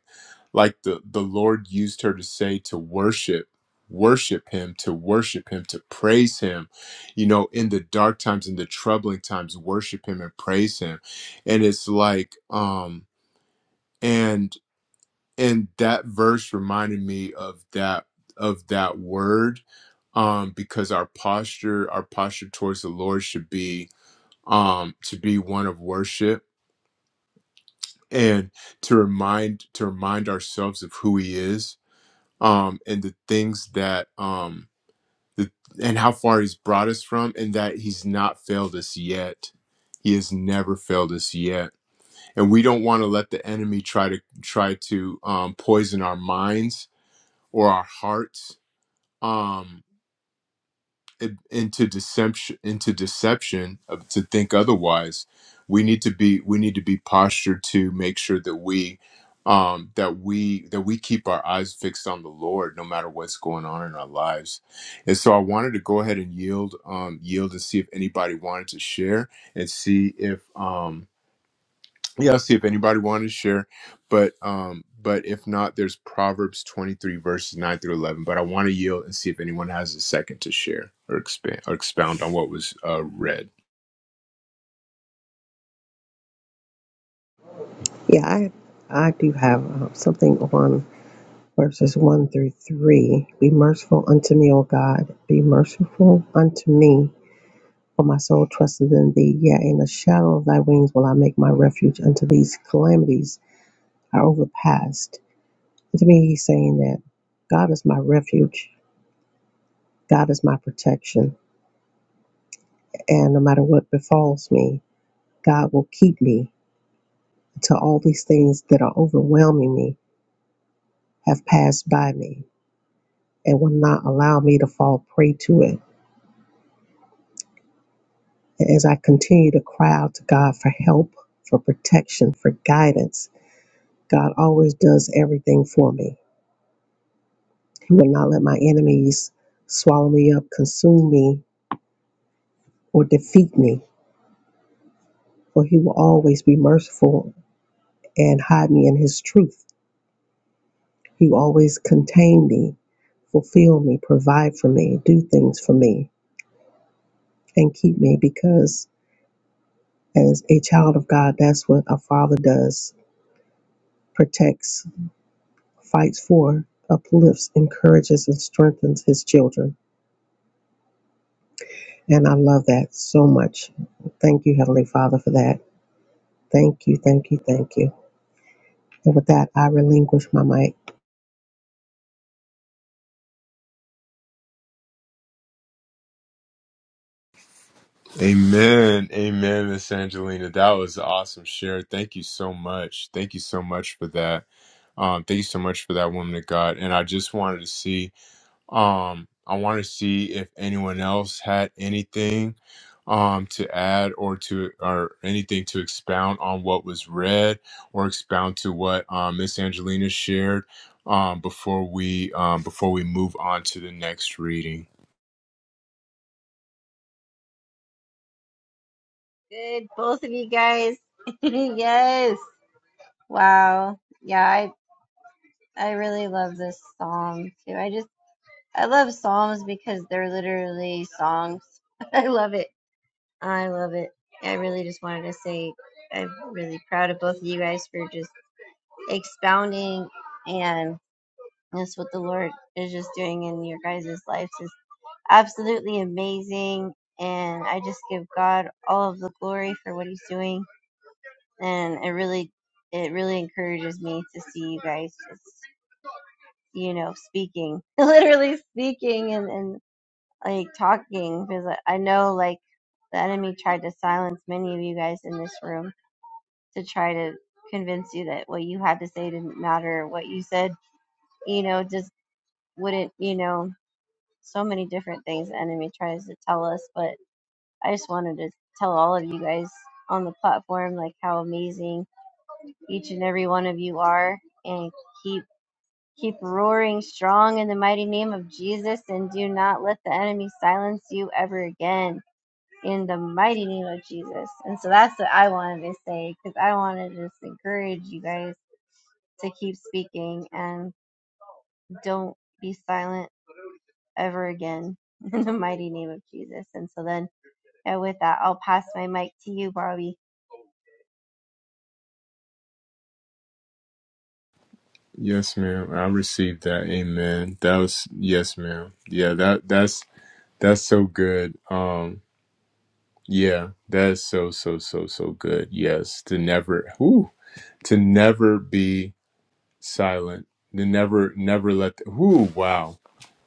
S3: like the the lord used her to say to worship worship him to worship him to praise him you know in the dark times in the troubling times worship him and praise him and it's like um and and that verse reminded me of that of that word um because our posture our posture towards the lord should be um to be one of worship and to remind to remind ourselves of who he is um and the things that um the and how far he's brought us from and that he's not failed us yet he has never failed us yet and we don't want to let the enemy try to try to um, poison our minds or our hearts um. in- into deception into deception of, to think otherwise we need to be we need to be postured to make sure that we um that we that we keep our eyes fixed on the lord no matter what's going on in our lives and so i wanted to go ahead and yield um yield and see if anybody wanted to share and see if um yeah i'll see if anybody wanted to share but um but if not there's proverbs 23 verses 9 through 11 but i want to yield and see if anyone has a second to share or expand or expound on what was uh read
S4: Yeah, I, I do have uh, something on verses 1 through 3. Be merciful unto me, O God. Be merciful unto me, for my soul trusteth in thee. Yea, in the shadow of thy wings will I make my refuge unto these calamities are overpassed. And to me, he's saying that God is my refuge. God is my protection. And no matter what befalls me, God will keep me until all these things that are overwhelming me have passed by me and will not allow me to fall prey to it. And as I continue to cry out to God for help, for protection, for guidance, God always does everything for me. He will not let my enemies swallow me up, consume me, or defeat me, for He will always be merciful and hide me in His truth. You always contain me, fulfill me, provide for me, do things for me, and keep me because as a child of God, that's what a father does protects, fights for, uplifts, encourages, and strengthens his children. And I love that so much. Thank you, Heavenly Father, for that. Thank you, thank you, thank you. And with that, I relinquish my mic.
S3: amen amen miss angelina that was an awesome share thank you so much thank you so much for that um thank you so much for that woman of god and i just wanted to see Um, I want to see if anyone else had anything um, to add or to or anything to expound on what was read or expound to what um, Miss Angelina shared um, before we um, before we move on to the next reading.
S2: Good, both of you guys. yes. Wow. Yeah, I I really love this psalm too. I just I love psalms because they're literally songs. I love it. I love it. I really just wanted to say I'm really proud of both of you guys for just expounding and That's what the Lord is just doing in your guys' lives is absolutely amazing. And I just give God all of the glory for what He's doing. And it really, it really encourages me to see you guys just, you know, speaking, literally speaking and, and like talking because I I know like the enemy tried to silence many of you guys in this room to try to convince you that what you had to say didn't matter. What you said, you know, just wouldn't, you know. so many different things the enemy tries to tell us, but I just wanted to tell all of you guys on the platform like how amazing each and every one of you are and keep keep roaring strong in the mighty name of Jesus and do not let the enemy silence you ever again in the mighty name of Jesus. And so that's what I wanted to say because I wanted to just encourage you guys to keep speaking and don't be silent ever again in the mighty name of Jesus. And so then And with that, I'll pass my mic to you, Barbie.
S3: Yes, ma'am. I received that. Amen. That was yes, ma'am. Yeah, that that's that's so good. Um, yeah, that is so so so so good. Yes, to never. Whoo to never be silent. The never, never let. The, whoo, wow.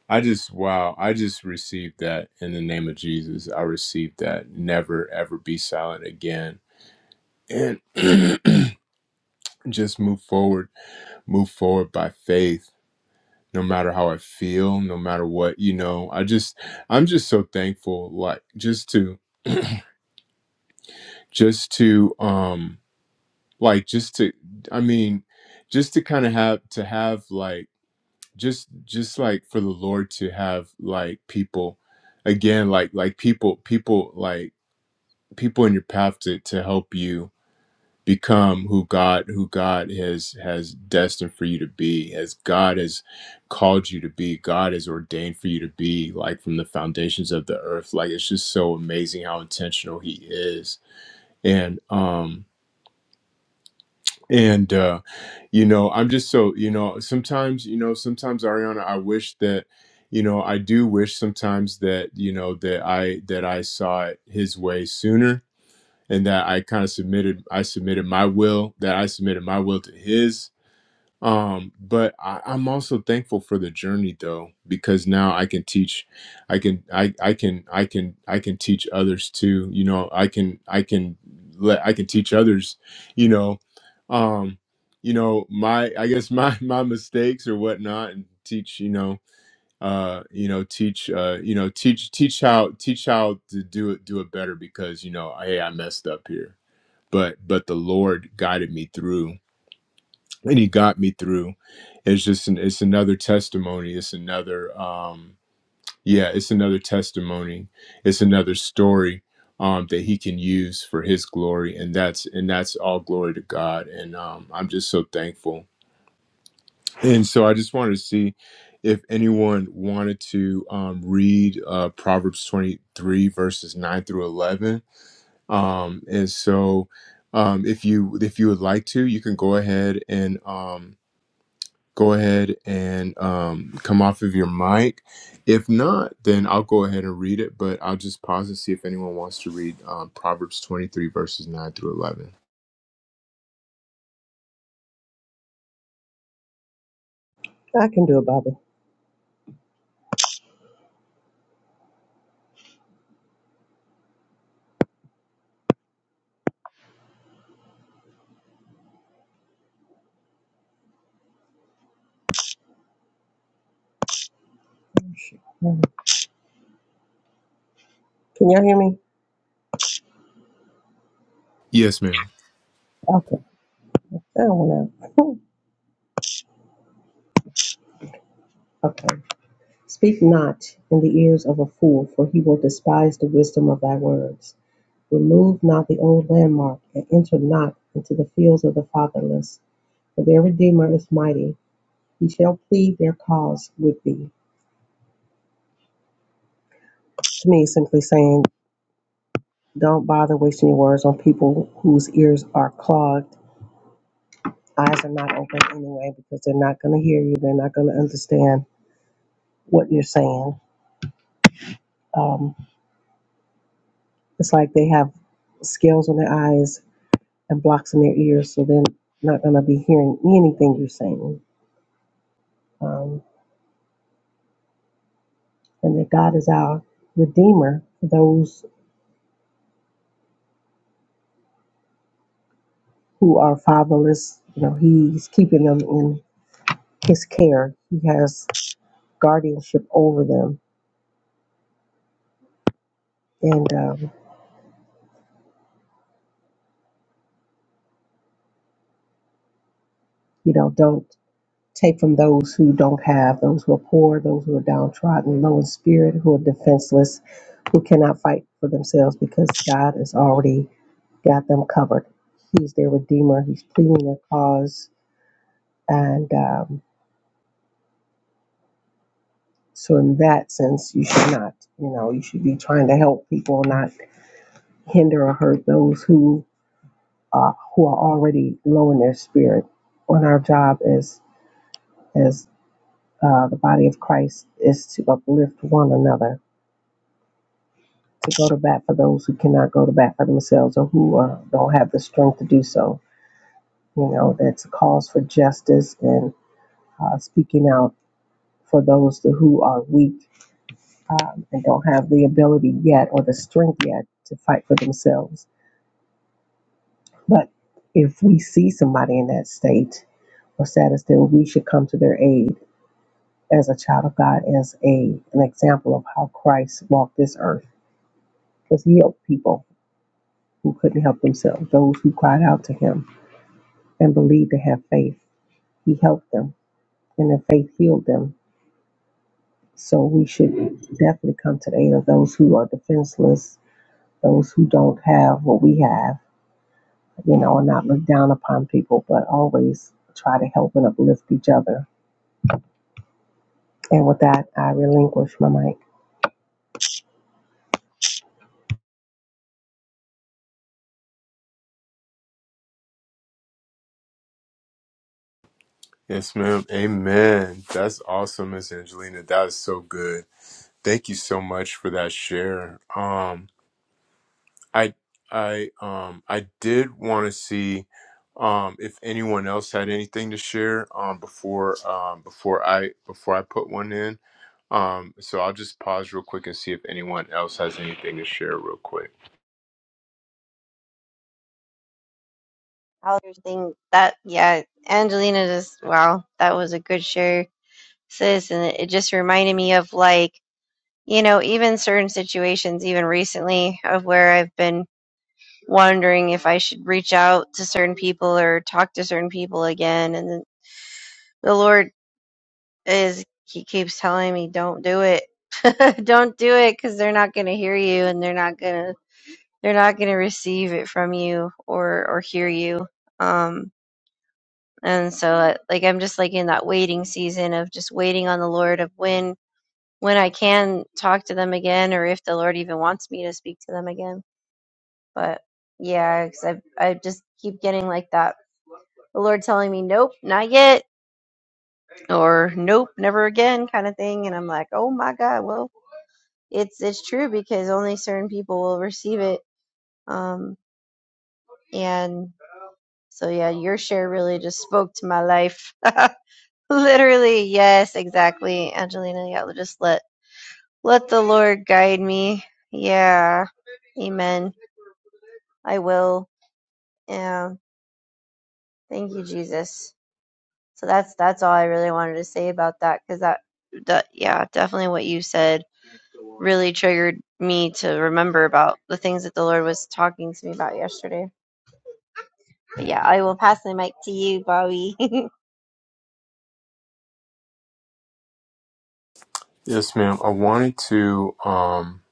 S3: I just, wow. I just received that in the name of Jesus. I received that. Never, ever be silent again. And just move forward, move forward by faith. No matter how I feel, no matter what, you know, I just, I'm just so thankful. Like, just to, just to, um, like, just to, I mean, just to kind of have, to have, like, just just like for the lord to have like people again like like people people like people in your path to to help you become who god who god has has destined for you to be as god has called you to be god has ordained for you to be like from the foundations of the earth like it's just so amazing how intentional he is and um and uh you know i'm just so you know sometimes you know sometimes ariana i wish that you know i do wish sometimes that you know that i that i saw it his way sooner and that i kind of submitted i submitted my will that i submitted my will to his um, but I, I'm also thankful for the journey though, because now I can teach, I can, I, I can, I can, I can teach others too. You know, I can, I can let, I can teach others, you know, um, you know, my, I guess my, my mistakes or whatnot and teach, you know, uh, you know, teach, uh, you know, teach, teach how, teach how to do it, do it better because, you know, hey, I messed up here, but, but the Lord guided me through and he got me through it's just an, it's another testimony it's another um yeah it's another testimony it's another story um that he can use for his glory and that's and that's all glory to god and um i'm just so thankful and so i just wanted to see if anyone wanted to um, read uh, proverbs 23 verses 9 through 11 um and so um if you if you would like to you can go ahead and um go ahead and um, come off of your mic. If not, then I'll go ahead and read it, but I'll just pause and see if anyone wants to read um, Proverbs 23, verses 9 through 11.
S4: I can do it, Bobby. Can y'all hear me?
S3: Yes, ma'am.
S4: Okay. That one out. Okay. Speak not in the ears of a fool, for he will despise the wisdom of thy words. Remove not the old landmark, and enter not into the fields of the fatherless. For their Redeemer is mighty, he shall plead their cause with thee. To me, simply saying, don't bother wasting your words on people whose ears are clogged, eyes are not open anyway, because they're not going to hear you, they're not going to understand what you're saying. Um, it's like they have scales on their eyes and blocks in their ears, so they're not going to be hearing anything you're saying. Um, and that God is our redeemer for those who are fatherless. You know, He's keeping them in His care. He has guardianship over them, and um, you know, don't take from those who don't have, those who are poor, those who are downtrodden, low in spirit, who are defenseless, who cannot fight for themselves because God is already got them covered. He's their redeemer. He's pleading their cause, and um, so in that sense, you should not, you know, you should be trying to help people, not hinder or hurt those who are who are already low in their spirit. When our job as as uh, the body of Christ is to uplift one another, to go to bat for those who cannot go to bat for themselves or who uh, don't have the strength to do so. You know, that's a cause for justice and uh, speaking out for those who are weak um, and don't have the ability yet or the strength yet to fight for themselves. But if we see somebody in that state or status, then we should come to their aid as a child of God, as a an example of how Christ walked this earth, because He helped people who couldn't help themselves, those who cried out to Him and believed to have faith. He helped them, and their faith healed them. So we should definitely come to the aid of those who are defenseless those who don't have what we have, you know, and not look down upon people, but always try to help and uplift each other. And with that, I relinquish my mic.
S3: Yes, ma'am. Amen. That's awesome, Miss Angelina. That is so good. Thank you so much for that share. Um, I, I, um, I did want to see um, if anyone else had anything to share um, before um, before I before I put one in. Um, so I'll just pause real quick and see if anyone else has anything to share real quick.
S2: I'll think that yeah, Angelina just wow, that was a good share, sis, and it, it just reminded me of like you know even certain situations, even recently, of where I've been wondering if I should reach out to certain people or talk to certain people again, and then the Lord is He keeps telling me don't do it. don't do it because they're not going to hear you and they're not going to they're not going to receive it from you or or hear you um and so uh, like i'm just like in that waiting season of just waiting on the lord of when when i can talk to them again or if the lord even wants me to speak to them again but yeah cause I, I just keep getting like that the lord telling me nope not yet or nope never again kind of thing and i'm like oh my god well it's it's true because only certain people will receive it um and So yeah, your share really just spoke to my life. Literally, yes, exactly, Angelina. Yeah, just let let the Lord guide me. Yeah, Amen. I will. Yeah, thank you, Jesus. So that's that's all I really wanted to say about that because that, that yeah, definitely what you said really triggered me to remember about the things that the Lord was talking to me about yesterday. But yeah, I will pass the mic to you, Bobby.
S3: Yes, ma'am. I wanted to um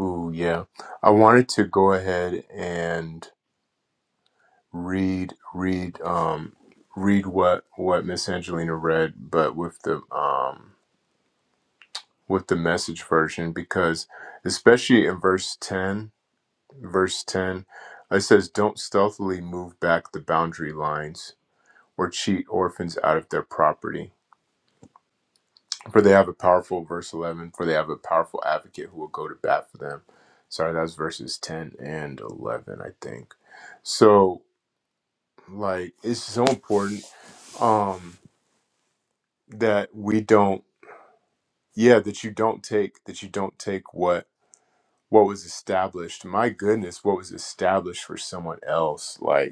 S3: ooh yeah. I wanted to go ahead and read read um read what what Miss Angelina read, but with the um with the message version because especially in verse 10, verse 10 it says don't stealthily move back the boundary lines or cheat orphans out of their property For they have a powerful, verse 11, for they have a powerful advocate who will go to bat for them. Sorry, that's verses 10 and 11, I think. So, like, it's so important um that we don't, yeah, that you don't take, that you don't take what what was established. My goodness, what was established for someone else. Like,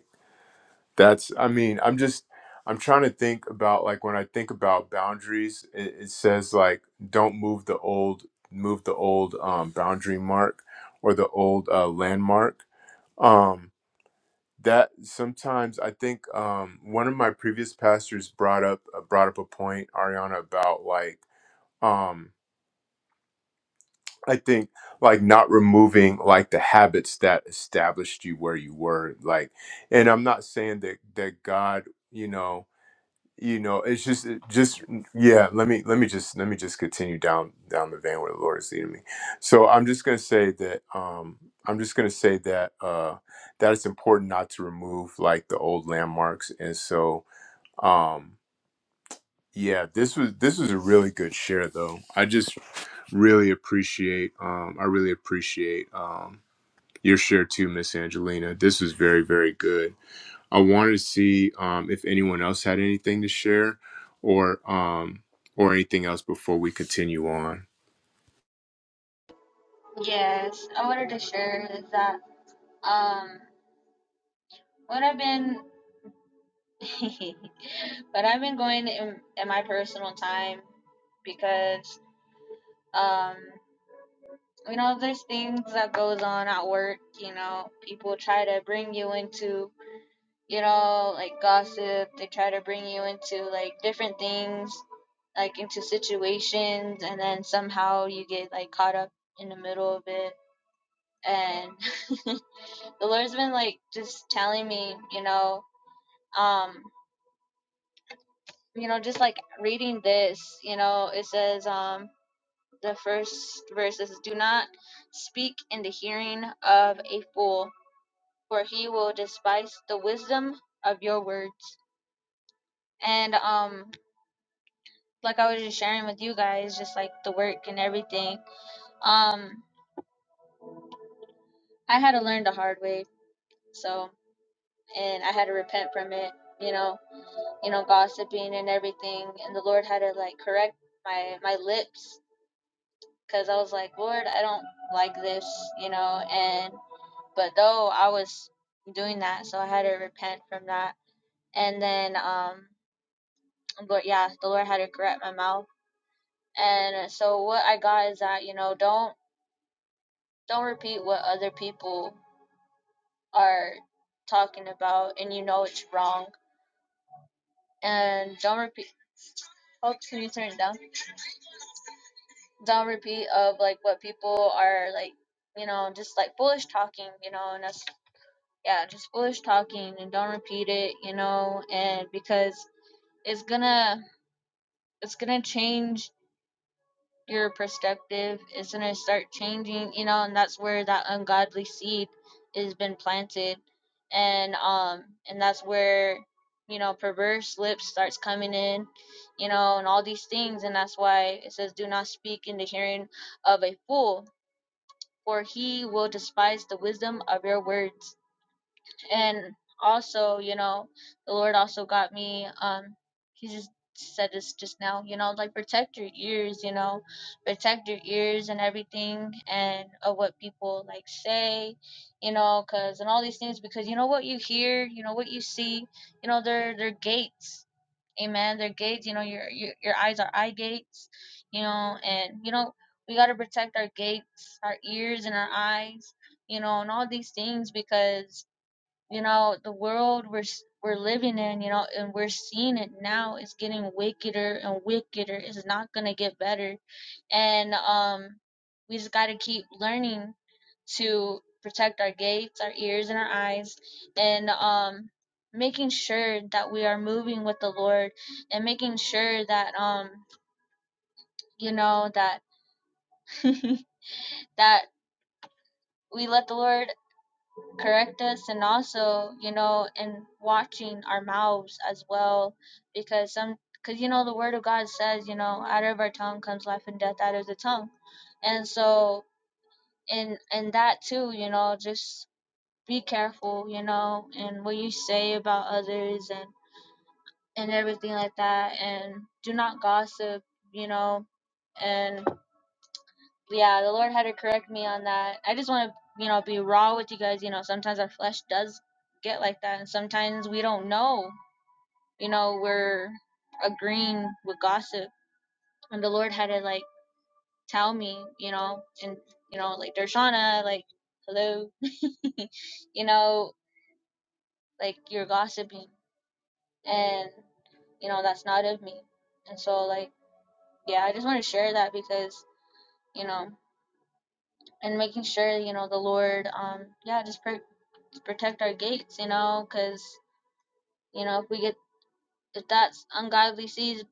S3: That's, I mean, I'm just, I'm trying to think about like when I think about boundaries, it, it says like don't move the old, move the old um, boundary mark or the old uh, landmark. Um, that sometimes I think um, one of my previous pastors brought up uh, brought up a point, Ariana, about like um, I think like not removing like the habits that established you where you were, like, and I'm not saying that that God, you know. you know it's just it just yeah let me let me just let me just continue down down the vein where the lord is leading me so i'm just going to say that um i'm just going to say that uh that it's important not to remove like the old landmarks and so um yeah this was this was a really good share though i just really appreciate um i really appreciate um your share too miss angelina this was very very good I wanted to see um, if anyone else had anything to share, or um, or anything else before we continue on.
S1: Yes, I wanted to share is that um what I've been what I've been going in, in my personal time because um you know there's things that goes on at work you know people try to bring you into you know, like gossip. They try to bring you into like different things, like into situations, and then somehow you get like caught up in the middle of it. And the Lord's been like just telling me, you know, um, you know, just like reading this, you know, it says, um, the first verse is, "Do not speak in the hearing of a fool, for he will despise the wisdom of your words." And um, like I was just sharing with you guys, just like the work and everything. Um, I had to learn the hard way, so and I had to repent from it. You know, you know, gossiping and everything, and the Lord had to like correct my my lips because I was like, Lord, I don't like this, you know. And but though I was doing that, so I had to repent from that, and then um, but yeah, the Lord had to correct my mouth. And so what I got is that you know, don't don't repeat what other people are talking about and you know it's wrong and don't repeat oops can you turn it down don't repeat of like what people are like you know just like foolish talking you know and that's yeah just foolish talking and don't repeat it you know and because it's gonna it's gonna change your perspective is going to start changing you know and that's where that ungodly seed has been planted and um and that's where you know perverse lips starts coming in you know and all these things and that's why it says do not speak in the hearing of a fool for he will despise the wisdom of your words and also you know the lord also got me um he just said this just now you know like protect your ears you know protect your ears and everything and of what people like say you know because and all these things because you know what you hear you know what you see you know they're they're gates amen they're gates you know your your, your eyes are eye gates you know and you know we got to protect our gates our ears and our eyes you know and all these things because you know the world we're s- we're living in you know and we're seeing it now it's getting wickeder and wickeder it's not going to get better and um we just got to keep learning to protect our gates our ears and our eyes and um making sure that we are moving with the lord and making sure that um you know that that we let the lord correct us and also you know in watching our mouths as well because some because you know the word of god says you know out of our tongue comes life and death out of the tongue and so in in that too you know just be careful you know and what you say about others and and everything like that and do not gossip you know and yeah, the Lord had to correct me on that. I just want to, you know, be raw with you guys. You know, sometimes our flesh does get like that, and sometimes we don't know. You know, we're agreeing with gossip, and the Lord had to like tell me, you know, and you know, like Dershana, like hello, you know, like you're gossiping, and you know that's not of me. And so, like, yeah, I just want to share that because you know, and making sure you know the Lord, um, yeah, just pray protect our gates, you know, because you know if we get if that ungodly seed,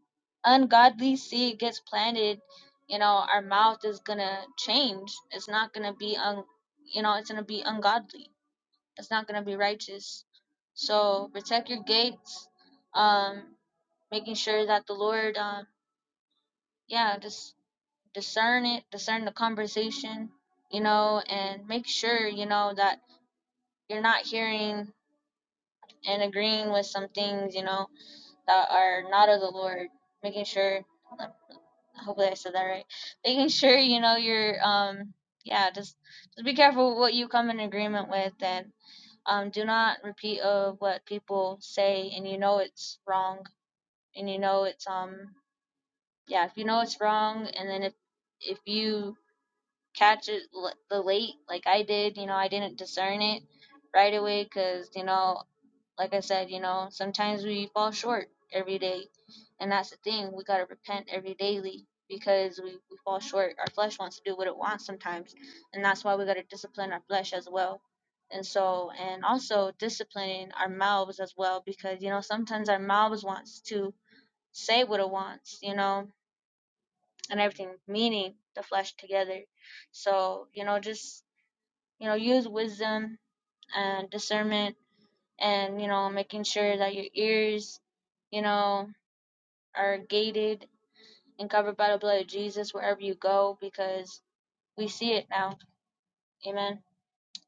S1: ungodly seed gets planted, you know, our mouth is gonna change. It's not gonna be un, you know, it's gonna be ungodly. It's not gonna be righteous. So protect your gates, um, making sure that the Lord, um, yeah, just discern it, discern the conversation, you know, and make sure you know that you're not hearing and agreeing with some things, you know that are not of the Lord, making sure hopefully I said that right. Making sure you know you're um yeah, just just be careful what you come in agreement with and um do not repeat of what people say and you know it's wrong and you know it's um yeah, if you know it's wrong and then if if you catch it l- the late like I did, you know, I didn't discern it right away cuz you know like I said, you know, sometimes we fall short every day. And that's the thing. We got to repent every daily because we, we fall short. Our flesh wants to do what it wants sometimes. And that's why we got to discipline our flesh as well. And so, and also disciplining our mouths as well because, you know, sometimes our mouths wants to say what it wants, you know, and everything, meaning the flesh together. So, you know, just, you know, use wisdom and discernment and you know making sure that your ears you know are gated and covered by the blood of jesus wherever you go because we see it now amen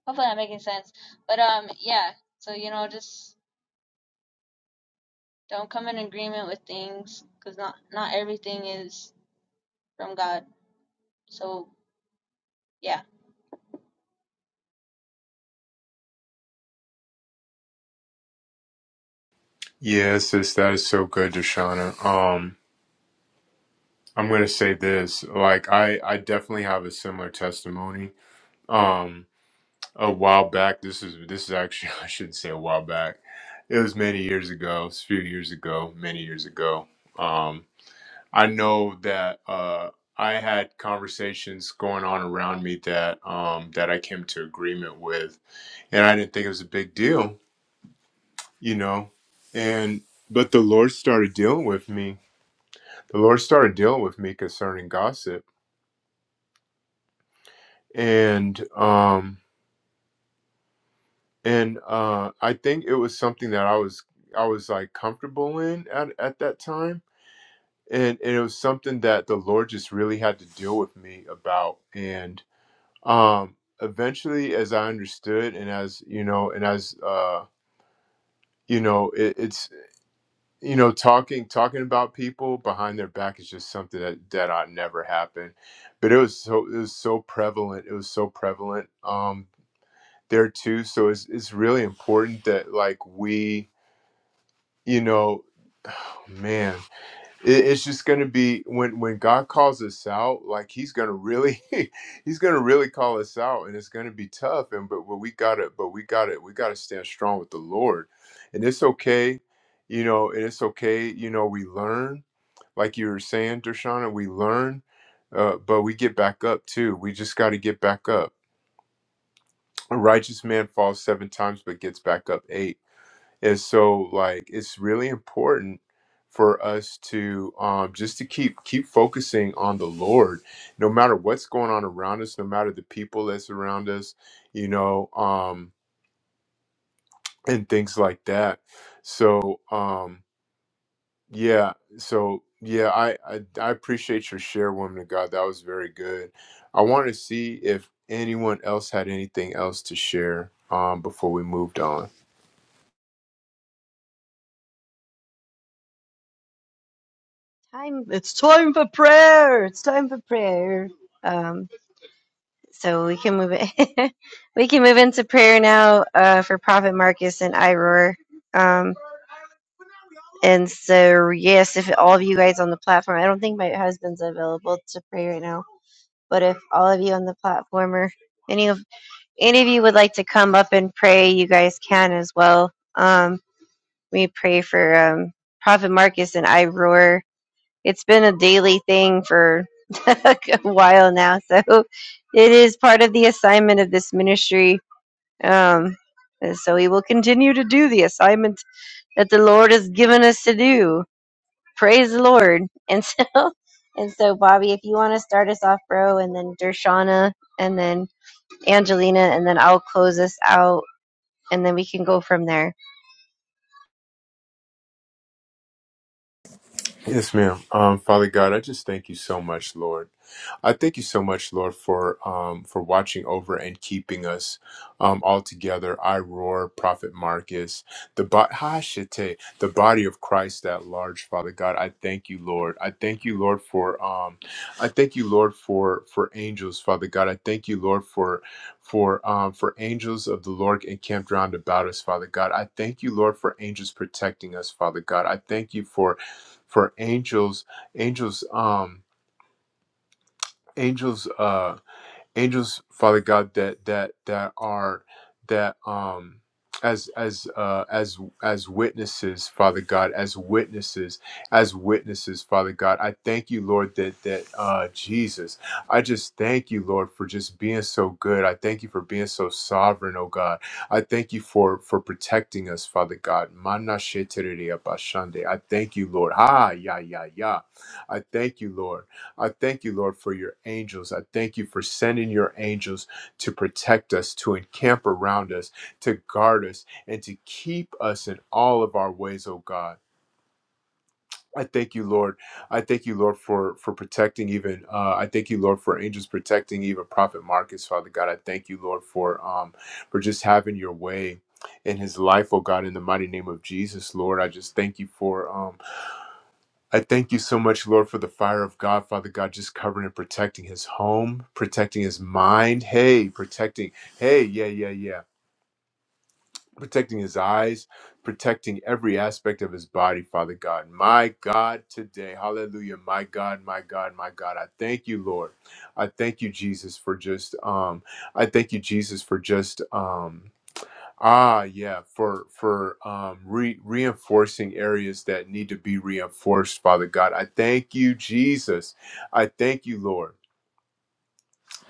S1: hopefully i'm making sense but um yeah so you know just don't come in agreement with things because not not everything is from god so yeah
S3: Yeah, sis, that is so good, Deshauna. Um, I'm gonna say this: like, I I definitely have a similar testimony. Um, a while back, this is this is actually I shouldn't say a while back. It was many years ago. It's a few years ago, many years ago. Um, I know that uh, I had conversations going on around me that um, that I came to agreement with, and I didn't think it was a big deal, you know. And but the Lord started dealing with me. The Lord started dealing with me concerning gossip, and um, and uh, I think it was something that I was I was like comfortable in at at that time, and and it was something that the Lord just really had to deal with me about, and um eventually as i understood and as you know and as uh you know it, it's you know talking talking about people behind their back is just something that that ought never happen but it was so it was so prevalent it was so prevalent um there too so it's it's really important that like we you know man it, it's just going to be when when god calls us out like he's going to really he's going to really call us out and it's going to be tough and but, but we got it but we got it we got to stand strong with the lord and it's okay you know and it's okay you know we learn like you were saying Dershana, we learn uh, but we get back up too we just got to get back up a righteous man falls seven times but gets back up eight and so like it's really important for us to um just to keep keep focusing on the Lord no matter what's going on around us, no matter the people that's around us, you know, um and things like that. So um yeah, so yeah, I I, I appreciate your share, woman of God. That was very good. I want to see if anyone else had anything else to share um before we moved on.
S2: Time, it's time for prayer. It's time for prayer. Um, so we can move it. we can move into prayer now uh, for Prophet Marcus and Iroar. Um, and so yes, if all of you guys on the platform, I don't think my husband's available to pray right now, but if all of you on the platform or any of any of you would like to come up and pray, you guys can as well. Um, we pray for um, Prophet Marcus and Iroar it's been a daily thing for a while now. So it is part of the assignment of this ministry. Um, and so we will continue to do the assignment that the Lord has given us to do. Praise the Lord. And so, and so, Bobby, if you want to start us off, bro, and then Dershana, and then Angelina, and then I'll close us out, and then we can go from there.
S3: Yes, ma'am. Um, Father God, I just thank you so much, Lord. I thank you so much, Lord, for um, for watching over and keeping us um, all together. I roar, Prophet Marcus, the bo- Hashite, the body of Christ at large, Father God. I thank you, Lord. I thank you, Lord, for um, I thank you, Lord, for for angels, Father God. I thank you, Lord, for for um, for angels of the Lord encamped round about us, Father God. I thank you, Lord, for angels protecting us, Father God. I thank you for for angels angels um angels uh angels father god that that that are that um as as uh as as witnesses father god as witnesses as witnesses father god i thank you lord that that uh jesus i just thank you lord for just being so good i thank you for being so sovereign oh god i thank you for for protecting us father god Mana shetereya bashande. i thank you lord ha ya ya ya i thank you lord I thank you, Lord, for your angels. I thank you for sending your angels to protect us, to encamp around us, to guard us, and to keep us in all of our ways, oh God. I thank you, Lord. I thank you, Lord, for for protecting even. Uh, I thank you, Lord, for angels protecting even Prophet Marcus, Father God. I thank you, Lord, for um for just having your way in his life, oh God, in the mighty name of Jesus, Lord. I just thank you for um. I thank you so much, Lord, for the fire of God, Father God, just covering and protecting his home, protecting his mind. Hey, protecting, hey, yeah, yeah, yeah. Protecting his eyes, protecting every aspect of his body, Father God. My God, today, hallelujah. My God, my God, my God. I thank you, Lord. I thank you, Jesus, for just, um, I thank you, Jesus, for just, um, Ah, yeah, for for um re reinforcing areas that need to be reinforced, Father God. I thank you, Jesus. I thank you, Lord.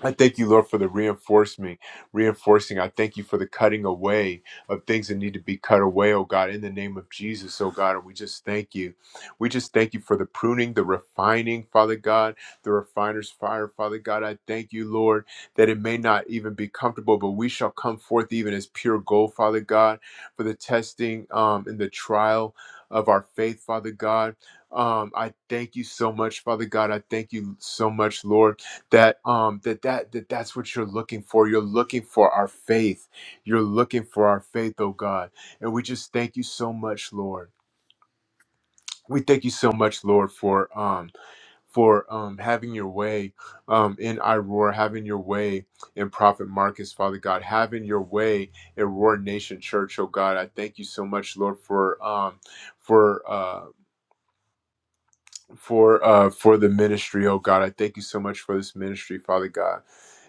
S3: I thank you, Lord, for the reinforcement, reinforcing. I thank you for the cutting away of things that need to be cut away, oh God, in the name of Jesus, oh God. And we just thank you. We just thank you for the pruning, the refining, Father God, the refiner's fire, Father God. I thank you, Lord, that it may not even be comfortable, but we shall come forth even as pure gold, Father God, for the testing um, and the trial of our faith, Father God. Um, I thank you so much, Father God. I thank you so much, Lord that um that, that that that's what you're looking for you're looking for our faith you're looking for our faith oh god and we just thank you so much lord we thank you so much lord for um for um having your way um in iroar having your way in prophet marcus father god having your way in roar nation church oh god i thank you so much lord for um for uh for uh for the ministry oh god i thank you so much for this ministry father god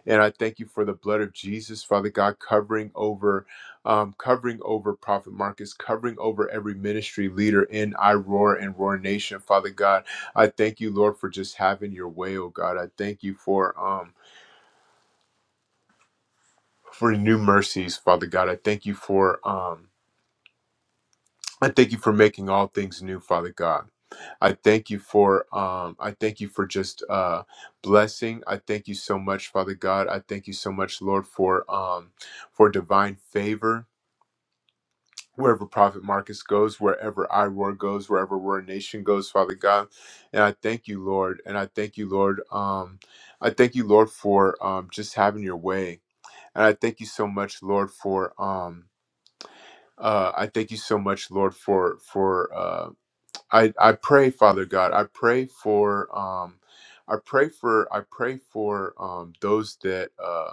S3: And I thank you for the blood of Jesus, Father God, covering over, um, covering over Prophet Marcus, covering over every ministry leader in I and Roar Nation, Father God. I thank you, Lord, for just having your way, oh God. I thank you for um for new mercies, Father God. I thank you for um I thank you for making all things new, Father God. I thank you for um I thank you for just uh blessing. I thank you so much, Father God. I thank you so much, Lord, for um for divine favor. wherever Prophet Marcus goes, wherever Iroar goes, wherever Roar Nation goes, Father God. And I thank you, Lord. And I thank you, Lord. Um, I thank you, Lord, for um, just having your way. And I thank you so much, Lord, for um, uh, I thank you so much, Lord, for for uh, I I pray, Father God, I pray for um, I pray for I pray for um, those that. Uh,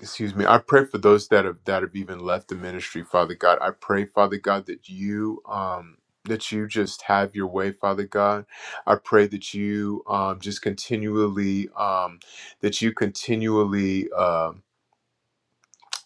S3: excuse me i pray for those that have that have even left the ministry father god i pray father god that you um that you just have your way father god i pray that you um just continually um that you continually um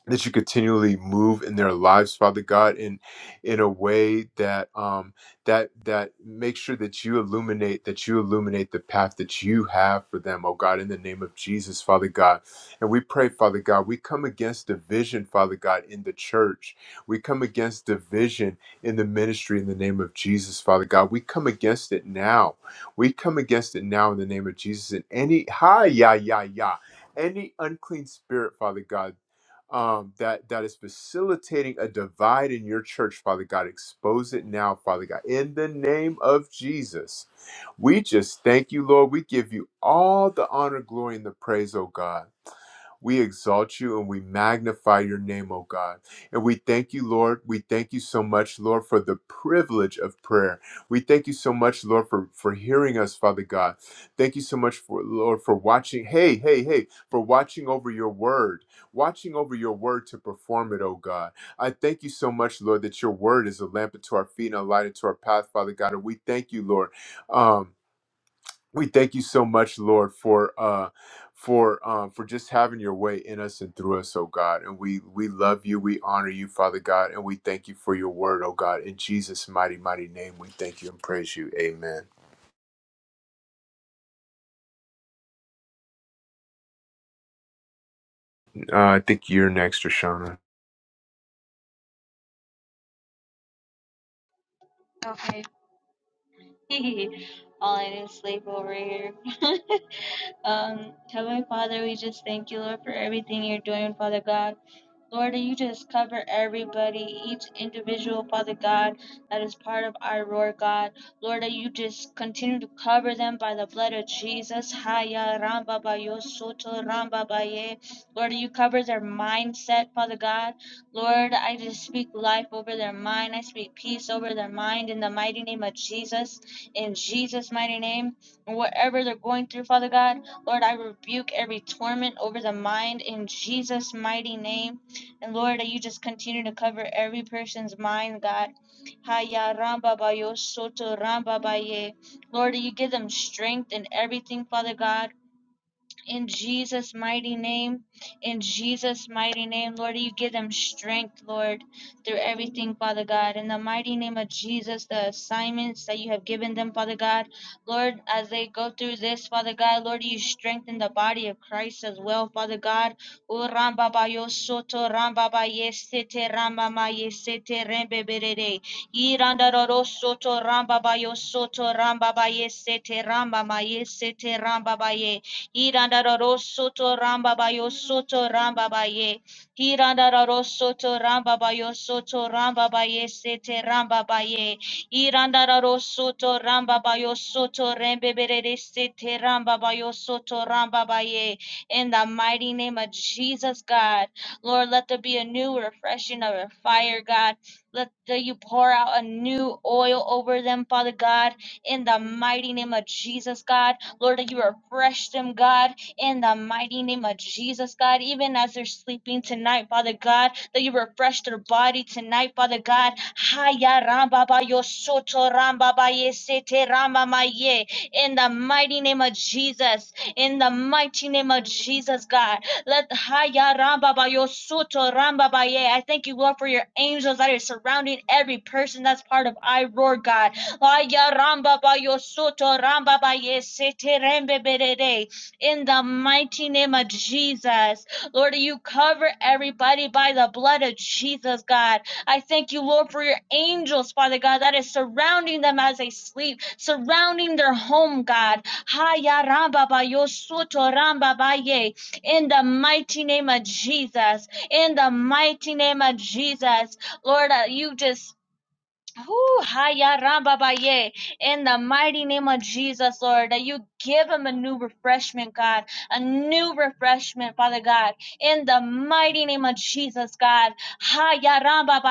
S3: that you continually move in their lives father god in in a way that um that that makes sure that you illuminate that you illuminate the path that you have for them oh god in the name of jesus father god and we pray father god we come against division father god in the church we come against division in the ministry in the name of jesus father god we come against it now we come against it now in the name of jesus and any hi yeah yeah yeah any unclean spirit, Father God, um, that that is facilitating a divide in your church, Father God. Expose it now, Father God, in the name of Jesus. We just thank you, Lord. We give you all the honor, glory, and the praise, oh God. We exalt you and we magnify your name, O God. And we thank you, Lord. We thank you so much, Lord, for the privilege of prayer. We thank you so much, Lord, for, for hearing us, Father God. Thank you so much for Lord for watching. Hey, hey, hey, for watching over your word, watching over your word to perform it, O God. I thank you so much, Lord, that your word is a lamp unto our feet and a light unto our path, Father God. And we thank you, Lord. Um we thank you so much, Lord, for uh for um for just having your way in us and through us, oh God. And we we love you, we honor you, Father God, and we thank you for your word, oh God. In Jesus' mighty, mighty name, we thank you and praise you. Amen. Uh, I think you're next, Rashana.
S1: okay all i did is sleep over here Um, Heavenly Father, we just thank you, Lord, for everything you're doing, Father God. Lord, that you just cover everybody, each individual, Father God, that is part of our roar, God. Lord, that you just continue to cover them by the blood of Jesus. Haya Ramba Bayo Soto Ramba Baye. Lord, that you cover their mindset, Father God. Lord, I just speak life over their mind. I speak peace over their mind in the mighty name of Jesus. In Jesus' mighty name. And whatever they're going through, Father God. Lord, I rebuke every torment over the mind in Jesus' mighty name. And Lord, that you just continue to cover every person's mind, God. Haya ramba bayo soto ramba baye. Lord, that you give them strength in everything, Father God in Jesus' mighty name. In Jesus' mighty name, Lord, you give them strength, Lord, through everything, Father God. In the mighty name of Jesus, the assignments that you have given them, Father God. Lord, as they go through this, Father God, Lord, you strengthen the body of Christ as well, Father God. O Ramba ba yo soto, Ramba ba yesete, Ramba ma yesete, Rembe berede. Iranda roro soto, Ramba ba yo soto, Ramba ba yesete, Ramba ma yesete, Ramba ba ye. Irandarosoto rambabayo soto rambabaye. Irandarosoto rambabayo soto ramba baye. Irandaro soto ramba bayo soto rambabaye sete rambabaye. Irandarosoto rambabayo soto ramba bayo soto rembebere sete ramba bayo soto ramba baye. In the mighty name of Jesus, God. Lord, let there be a new refreshing of your fire, God. Let the, you pour out a new oil over them, Father God, in the mighty name of Jesus, God. Lord, that you refresh them, God, in the mighty name of Jesus, God, even as they're sleeping tonight, Father God, that you refresh their body tonight, Father God. Haya ramba ba yo soto ramba ba ye sete ramba ma ye. In the mighty name of Jesus, in the mighty name of Jesus, God, let Haya ramba ba yo soto ramba ba ye. I thank you, Lord, for your angels that are surrounding every person that's part of I Roar, God Aya ramba ba yo soto ramba ba ye rembe berere. In the mighty name of Jesus, Lord, you cover everybody by the blood of Jesus, God. I thank you, Lord, for your angels, Father God, that is surrounding them as they sleep, surrounding their home, God. Haya ramba ba yo ramba ba ye. In the mighty name of Jesus, in the mighty name of Jesus, Lord, uh, you just Ooh, haya ramba In the mighty name of Jesus, Lord, that you give him a new refreshment, God, a new refreshment, Father God. In the mighty name of Jesus, God, haya ramba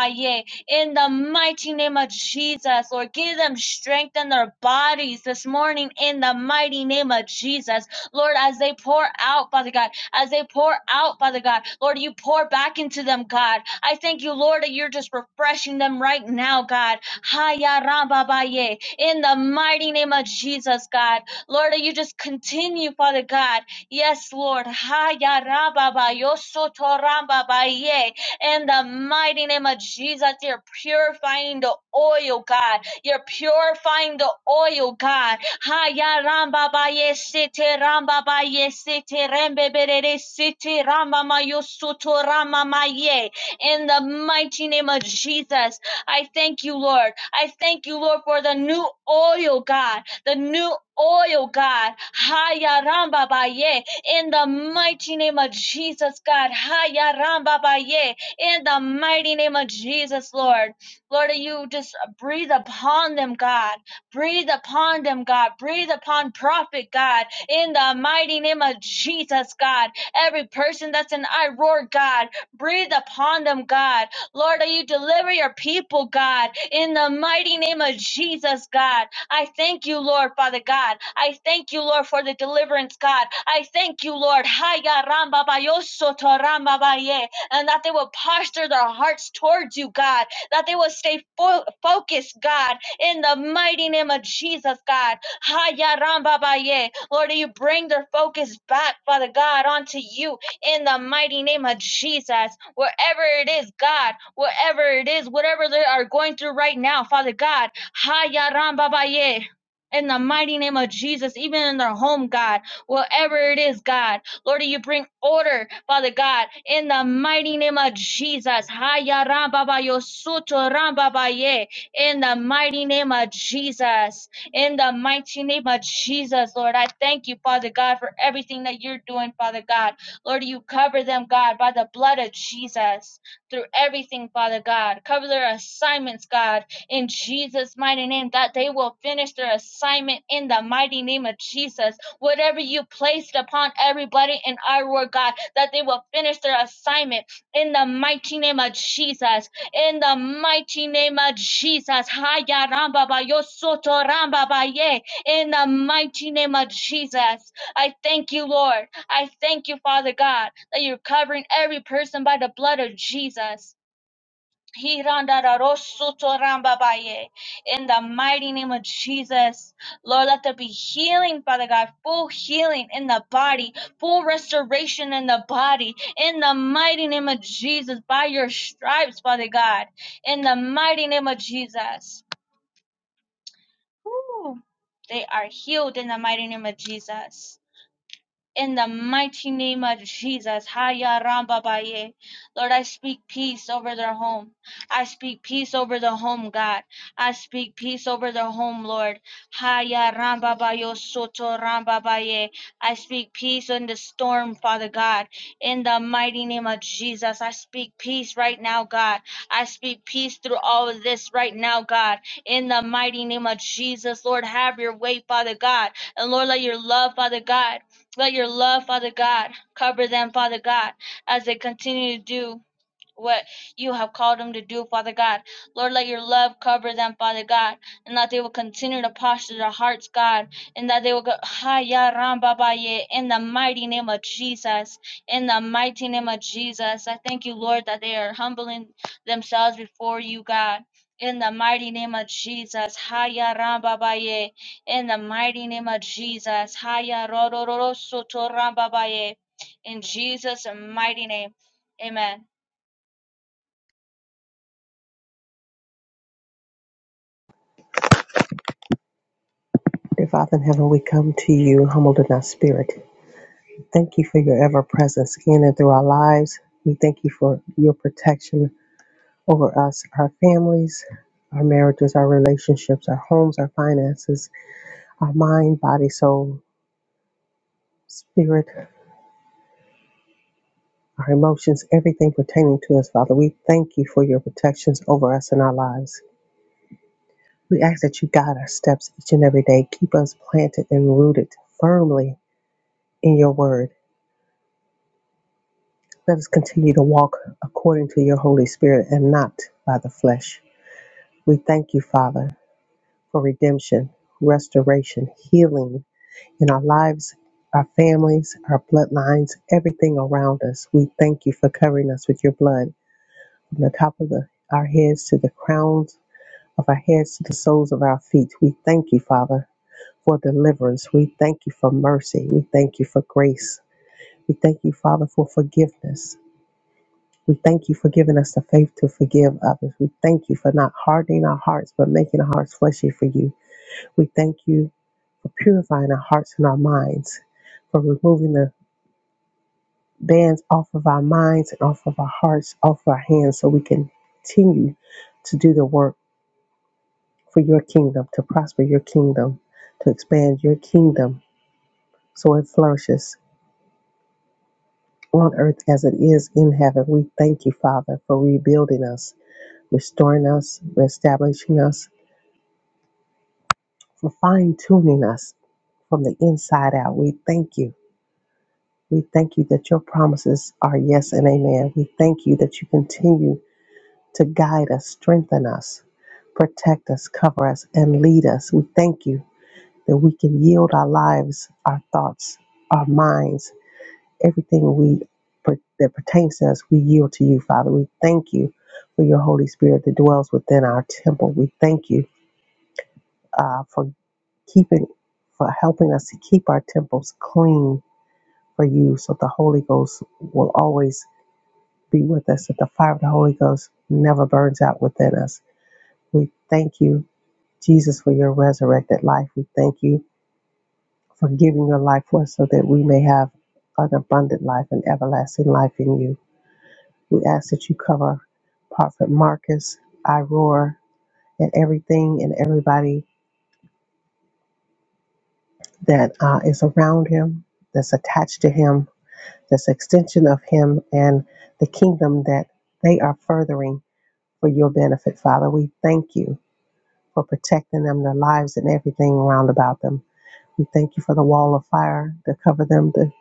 S1: In the mighty name of Jesus, Lord, give them strength in their bodies this morning. In the mighty name of Jesus, Lord, as they pour out, Father God as they pour out, Father God. Lord, you pour back into them, God. I thank you, Lord, that you're just refreshing them right now, God. Haya ramba baye. In the mighty name of Jesus, God. Lord, that you just continue, Father God. Yes, Lord. Haya ramba bayo soto ramba baye. In the mighty name of Jesus, you're purifying the oil, God. You're purifying the oil, God. Haya ramba Baye ye ramba Baye ye sete rembe berere sete ramba ma yo soto rama ma In the mighty name of Jesus, I thank you, Lord. I thank you, Lord, for the new oil, God. The new oil, God. Haya ramba Baye. In the mighty name of Jesus, God. Haya ramba Baye. In the mighty name of Jesus, Lord. Lord, you just breathe upon them, God. Breathe upon them, God. Breathe upon Prophet, God. In the mighty name of Jesus, God. Every person that's in I roar, God. Breathe upon them, God. Lord, that you deliver your people, God. In the mighty name of Jesus, God. I thank you, Lord, Father God. I thank you, Lord, for the deliverance, God. I thank you, Lord. Haya ramba bayoso to ramba baye. And that they will posture their hearts towards you, God. That they will stay fo- focused, God in the mighty name of Jesus, God. Haya ramba baye. Lord, you bring their focus back, Father God, onto you in the mighty name of Jesus. Wherever it is, God, wherever it is, whatever they are going through right now, Father God. Haya ramba baye. In the mighty name of Jesus, even in their home, God, wherever it is, God, Lord, you bring order, Father God, in the mighty name of Jesus. Haya ramba bayo soto ramba baye in the mighty name of Jesus. In the mighty name of Jesus, Lord, I thank you, Father God, for everything that you're doing, Father God. Lord, you cover them, God, by the blood of Jesus through everything, Father God. Cover their assignments, God, in Jesus' mighty name, that they will finish their assignment in the mighty name of Jesus. Whatever you placed upon everybody in our word, God, that they will finish their assignment in the mighty name of Jesus in the mighty name of Jesus. Haya ramba ba yo soto ramba ba ye. In the mighty name of Jesus. I thank you, Lord. I thank you, Father God, that you're covering every person by the blood of Jesus. Hirandararosutrambabaye. In the mighty name of Jesus, Lord, let there be healing, Father God, full healing in the body, full restoration in the body, in the mighty name of Jesus, by your stripes, Father God, in the mighty name of Jesus. Woo. They are healed in the mighty name of Jesus. In the mighty name of Jesus, Haya Ramba Baye. Lord, I speak peace over their home. I speak peace over the home, God. I speak peace over their home, Lord. Haya Ramba Bayo Soto Ramba Baye. I speak peace in the storm, Father God. In the mighty name of Jesus, I speak peace right now, God. I speak peace through all of this right now, God. In the mighty name of Jesus, Lord, have your way, Father God. And Lord, let your love, Father God. Let your love, Father God, cover them, Father God, as they continue to do what you have called them to do, Father God. Lord, let your love cover them, Father God, and that they will continue to posture their hearts, God, and that they will go, "Ha, ya, ram, ba, ba, ye," in the mighty name of Jesus. In the mighty name of Jesus, I thank you, Lord, that they are humbling themselves before you, God. In the mighty name of Jesus, Ha, ya, in the mighty name of Jesus, Ha, ya, ro, ro, so, in Jesus' mighty name, amen.
S4: Dear Father in heaven, we come to you humbled in our spirit. Thank you for your ever presence in and through our lives. We thank you for your protection over us, our families, our marriages, our relationships, our homes, our finances, our mind, body, soul, spirit. our emotions, everything pertaining to us, Father. We thank you for your protections over us in our lives. We ask that you guide our steps each and every day. Keep us planted and rooted firmly in your word. Let us continue to walk according to your Holy Spirit and not by the flesh. We thank you, Father, for redemption, restoration, healing in our lives, our families, our bloodlines, everything around us. We thank you for covering us with your blood from the top of the, our heads to the crowns of our heads to the soles of our feet. We thank you, Father, for deliverance. We thank you for mercy. We thank you for grace. We thank you, Father, for forgiveness. We thank you for giving us the faith to forgive others. We thank you for not hardening our hearts, but making our hearts fleshy for you. We thank you for purifying our hearts and our minds, for removing the bands off of our minds and off of our hearts, off of our hands, so we can continue to do the work for your kingdom, to prosper your kingdom, to expand your kingdom so it flourishes on earth as it is in heaven. We thank you, Father, for rebuilding us, restoring us, reestablishing us, for fine tuning us from the inside out. We thank you. We thank you that your promises are yes and amen. We thank you that you continue to guide us, strengthen us, protect us, cover us, and lead us. We thank you that we can yield our lives, our thoughts, our minds everything we that pertains to us, we yield to you, Father. We thank you for your Holy Spirit that dwells within our temple. We thank you uh, for keeping, for helping us to keep our temples clean for you, so the Holy Ghost will always be with us. That the fire of the Holy Ghost never burns out within us. We thank you, Jesus, for your resurrected life. We thank you for giving your life for us, so that we may have an abundant life and everlasting life in you. We ask that you cover Prophet Marcus, Iroar, and everything and everybody that uh, is around him, that's attached to him, that's an extension of him and the kingdom that they are furthering for your benefit, Father. We thank you for protecting them, their lives, and everything around about them. We thank you for the wall of fire to cover them, the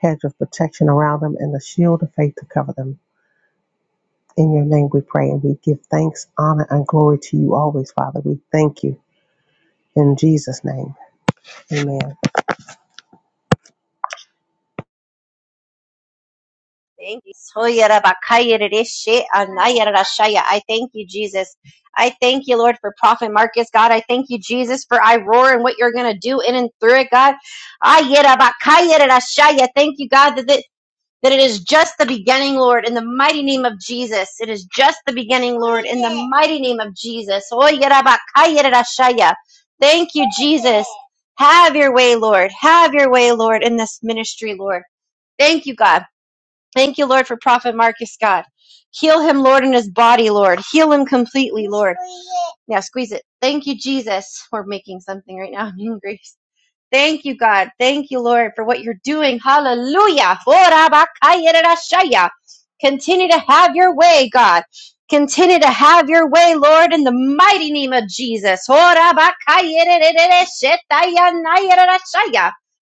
S4: hedge of protection around them, and the shield of faith to cover them. In your name we pray and we give thanks, honor, and glory to you always, Father. We thank you in Jesus' name. Amen.
S2: Thank you. I thank you, Jesus. I thank you, Lord, for Prophet Marcus, God. I thank you, Jesus, for I roar and what you're going to do in and through it, God. Ayerabakayeredashaya. Thank you, God, that, it- that it is just the beginning, Lord, in the mighty name of Jesus. It is just the beginning, Lord, in the mighty name of Jesus. Soyarabakayeredashaya. Thank you, Jesus. Have your way, Lord. Have your way, Lord, in this ministry, Lord. Thank you, God. Thank you, Lord, for Prophet Marcus, God. Heal him, Lord, in his body, Lord. Heal him completely, Lord. Now squeeze it. Thank you, Jesus. We're making something right now. I'm hungry. Thank you, God. Thank you, Lord, for what you're doing. Hallelujah. Continue to have your way, God. Continue to have your way, Lord, in the mighty name of Jesus.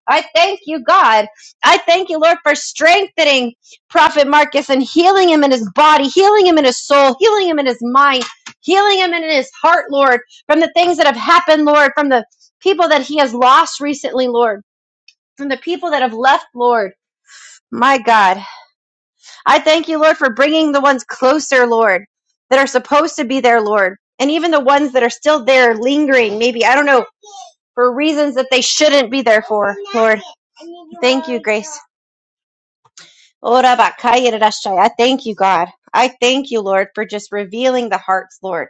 S2: I thank you, God. I thank you, Lord, for strengthening Prophet Marcus and healing him in his body, healing him in his soul, healing him in his mind, healing him in his heart, Lord, from the things that have happened, Lord, from the people that he has lost recently, Lord, from the people that have left, Lord. My God, I thank you, Lord, for bringing the ones closer, Lord, that are supposed to be there, Lord, and even the ones that are still there, lingering, maybe, I don't know, for reasons that they shouldn't be there for, Lord. Thank you, Grace. Ora bakaya I thank you, God. I thank you, Lord, for just revealing the hearts, Lord.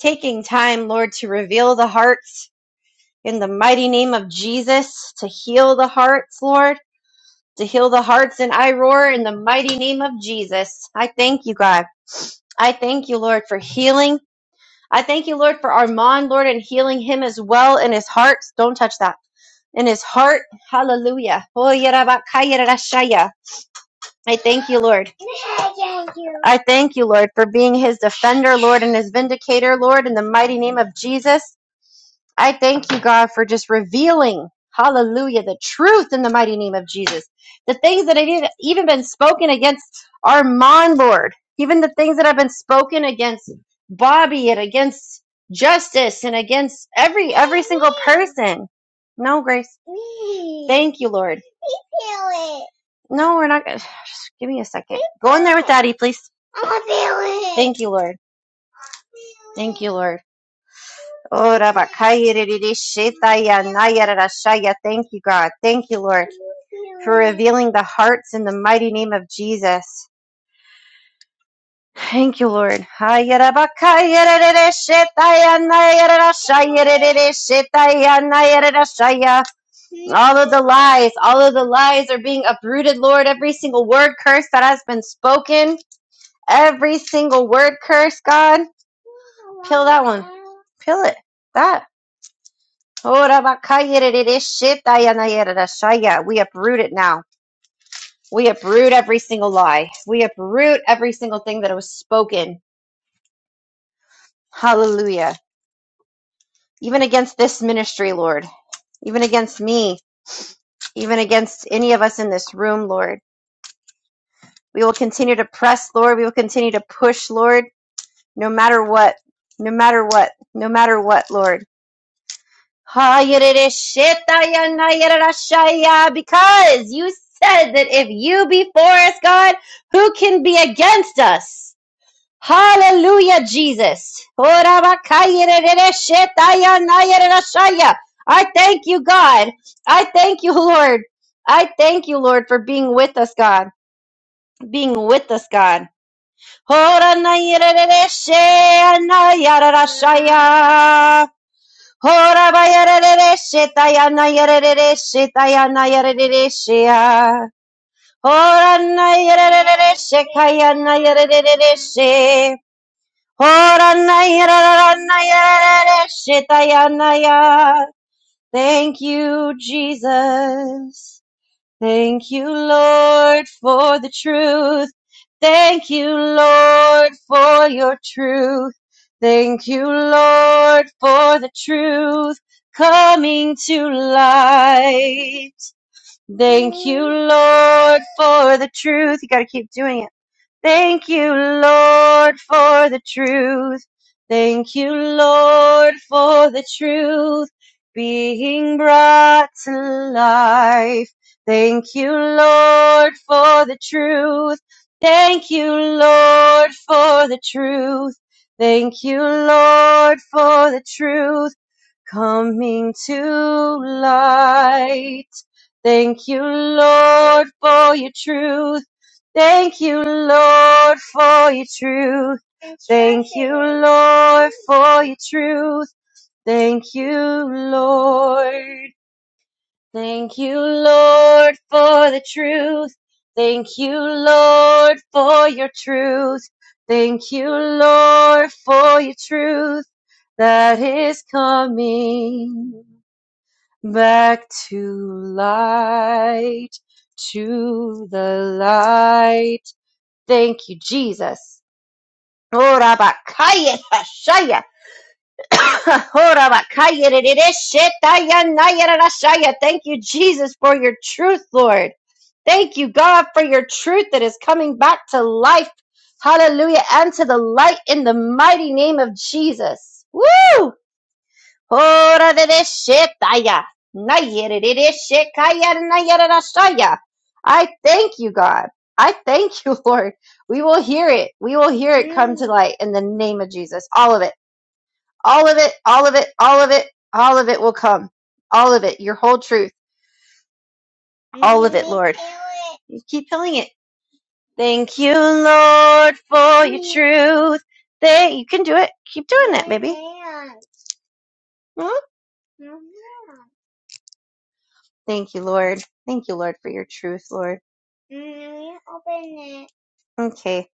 S2: Taking time, Lord, to reveal the hearts in the mighty name of Jesus, to heal the hearts, Lord to heal the hearts. And I roar in the mighty name of Jesus. I thank you, God. I thank you, Lord, for healing. I thank you, Lord, for Armand, Lord, and healing him as well in his heart. Don't touch that. In his heart. Hallelujah. Oh, I thank you, Lord. I thank you, Lord, for being his defender, Lord, and his vindicator, Lord, in the mighty name of Jesus. I thank you, God, for just revealing, hallelujah, the truth in the mighty name of Jesus. The things that had even been spoken against Armand, Lord, even the things that have been spoken against Bobby and against justice and against every every single person. No, Grace. Thank you, Lord. No, we're not. gonna Give me a second. Go in there with Daddy, please. Thank you, Lord. Thank you, Lord. Oh, Rabakaya Riri Shetaya Naya Rarashaya. Thank you, God. Thank you, Lord, for revealing the hearts in the mighty name of Jesus. Thank you, Lord. Haya Rabakaya Riri Shetaya Naya Rarashaya Riri Shetaya Naya Rarashaya. All of the lies, all of the lies are being uprooted, Lord. Every single word curse that has been spoken, every single word curse, God. Kill that one. Kill it. That. Ora bakaya de de de shetaya na ya shaya. We uproot it now. We uproot every single lie. We uproot every single thing that was spoken. Hallelujah. Even against this ministry, Lord. Even against me. Even against any of us in this room, Lord. We will continue to press, Lord. We will continue to push, Lord, no matter what. No matter what. No matter what, Lord. Ha-yada-da-shit-ta-ya-na-yada-da-sha-ya, Because you said that if you be for us, God, who can be against us? Hallelujah, Jesus. Ho-ra-ba-ka-yada-da-da-shit-ta-ya-na-yada-da-sha-ya. I thank you, God. I thank you, Lord. I thank you, Lord, for being with us, God. Being with us, God. Ho-ra-na-yada-da-da-shit-na-yada-da-sha-ya. Hora ba yere re shita ya na yere re shita ya na yere re Hora na yere re shika ya na yere re Hora na yere na yere re shita ya na ya. Thank you, Jesus. Thank you, Lord, for the truth. Thank you, Lord, for your truth. Thank you, Lord, for the truth coming to light. Thank you, Lord, for the truth. You gotta keep doing it. Thank you, Lord, for the truth. Thank you, Lord, for the truth being brought to life. Thank you, Lord, for the truth. Thank you, Lord, for the truth. Thank you, Lord, for the truth coming to light. Thank you, Lord, for your truth. Thank you, Lord, for your truth. Thank you, Lord, for your truth. Thank you, Lord. Thank you, Lord, for the truth. Thank you, Lord, for your truth. Thank you, Lord, for your truth that is coming back to light, to the light. Thank you, Jesus. Ora bakaya rashaya. Ora bakaya rereshitaya naya rashaya. Thank you, Jesus, for your truth, Lord. Thank you, God, for your truth that is coming back to life. Hallelujah. And to the light in the mighty name of Jesus. Woo! Ora de de shetaya. Nayere de de shekaya nayere rashaya. I thank you, God. I thank you, Lord. We will hear it. We will hear it come to light in the name of Jesus. All of it. All of it. All of it. All of it. All of it will come. All of it. Your whole truth. All of it, Lord. You keep filling it. Thank you, Lord, for your truth. Thank you can do it. Keep doing that, baby. Mm. Thank you, Lord. Thank you, Lord, for your truth, Lord. Okay,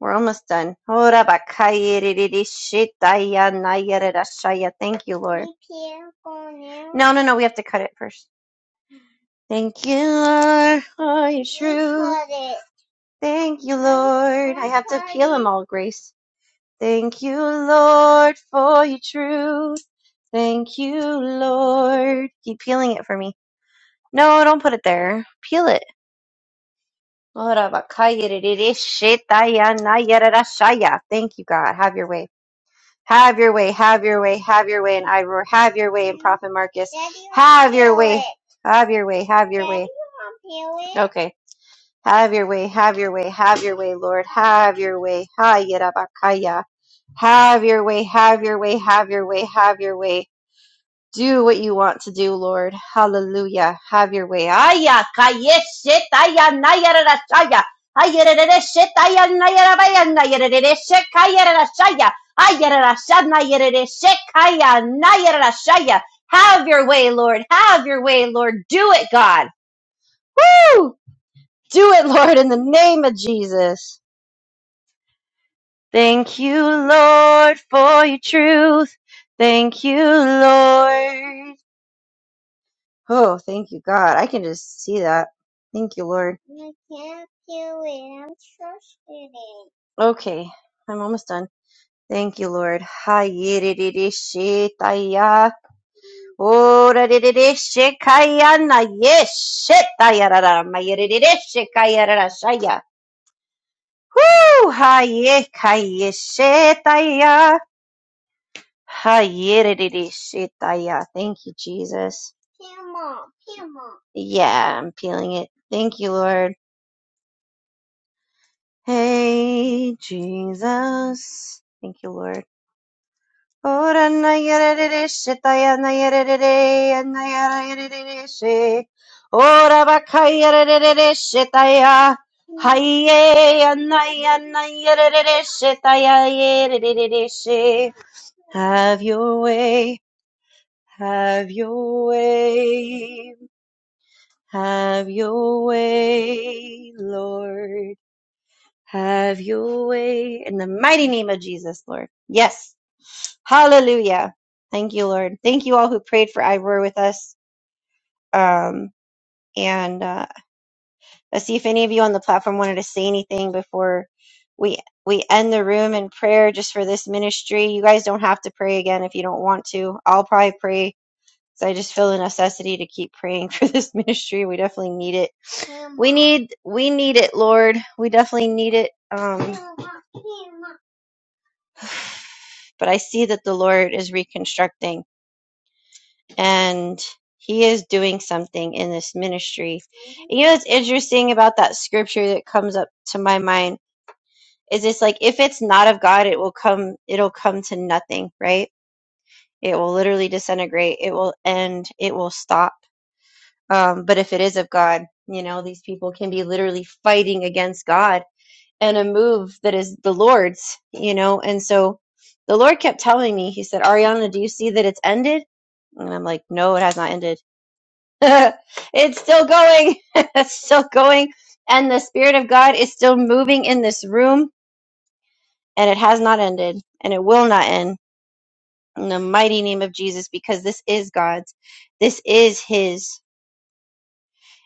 S2: we're almost done. Ora bakaya ririri shitaya nayara rashaya. Thank you, Lord. No, no, no, we have to cut it first. Thank you, Lord, for your truth. Thank you, Lord. I have to peel them all, Grace. Thank you, Lord, for your truth. Thank you, Lord. Keep peeling it for me. No, don't put it there. Peel it. Ora bakaya ririri shitaya nayara rashaya. Thank you, God. Have your way. Have your way, have your way, have your way in I Have your way in Prophet Marcus. Have your way. Have your way, have your way. Okay. Have your way, have your way, have your way, Lord. Have your way. Ha Yerabakaya. Have your way, have your way, have your way, have your way. Do what you want to do, Lord. Hallelujah. Have your way. Aya, kaye, shit, aya, naya, ra, ra, shaya. Aya, ra, ra, ra, shit, aya, naya, ra, shit, kaya, shit, kaya, naya, ra, Have your way, Lord. Have your way, Lord. Do it, God. Woo! Do it, Lord, in the name of Jesus. Thank you, Lord, for your truth. Thank you, Lord. Oh, thank you, God. I can just see that. Thank you, Lord. Okay, I'm almost done. Thank you, Lord. Ha-yi-di-di-di-shi-ta-ya. Oh-ra-di-di-di-shi-ka-ya-na. Yes, shit-ta-ya-ra-ra. Ma-yi-di-di-di-shi-ka-ya-ra-ra-sha-ya. Woo! Ha-yi-ka-yi-shi-ta-ya. Ha-yi-di-di-di-shi-ta-ya. Thank you, Jesus. Yeah, I'm feeling it. Thank you, Lord. Hey, Jesus. Thank you, Lord. Ora na yere re she ta ya na yere re na yere re she. Ora ba ka yere re re she ta ya. Hai ya na ya na yere re she ta ya yere re re she. Have your way, have your way, have your way, Lord. Have your way in the mighty name of Jesus, Lord. Yes. Hallelujah. Thank you, Lord. Thank you all who prayed for Ivor with us. Um, and uh, let's see if any of you on the platform wanted to say anything before we we end the room in prayer just for this ministry. You guys don't have to pray again if you don't want to. I'll probably pray because I just feel the necessity to keep praying for this ministry. We definitely need it. We need we need it, Lord. We definitely need it. Um, but I see that the Lord is reconstructing. and he is doing something in this ministry. And you know what's interesting about that scripture that comes up to my mind is it's like if it's not of God, it will come it'll come to nothing, right? It will literally disintegrate, it will end, it will stop. Um, but if it is of God, you know, these people can be literally fighting against God and a move that is the Lord's, you know, and so the Lord kept telling me, He said, Ariana, do you see that it's ended? And I'm like, no, it has not ended it's still going. it's still going. And the Spirit of God is still moving in this room, and it has not ended, and it will not end in the mighty name of Jesus, because this is God's. This is His,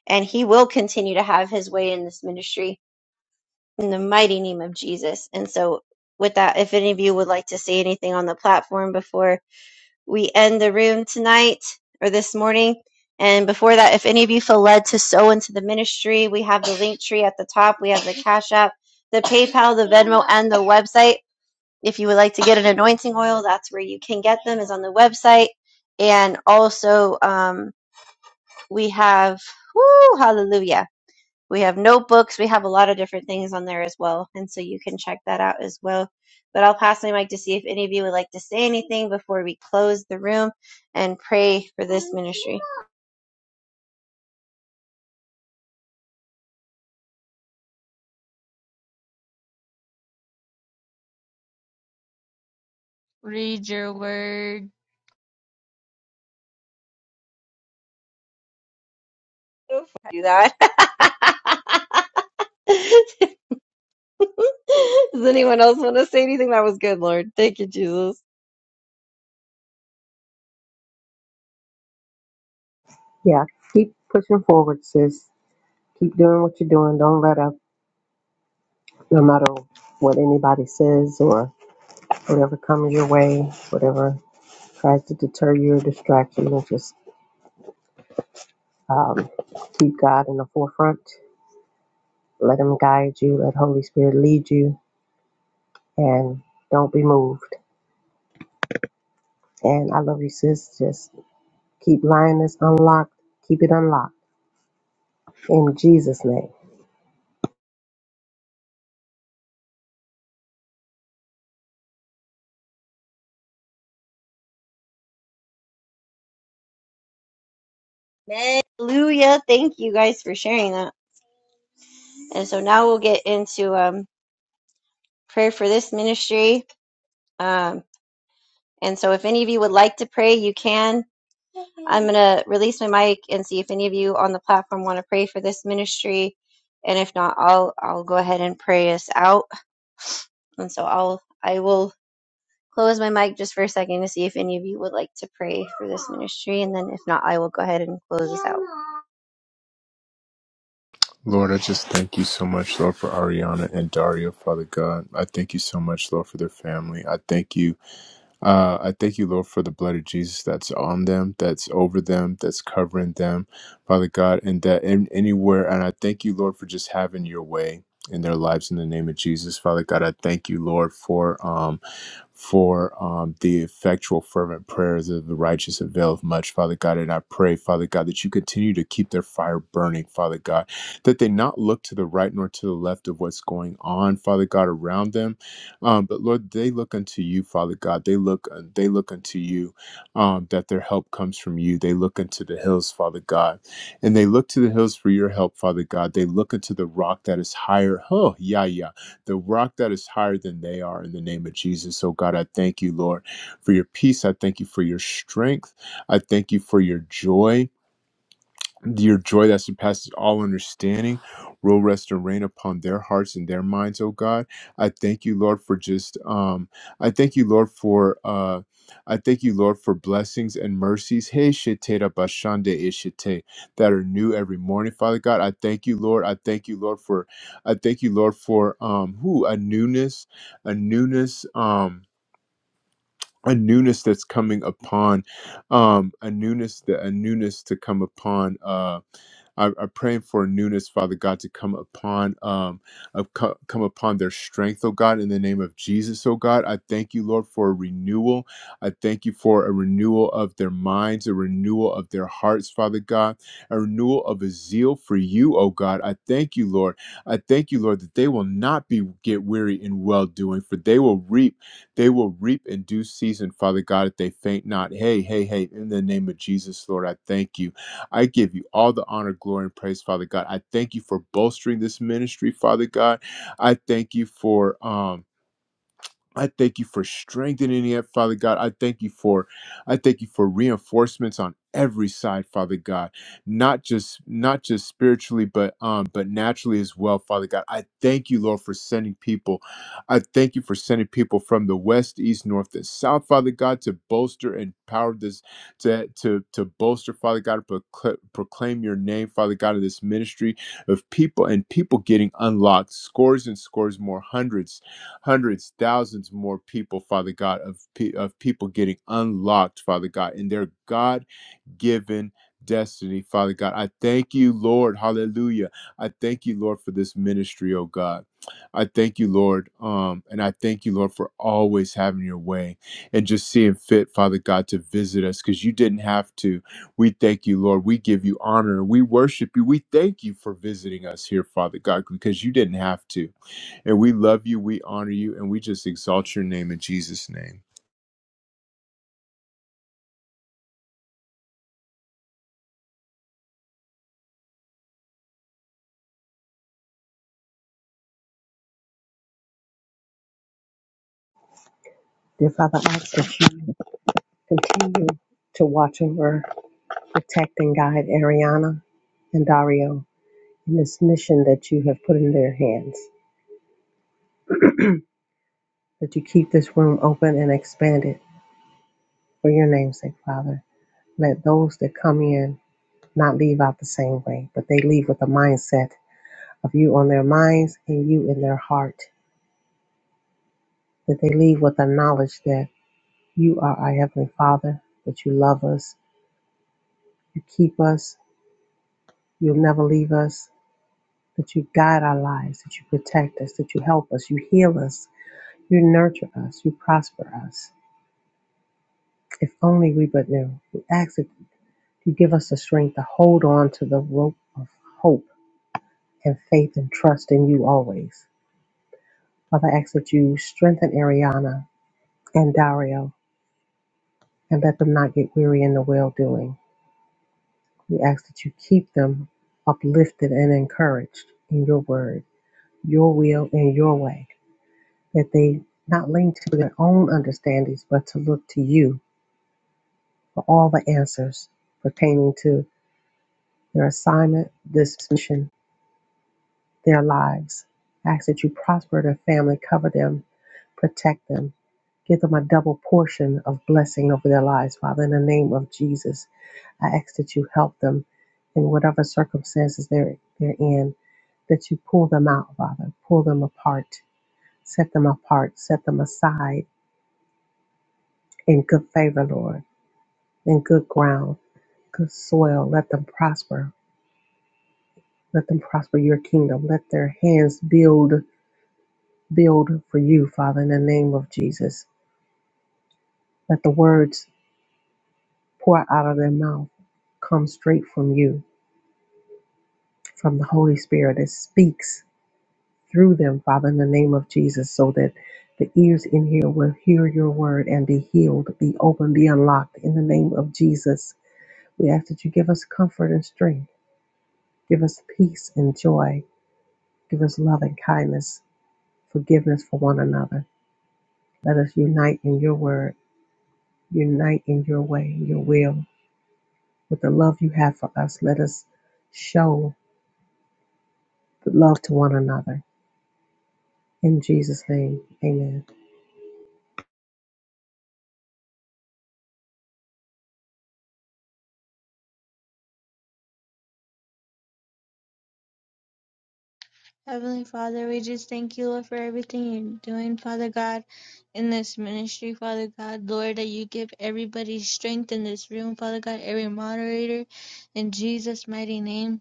S2: and He will continue to have His way in this ministry in the mighty name of Jesus. And so, with that, if any of you would like to say anything on the platform before we end the room tonight or this morning. And before that, if any of you feel led to sow into the ministry, we have the link tree at the top. We have the Cash App, the PayPal, the Venmo, and the website. If you would like to get an anointing oil, that's where you can get them, is on the website. And also, um, we have, whoo, hallelujah we have notebooks. We have a lot of different things on there as well. And so you can check that out as well. But I'll pass my mic to see if any of you would like to say anything before we close the room and pray for this ministry. Do that. Does anyone else want to say anything? That was good, Lord. Thank you, Jesus.
S4: Yeah, keep pushing forward, sis. Keep doing what you're doing. Don't let up, no matter what anybody says or whatever comes your way, whatever tries to deter you or distract you. And just um, keep God in the forefront. Let Him guide you. Let Holy Spirit lead you. And don't be moved. And I love you, sis. Just keep lying this unlocked. Keep it unlocked in Jesus' name.
S2: Hallelujah. Thank you guys for sharing that. And so now we'll get into um, prayer for this ministry. Um, And so if any of you would like to pray, you can. I'm going to release my mic and see if any of you on the platform want to pray for this ministry. And if not, I'll I'll go ahead and pray us out. And so I'll I will close my mic just for a second to see if any of you would like to pray for this ministry and then if not, I will go ahead and close us out.
S3: Lord, I just thank you so much, Lord, for Ariana and Dario, Father God. I thank you so much, Lord, for their family. I thank you Uh, I thank you, Lord, for the blood of Jesus that's on them, that's over them, that's covering them, Father God, and that in, anywhere. And I thank you, Lord, for just having your way in their lives in the name of Jesus, Father God. I thank you, Lord, for. Um, for um, the effectual, fervent prayers of the righteous availeth much, Father God. And I pray, Father God, that you continue to keep their fire burning, Father God, that they not look to the right nor to the left of what's going on, Father God, around them. Um, but Lord, they look unto you, Father God. They look, uh, they look unto you, um, that their help comes from you. They look unto the hills, Father God, and they look to the hills for your help, Father God. They look unto the rock that is higher. Oh, yeah, yeah the rock that is higher than they are in the name of Jesus. So, God, I thank you, Lord, for your peace. I thank you for your strength. I thank you for your joy. Your joy that surpasses all understanding will rest and reign upon their hearts and their minds, oh God. I thank you, Lord, for just um I thank you, Lord, for uh I thank you, Lord, for blessings and mercies. Hey shete da bashande ishite that are new every morning, Father God. I thank you, Lord. I thank you, Lord, for I thank you, Lord, for um who a newness, a newness, um a newness that's coming upon um a newness that a newness to come upon uh I, I'm praying for a newness, Father God, to come upon, um, of co- come upon their strength, oh God, in the name of Jesus, oh God. I thank you, Lord, for a renewal. I thank you for a renewal of their minds, a renewal of their hearts, Father God, a renewal of a zeal for you, oh God. I thank you, Lord. I thank you, Lord, that they will not be get weary in well doing, for they will reap. They will reap in due season, Father God, if they faint not. Hey, hey, hey, in the name of Jesus, Lord, I thank you. I give you all the honor, glory, and praise, Father God. I thank you for bolstering this ministry, Father God. I thank you for um I thank you for strengthening it, Father God. I thank you for, I thank you for reinforcements on every side, Father God. Not just, not just spiritually, but um, but naturally as well, Father God. I thank you, Lord, for sending people. I thank you for sending people from the west, east, north, and south, Father God, to bolster and power this, to to to bolster, Father God, to procl- proclaim your name, Father God, of this ministry of people and people getting unlocked, scores and scores more, hundreds hundreds, thousands more people, Father God, of, pe- of people getting unlocked, Father God, in their God given destiny, Father God. I thank you, Lord. Hallelujah. I thank you, Lord, for this ministry, oh God. I thank you, Lord. Um, and I thank you, Lord, for always having your way and just seeing fit, Father God, to visit us because you didn't have to. We thank you, Lord. We give you honor. We worship you. We thank you for visiting us here, Father God, because you didn't have to. And we love you, we honor you, and we just exalt your name in Jesus' name.
S4: Dear Father, I ask that you continue to watch over, protect, and guide Ariana and Dario in this mission that you have put in their hands, that you keep this room open and expand it for your name's sake, Father. Let those that come in not leave out the same way, but they leave with a mindset of you on their minds and you in their heart, that they leave with the knowledge that you are our Heavenly Father, that you love us, you keep us, you'll never leave us, that you guide our lives, that you protect us, that you help us, you heal us, you nurture us, you prosper us. If only we but knew. We ask that you give us the strength to hold on to the rope of hope and faith and trust in you always. Father, I ask that you strengthen Ariana and Dario and let them not get weary in the well doing. We ask that you keep them uplifted and encouraged in your word, your will, and your way. that they not lean to their own understandings, but to look to you for all the answers pertaining to their assignment, this mission, their lives. I Ask that you prosper their family, cover them, protect them. Give them a double portion of blessing over their lives, Father, in the name of Jesus. I ask that you help them in whatever circumstances they're, they're in, that you pull them out, Father, pull them apart, set them apart, set them aside in good favor, Lord. in good ground, good soil. Let them prosper. Let them prosper your kingdom. Let their hands build, build for you, Father, in the name of Jesus. Let the words pour out of their mouth come straight from you, from the Holy Spirit that speaks through them, Father, in the name of Jesus, so that the ears in here will hear your word and be healed, be open, be unlocked in the name of Jesus. We ask that you give us comfort and strength, give us peace and joy, give us love and kindness forgiveness for one another. Let us unite in your word, unite in your way, your will. With the love you have for us, let us show the love to one another. In Jesus' name, amen.
S1: Heavenly Father, we just thank you, Lord, for everything you're doing, Father God, in this ministry, Father God. Lord, that you give everybody strength in this room, Father God, every moderator, in Jesus' mighty name.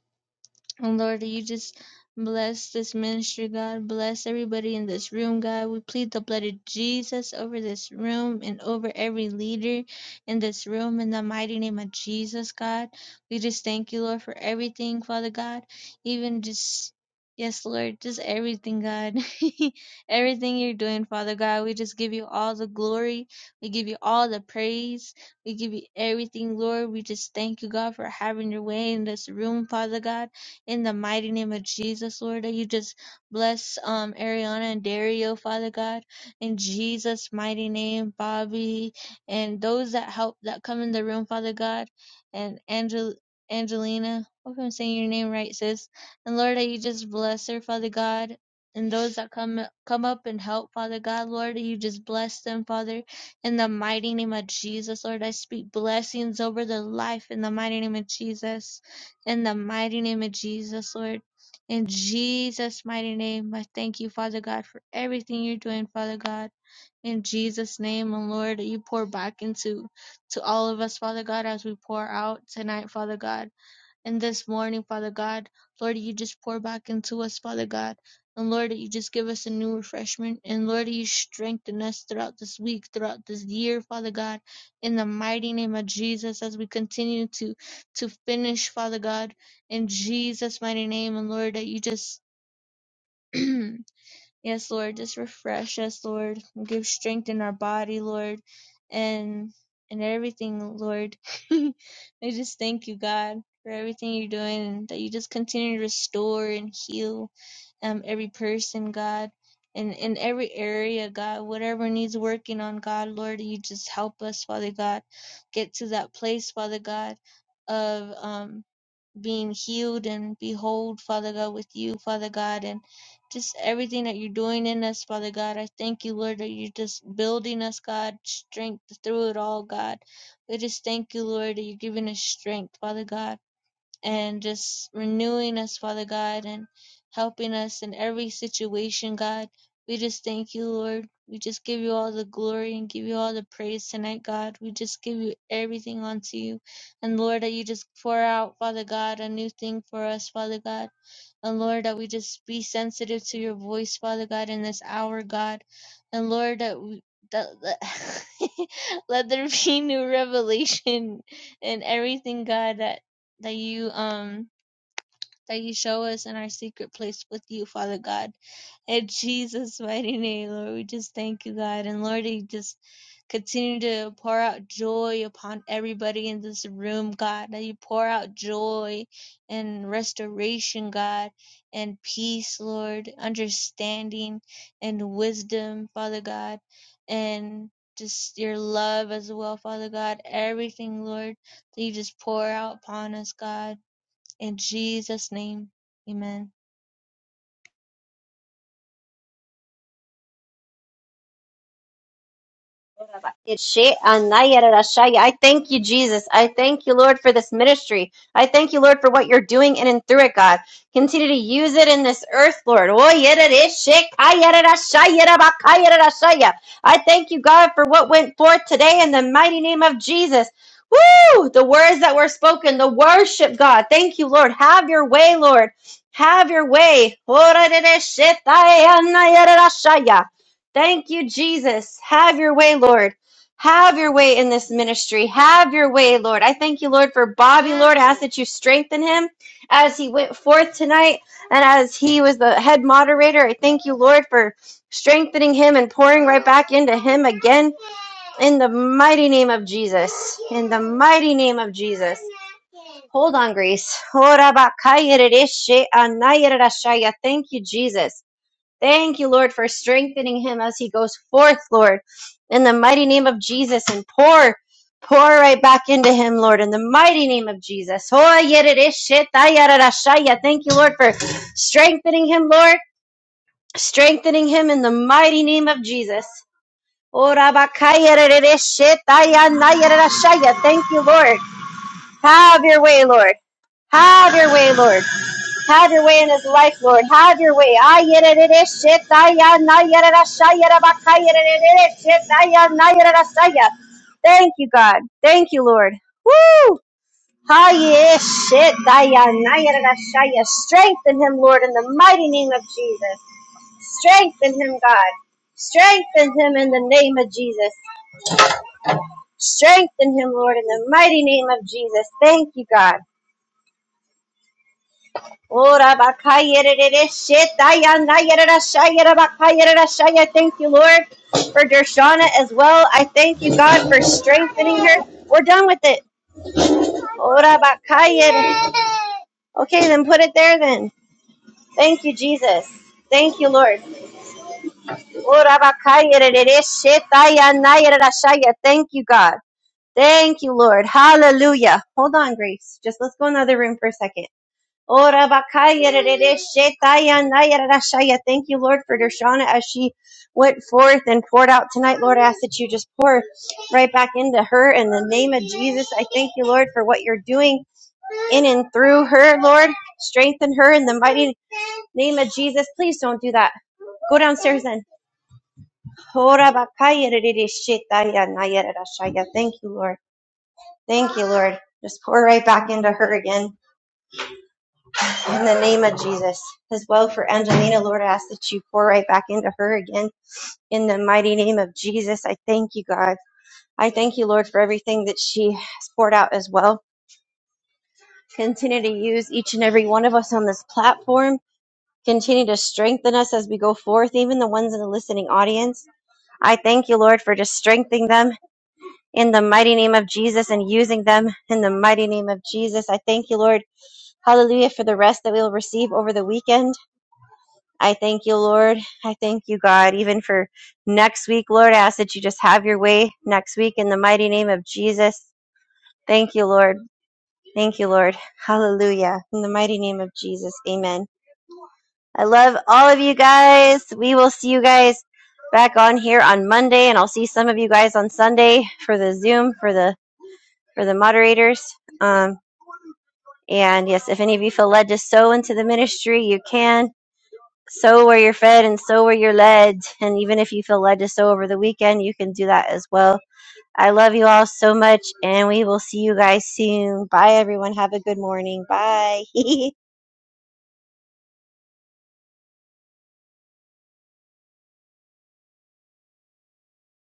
S1: Oh Lord, you just bless this ministry, God. Bless everybody in this room, God. We plead the blood of Jesus over this room and over every leader in this room in the mighty name of Jesus, God. We just thank you, Lord, for everything, Father God. Even just, yes, Lord, just everything, God. everything you're doing, Father God. We just give you all the glory. We give you all the praise. We give you everything, Lord. We just thank you, God, for having your way in this room, Father God in the mighty name of Jesus, Lord, that you just bless um Ariana and Dario, Father God, in Jesus' mighty name, Bobby, and those that help that come in the room, Father God, and Angel Angelina. Hope I'm saying your name right, sis. And Lord, that you just bless her, Father God. And those that come come up and help, Father God, Lord, that you just bless them, Father, in the mighty name of Jesus, Lord. I speak blessings over their life in the mighty name of Jesus. In the mighty name of Jesus, Lord. In Jesus' mighty name, I thank you, Father God, for everything you're doing, Father God. In Jesus' name, and Lord, that you pour back into to all of us, Father God, as we pour out tonight, Father God. And this morning, Father God, Lord, you just pour back into us, Father God. And Lord, you just give us a new refreshment. And Lord, you strengthen us throughout this week, throughout this year, Father God. In the mighty name of Jesus, as we continue to to finish, Father God, in Jesus' mighty name. And Lord, that you just Yes, Lord, just refresh us, Lord. Give strength in our body, Lord, and and everything, Lord. I just thank you, God, for everything you're doing and that you just continue to restore and heal um every person, God. And in every area, God, whatever needs working on, God, Lord, you just help us, Father God, get to that place, Father God, of um being healed and behold, Father God, with you, Father God, and just everything that you're doing in us, Father God. I thank you, Lord, that you're just building us, God, strength through it all, God. We just thank you, Lord, that you're giving us strength, Father God and just renewing us, Father God, and helping us in every situation, God. We just thank you, Lord. We just give you all the glory and give you all the praise tonight, God. We just give you everything unto you. And Lord, that you just pour out, Father God, a new thing for us, Father God. And Lord, that we just be sensitive to your voice, Father God, in this hour, God. And Lord, that we that, that let there be new revelation in everything, God. that that you um that you show us in our secret place with you, Father God. In Jesus' mighty name, Lord, we just thank you, God. And Lord, you just continue to pour out joy upon everybody in this room, God. That you pour out joy and restoration, God, and peace, Lord, understanding and wisdom, Father God, and just your love as well, Father God. Everything, Lord, that you just pour out upon us, God. In Jesus' name, amen.
S2: I thank you, Jesus. I thank you, Lord, for this ministry. I thank you, Lord, for what you're doing in and through it, God. Continue to use it in this earth, Lord. Oh, yet it is I yeah. thank you, God, for what went forth today in the mighty name of Jesus. Woo! The words that were spoken, the worship, God. Thank you, Lord. Have your way, Lord. Have your way. yeah. Thank you, Jesus. Have your way, Lord. Have your way in this ministry. Have your way, Lord. I thank you, Lord, for Bobby, Lord. I ask that you strengthen him as he went forth tonight and as he was the head moderator. I thank you, Lord, for strengthening him and pouring right back into him again in the mighty name of Jesus. In the mighty name of Jesus. Hold on, Grace. Thank you, Jesus. Thank you, Lord, for strengthening him as he goes forth, Lord, in the mighty name of Jesus, and pour, pour right back into him, Lord, in the mighty name of Jesus. Oh, yerereshetayararashaya. Thank you, Lord, for strengthening him, Lord, strengthening him in the mighty name of Jesus. Oh, rabakayarereshetayanayaranashaya. Thank you, Lord. Have your way, Lord. Have your way, Lord. Have your way in his life, Lord. Have your way. Ayerere-shit-aya-na-yerere-shayerere-bakayerere-shit-aya-na-yerere-shaya. Thank you, God. Thank you, Lord. Woo! Ayerere-shit-aya-na-yerere-shaya. Strengthen him, Lord, in the mighty name of Jesus. Strengthen him, God. Strengthen him in the name of Jesus. Strengthen him, Lord, in the mighty name of Jesus. Thank you, God. Ora bakayerere shetaya nayerera shayera bakayerera shaya. Thank you, Lord, for Dershana as well. I thank you, God, for strengthening her. We're done with it. Ora bakayere. Okay, then put it there then. Thank you, Jesus. Thank you, Lord. Ora bakayerere shetaya nayerera shaya. Thank you, God. Thank you, Lord. Hallelujah. Hold on, Grace. Just let's go in the other room for a second. Ora bakaya rerere shetaya naya rarashaya. Thank you, Lord, for Dershana as she went forth and poured out tonight. Lord, I ask that you just pour right back into her in the name of Jesus. I thank you, Lord, for what you're doing in and through her, Lord. Strengthen her in the mighty name of Jesus. Please don't do that. Go downstairs then. Ora bakaya rerere shetaya naya rarashaya. Thank you, Lord. Thank you, Lord. Just pour right back into her again. in the name of Jesus. As well for Angelina, Lord, I ask that you pour right back into her again in the mighty name of Jesus. I thank you, God. I thank you, Lord, for everything that she has poured out as well. Continue to use each and every one of us on this platform. Continue to strengthen us as we go forth, even the ones in the listening audience. I thank you, Lord, for just strengthening them in the mighty name of Jesus and using them in the mighty name of Jesus. I thank you, Lord. Hallelujah for the rest that we will receive over the weekend. I thank you, Lord. I thank you, God, even for next week, Lord. I ask that you just have your way next week in the mighty name of Jesus. Thank you, Lord. Thank you, Lord. Hallelujah. In the mighty name of Jesus. Amen. I love all of you guys. We will see you guys back on here on Monday and I'll see some of you guys on Sunday for the Zoom for the for the moderators. Um and yes, if any of you feel led to sow into the ministry, you can. sow where you're fed and sow where you're led. And even if you feel led to sow over the weekend, you can do that as well. I love you all so much, and we will see you guys soon. Bye, everyone. Have a good morning. Bye.